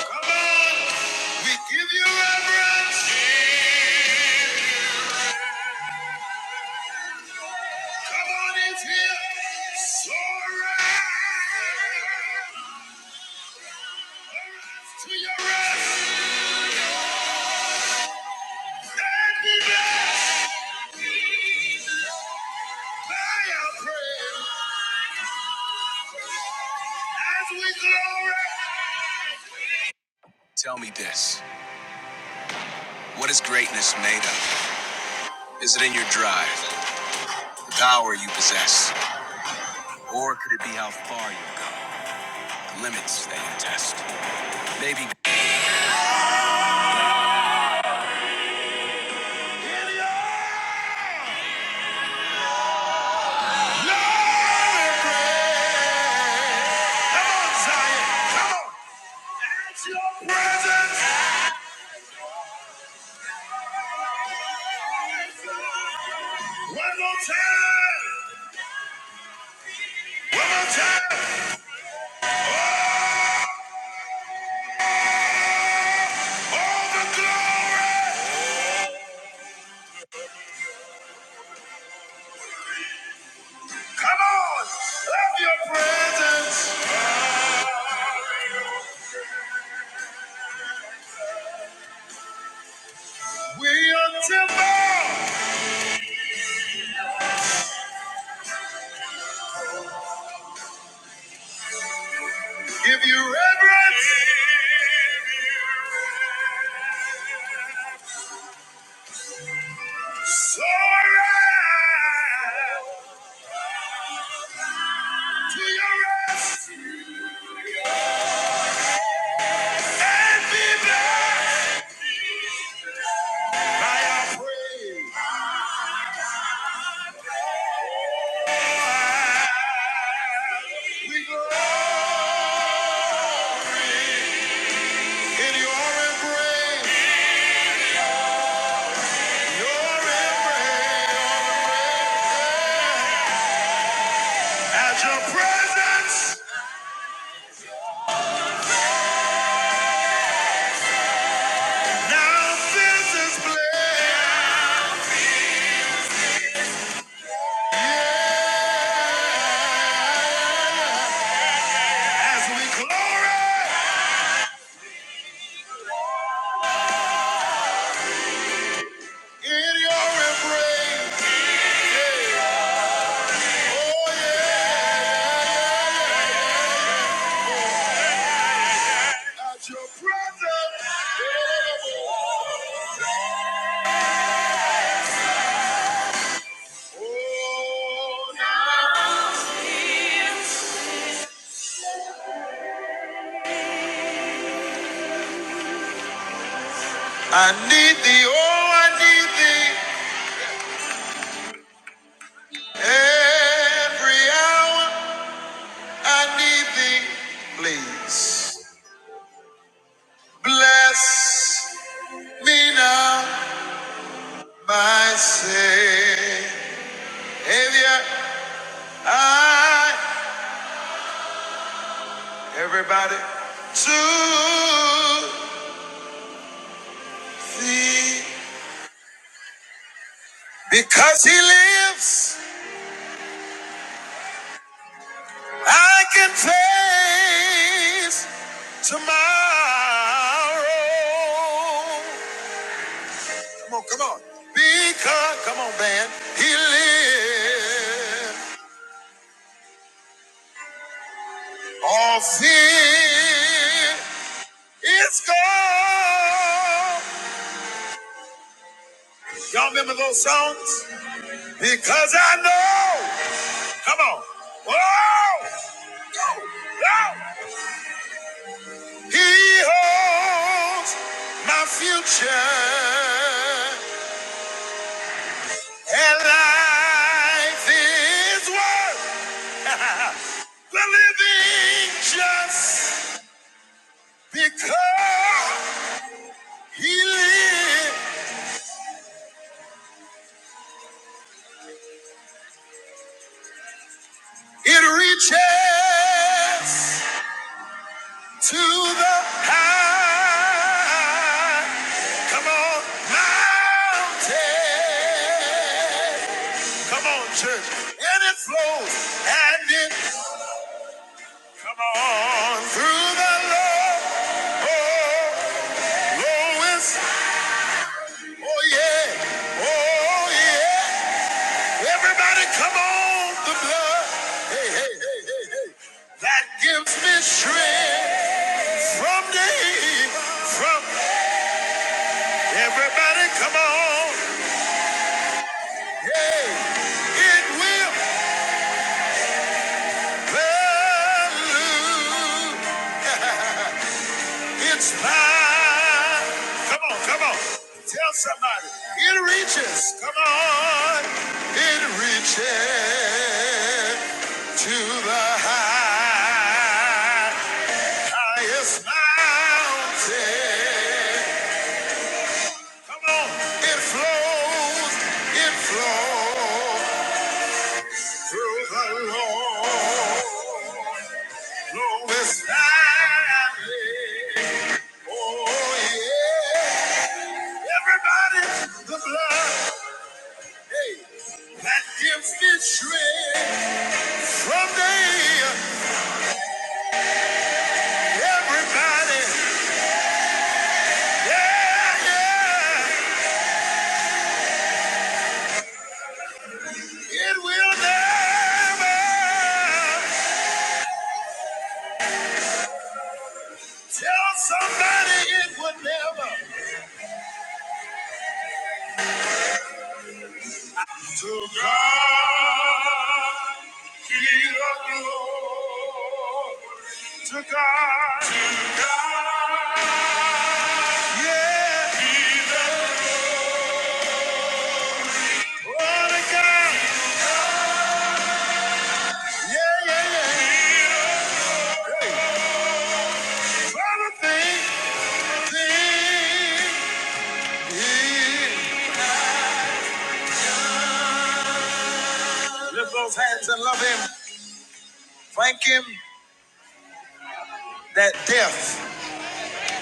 S2: Come on, we give you reverence. Come on, it's here. Soaring. To your rest and be blessed. Lion, lion, come on, Zion, come on. It's your presence. One more time, one more time. All the glory. Come on, love your presence. We are temple. Give you reverence. Surrender to your rescue and be blessed by your praise. We glory in your embrace, your embrace. As your presence now fills this place. Yeah, in your embrace. Oh, yeah. At your presence. I need thee, oh, I need thee. Every hour I need thee, please. Bless me now, my Savior. I, everybody, to thee. Because he lives. I can face tomorrow. Come on, come on. Because, come on, band. He lives. All fear is gone. Y'all remember those songs? Because I know. Come on. Whoa! Go! Go! He holds my future. And life is worth the living just because he lived. It reaches to the high. Come on, mountain. Come on, church. And it flows and it come on through the low, lowest Oh yeah. Oh yeah. Everybody come on the blood. Hey, hey, hey, hey, hey. That gives me strength from day from everybody come on. Hey. It will hallelujah. It's thine. Come on, come on. Tell somebody. It reaches. Come on. It reaches to the high, highest mountain. Come on. It flows, it flows through the Lord. Lowest valley. Oh, yeah. Everybody, the blood hey, that gives me strength from day. Everybody, yeah, yeah. It will never. Tell somebody it would never. To God be the glory. To God. To God. Yeah. Be the glory. Oh, to God. Yeah, yeah, yeah. Hey. Father, thank, thank, yeah. Lift those hands and love him. Thank him that death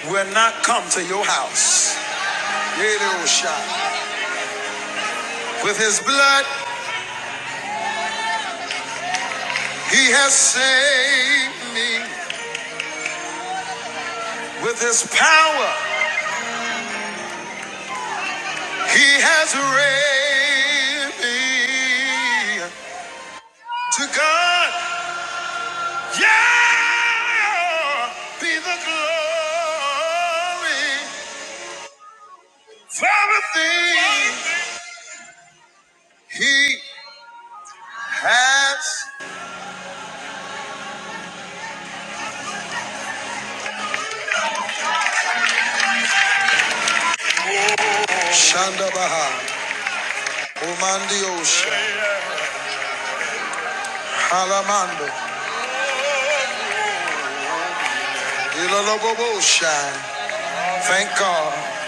S2: will not come to your house. With his blood, he has saved me. With his power, he has raised me. To God, yeah, be the glory for everything he has. Shandabaha, Omandi Osha, Halamando, Thank God.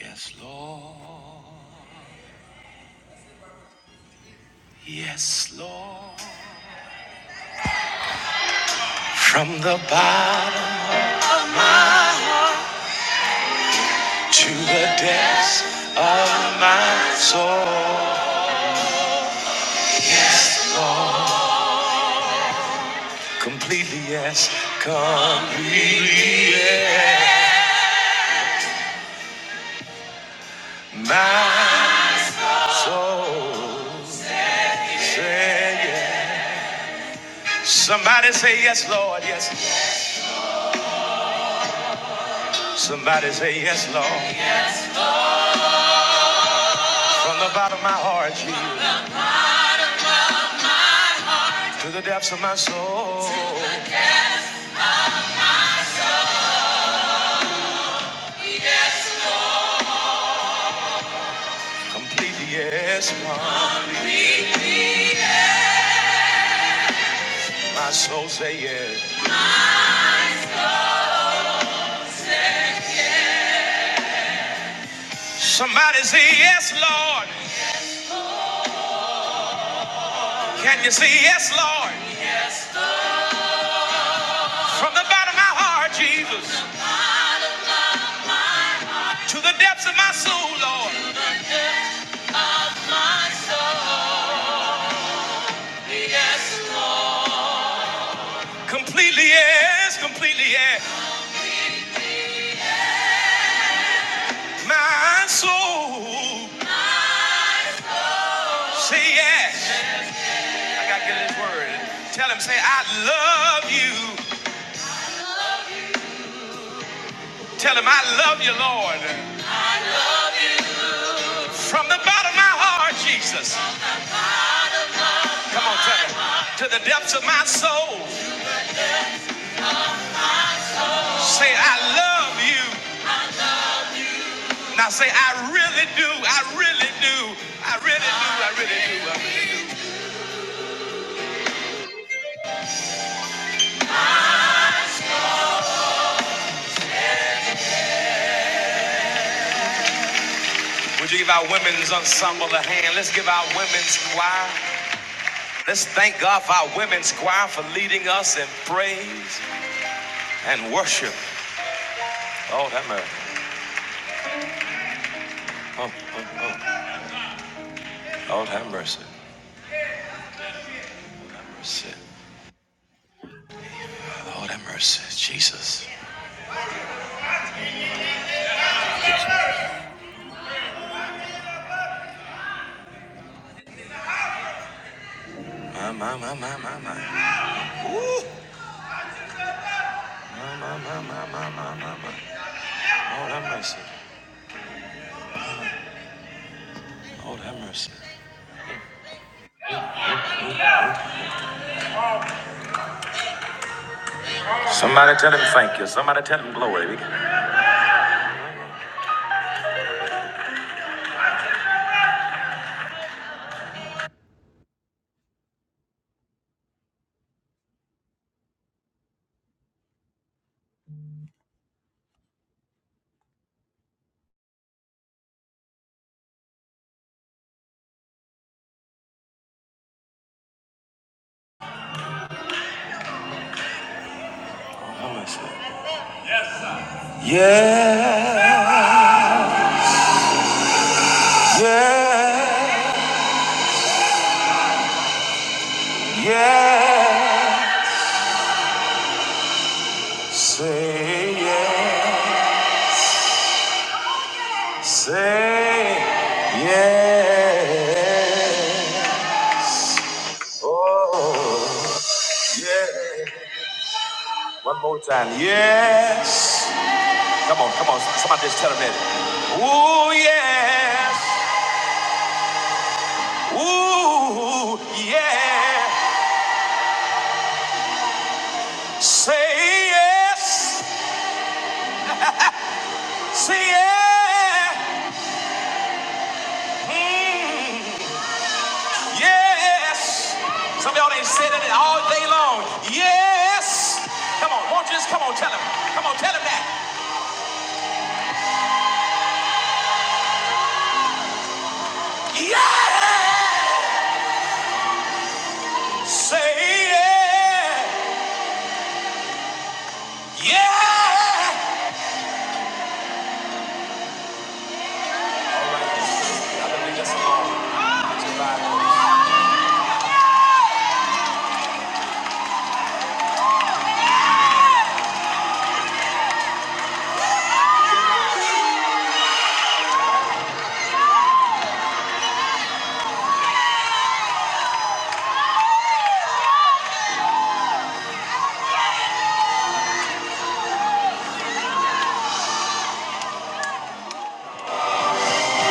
S2: Yes, Lord. Yes, Lord. From the bottom to the depths of my soul. Lord, completely yes. Completely yes. My soul. Say yes. Somebody say yes, Lord, yes. Somebody say yes, Lord. From the bottom of my heart, Jesus, to the depths of my soul. Completely yes, Lord. My soul say yes. Somebody say yes, Lord. Can you say yes, Lord? From the bottom of my heart, Jesus, to the depths of my soul, Lord. Please, I got you. From the bottom of my heart, Jesus. Come on, tell me. To the depths of my soul, say I love you. Now say I really do. I really do. I really do. I really do. I really do. Would you give our women's ensemble a hand? Let's give our women's choir. Let's thank God for our women's choir for leading us in praise. and worship. Lord have mercy. Oh, oh, oh. Lord have mercy. mercy. Lord have mercy. Somebody tell him thank you. Somebody tell him glory. Yeah, yeah, yeah. Say yeah, say yeah. Oh, and yes. Come on, come on. Somebody just tell him that. Ooh yes, ooh yeah. Say yes. See yeah, mm, yes. Some of y'all ain't said it all day long. Yes. Come on, won't you just come on, tell him. Come on, tell him that. Yeah. Say yeah, yeah.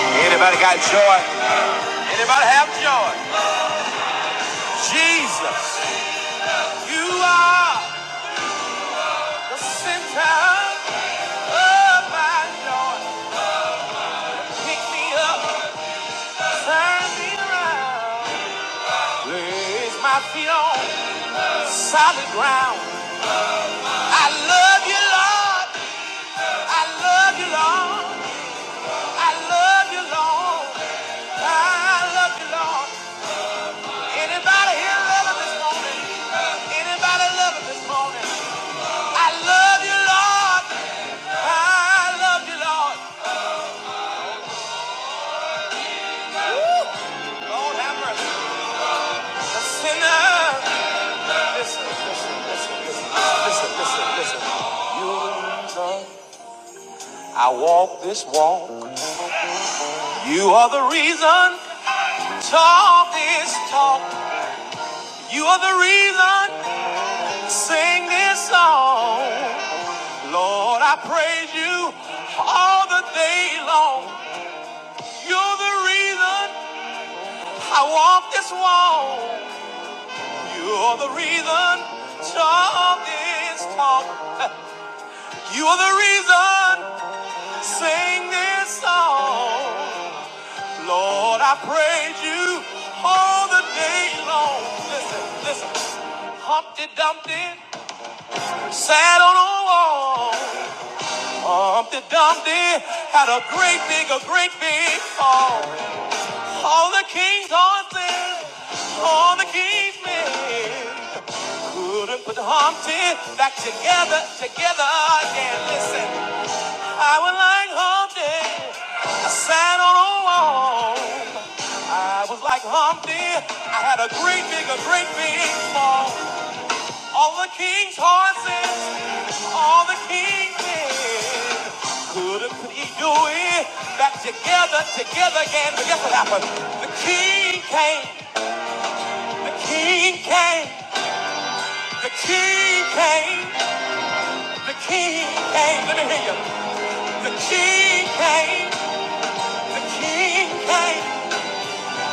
S2: Anybody got joy? Anybody have joy? Jesus, you are the center of my joy. Pick me up, turn me around, place my feet on. solid ground. I love you, Lord. I love you, Lord. I love you, Lord. I love you, Lord. Anybody here love him this morning? Anybody love him this morning? I love you, Lord. I love you, Lord. Lord have mercy. A sinner. Listen, listen, listen, listen, listen, listen, listen. You're the reason I walk this walk. You are the reason talk is talk. You are the reason I sing this song. Lord, I praise you all the day long. You're the reason I walk this walk. You're the reason talk this talk. You are the reason I sing this song. Lord, I praise you all the day long. Listen, listen. Humpty Dumpty sat on a wall. Humpty Dumpty had a great big, a great big fall. All the king's horses, all the king's men couldn't put Humpty back together, together again. Listen, I was like Humpty, I sat on a wall. I was like Humpty, I had a great big, a great big fall. All the king's horses, all the king's men couldn't he do it back together, together again. But guess what happened? The king came, the king came, the king came, the king came. Let me hear you. The king came, the king came,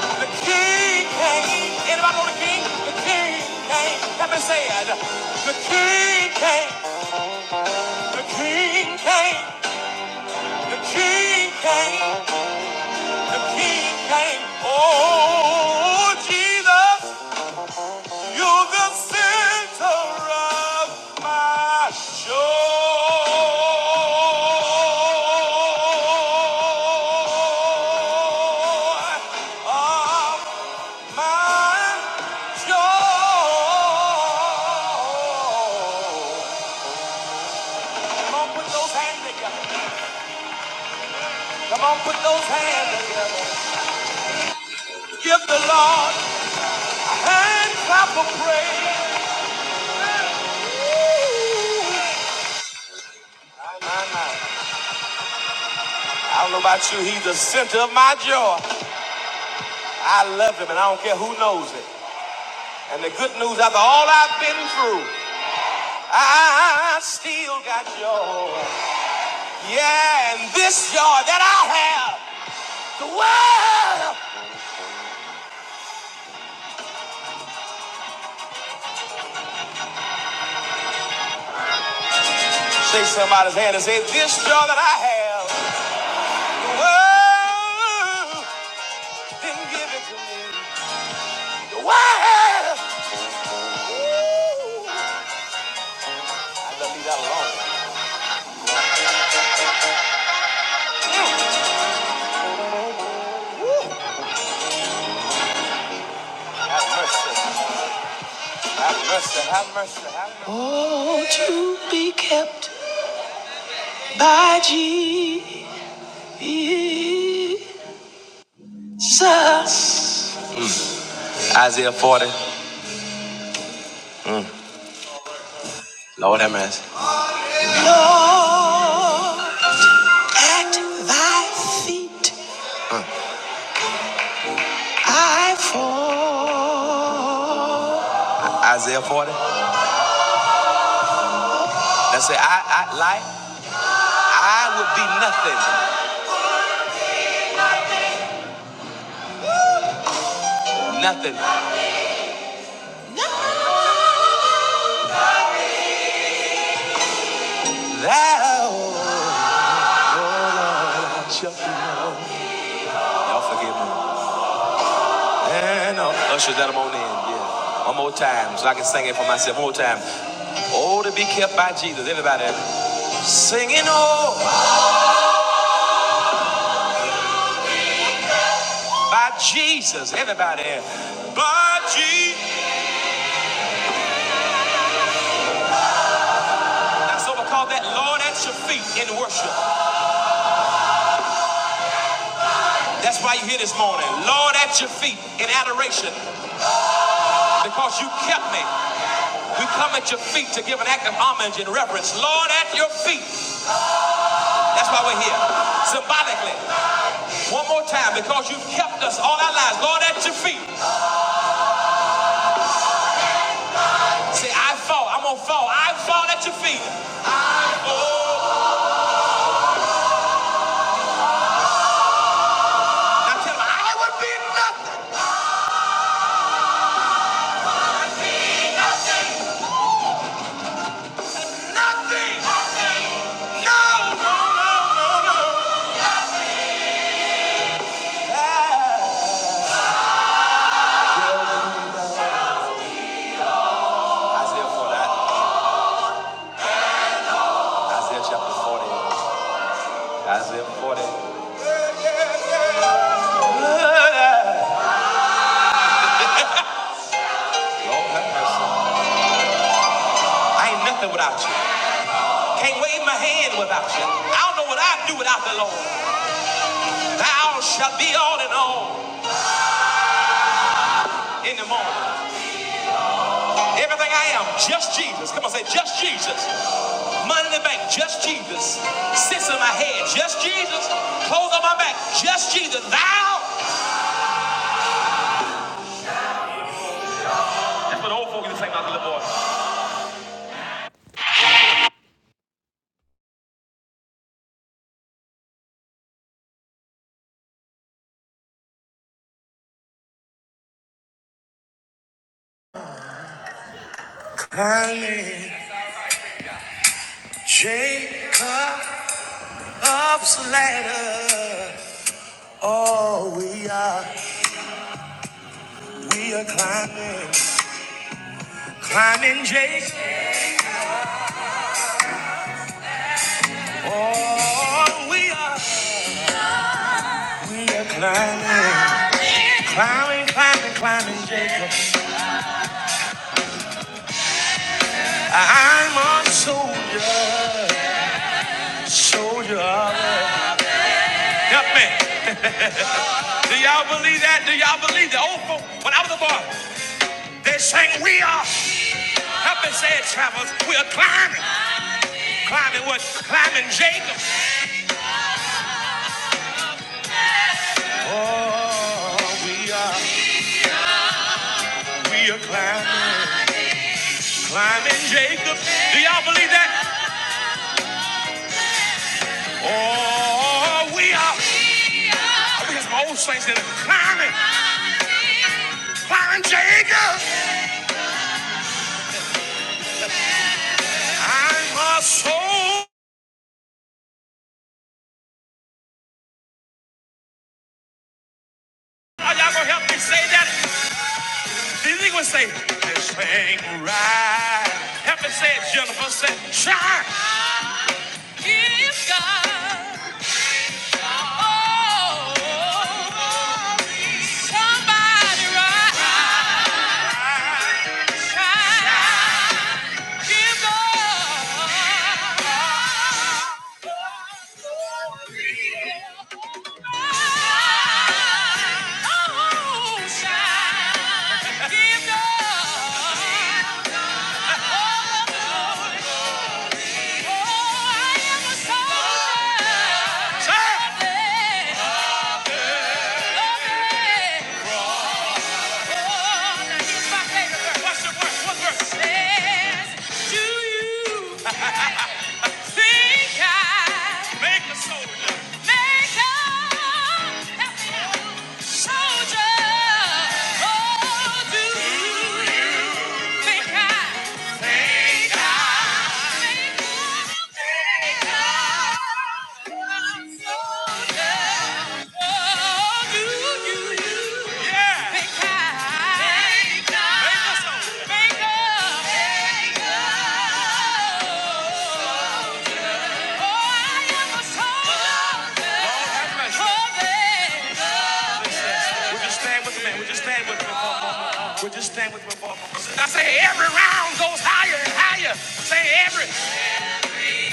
S2: the king came. Anybody know the king? The king came. Let me say it. The king came, the king came. The King came, the King came. Oh, Jesus, you're the center of my joy. Of my joy. Come on, put those hands together. Come on, put those hands together. Give the Lord and clap of praise. My, my, my. I don't know about you, he's the center of my joy. I love him, and I don't care who knows it. And the good news, after all I've been through, I still got joy. Yeah, and this joy that I have, the world. Shake somebody's hand and say, This joy that I have, the world didn't give it to me. The world. Ooh. I love you that alone. Have mercy. Have mercy. Have mercy. Have mercy. Won't you be kept by Jesus? Isaiah 40. Lord have mercy. Lord, at thy feet I fall. Isaiah 40. That say, I, I like, I would be nothing. Nothing. Thou, oh Lord, shalt be known. Y'all forgive me. And uh, ushers let 'em on in. Yeah. One more time, so I can sing it for myself. One more time. Oh, to be kept by Jesus. Everybody singing, oh, by Jesus. Everybody, by Jesus. That's what we call that. Lord at your feet in worship. That's why you here this morning. Lord at your feet in adoration, because you kept me. We come at your feet to give an act of homage and reverence. Lord, at your feet. That's why we're here. Symbolically. One more time, because you've helped us all our lives. Lord, at your feet. Say, I fall. I'm going to fall. I fall at your feet. I fall. Isaiah 40. Isaiah chapter 40. Isaiah 40. Lord, have mercy. I ain't nothing without you. Can't wave my hand without you. I don't know what I'd do without the Lord. Thou shalt be all in all in the morning. Everything I am, just Jesus. Come on, say just Jesus. Money in the bank, just Jesus. Sits in my head, just Jesus. Clothes on my back, just Jesus. Thou climbing Jacob's ladder. Oh, we are, we are climbing, climbing Jacob. Oh, we are, we are climbing, climbing, climbing, climbing Jacob. I'm a soldier, soldier. of- love. Help me. Do y'all believe that? Do y'all believe that? Old folk, when I was a boy, they sang, We are, help me say it, travelers, we are climbing. Climbing what? Climbing Jacob. Oh, we are, we are climbing. Climbing Jacob. Do y'all believe that? Oh, we are, I mean, it's my old saints that are climbing, climbing Jacob. I'm a soul. Are y'all gonna help me say that? These niggas say, Hang right. Help me say it, Jennifer. Say, shine. Give God oh, somebody right. Give God glory. Oh, shine, Give God. Oh, I am a soldier. Hey, Oh, now here's my favorite verse. Watch the verse. One verse. Says, Do you? make a soldier. Make a soldier. Oh, do you think I think I make a think I- soldier? Oh, do you yeah. think I make a Make a make a Lord, have mercy. Would you stand with me? Would you stand with me? for- Would you stand with me? for- I say every round goes higher and higher. Say every.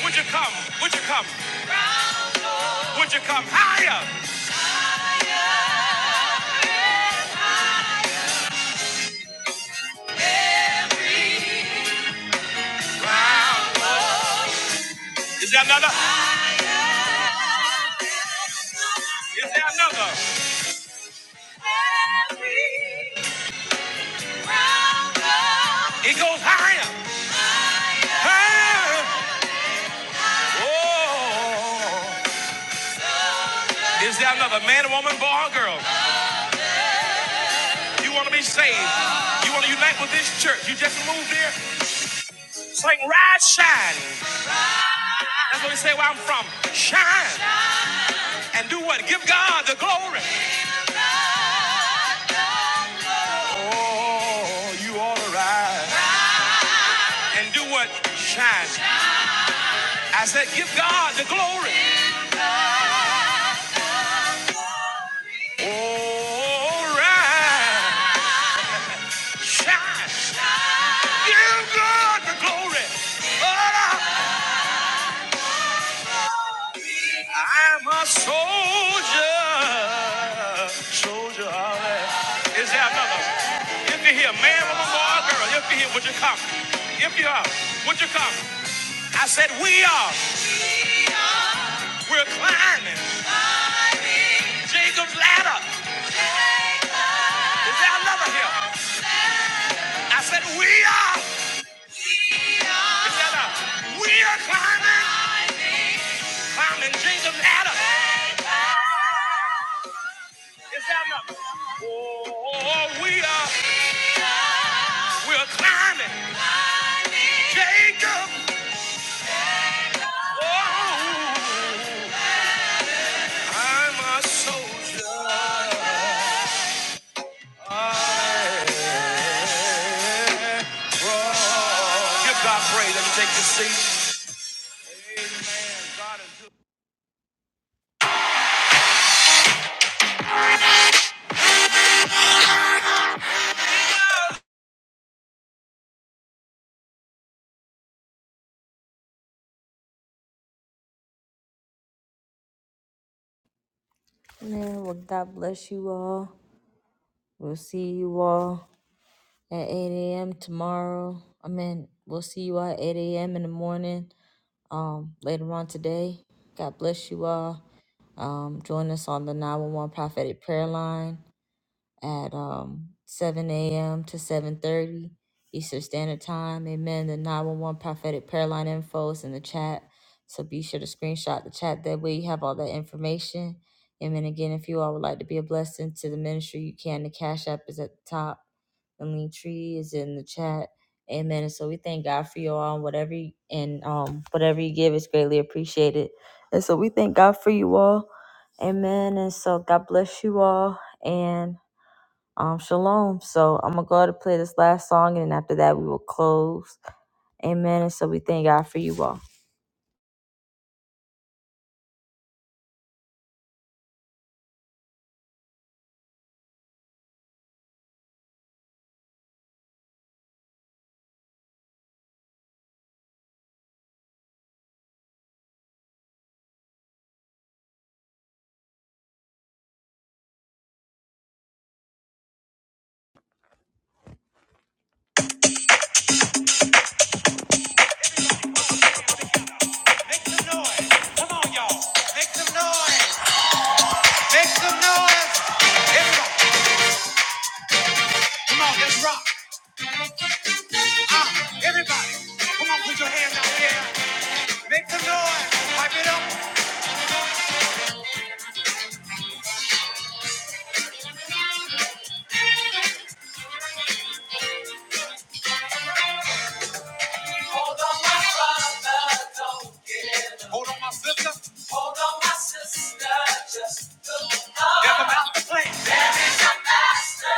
S2: Would you come? Would you come? Would you come higher? Is there another? Is there another? Is there another man, woman, boy, or girl? You want to be saved? You want to unite with this church? You just moved here. Sing, rise, shine. That's what we say where I'm from. Shine and do what? Give God the glory. Oh, you ought to rise and do what? Shine. Rise. Give God the glory. Oh, I'm a soldier. Come on, lift up. Said wow, we're climbing Jacob's ladder. Is that another here? Ah, Is that a, we are climbing, climbing ladder. Oh, we are, we're climbing Jacob. I'm a soldier. Give God praise. Let me take this seat. Man, well, God bless you all. We'll see you all at 8 a.m. tomorrow. I mean, we'll see you all at 8 a.m. in the morning. Um, later on today. God bless you all. Um, join us on the 911 Prophetic Prayer Line. at um 7 a.m. to 7:30 Eastern Standard Time. Amen. The 911 prophetic prayer line info is in the chat, so be sure to screenshot the chat. That way, you have all that information. Amen. Again, if you all would like to be a blessing to the ministry, you can. The cash app is at the top. The link tree is in the chat. Amen. And so we thank God for you all. Whatever you, and um whatever you give is greatly appreciated. And so we thank God for you all. Amen. And so God bless you all. And um, shalom. So I'm gonna go ahead and play this last song, and then after that we will close. Amen. And so we thank God for you all. Come on, y'all. Make some noise. Some noise. Ah, everybody. Come on, put your hands out there. Make some noise. Pipe it up. Hold on, my sister. Just look up. That's about that. It's a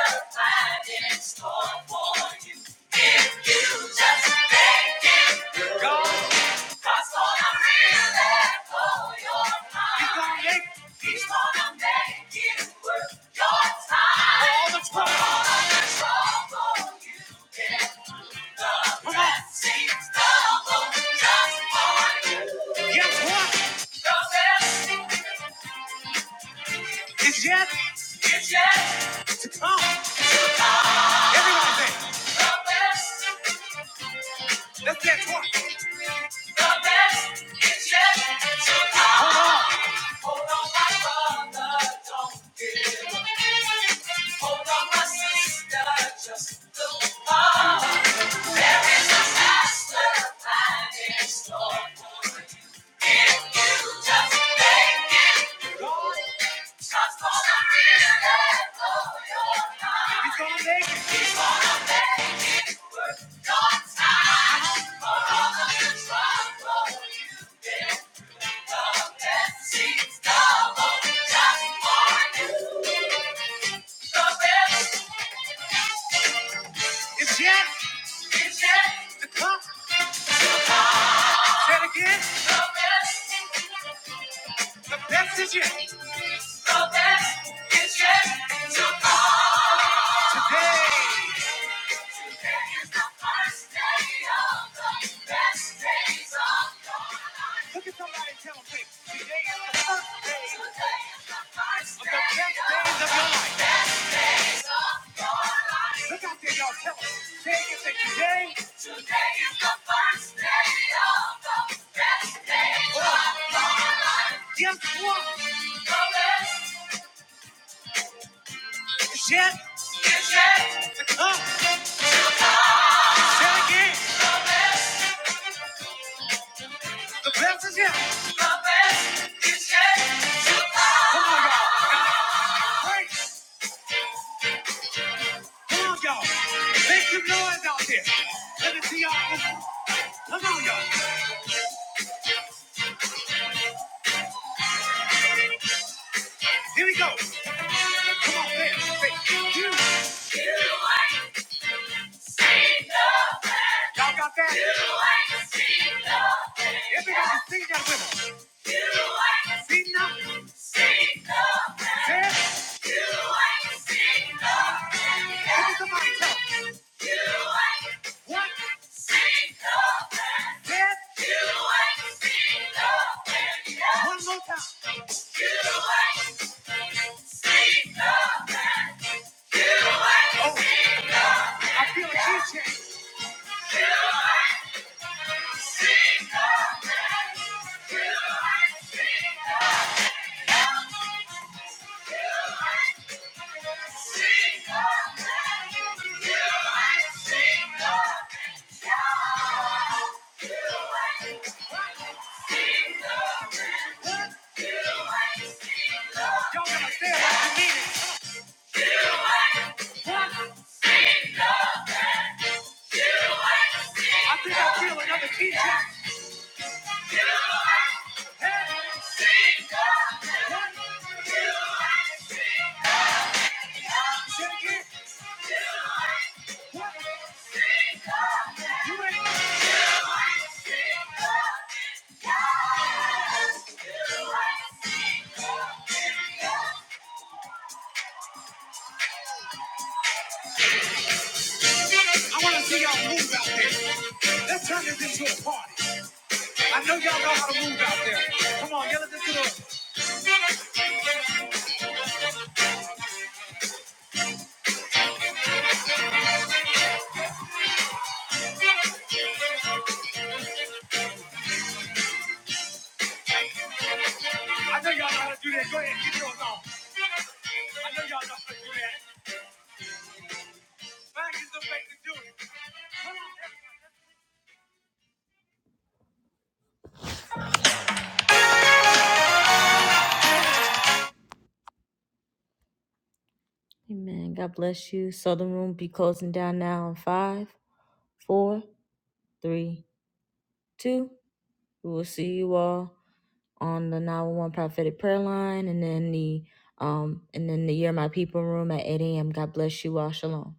S2: master. He's gonna make it. Say it again. The best is yet. Today. Look at somebody and tell them, hey, today is the first day of the best days of your life. Look out there, y'all. Tell us. Say it that today, yes, what? is yet. Is yet. To come. Say it again. The best is yet. Come on, y'all. And praise. Come on, y'all. Make some noise out there. Let me see y'all. Come on, y'all. Here we go. Come on, man. Say you. Y'all got that? Everybody sing that with us. Look at somebody tell us. Yes. One more time. I want to see y'all move out there. Let's turn this into a party. I know y'all know how to move out there. Come on, yell at this little. I know y'all know how to do that. Go ahead, get yours on. I know y'all know how to do that. Back is the basic. Amen. God bless you. So the room be closing down now in five, four, three, two. We will see you all on the 911 prophetic prayer line and then the um and then the year my people room at 8 a.m. God bless you all. Shalom.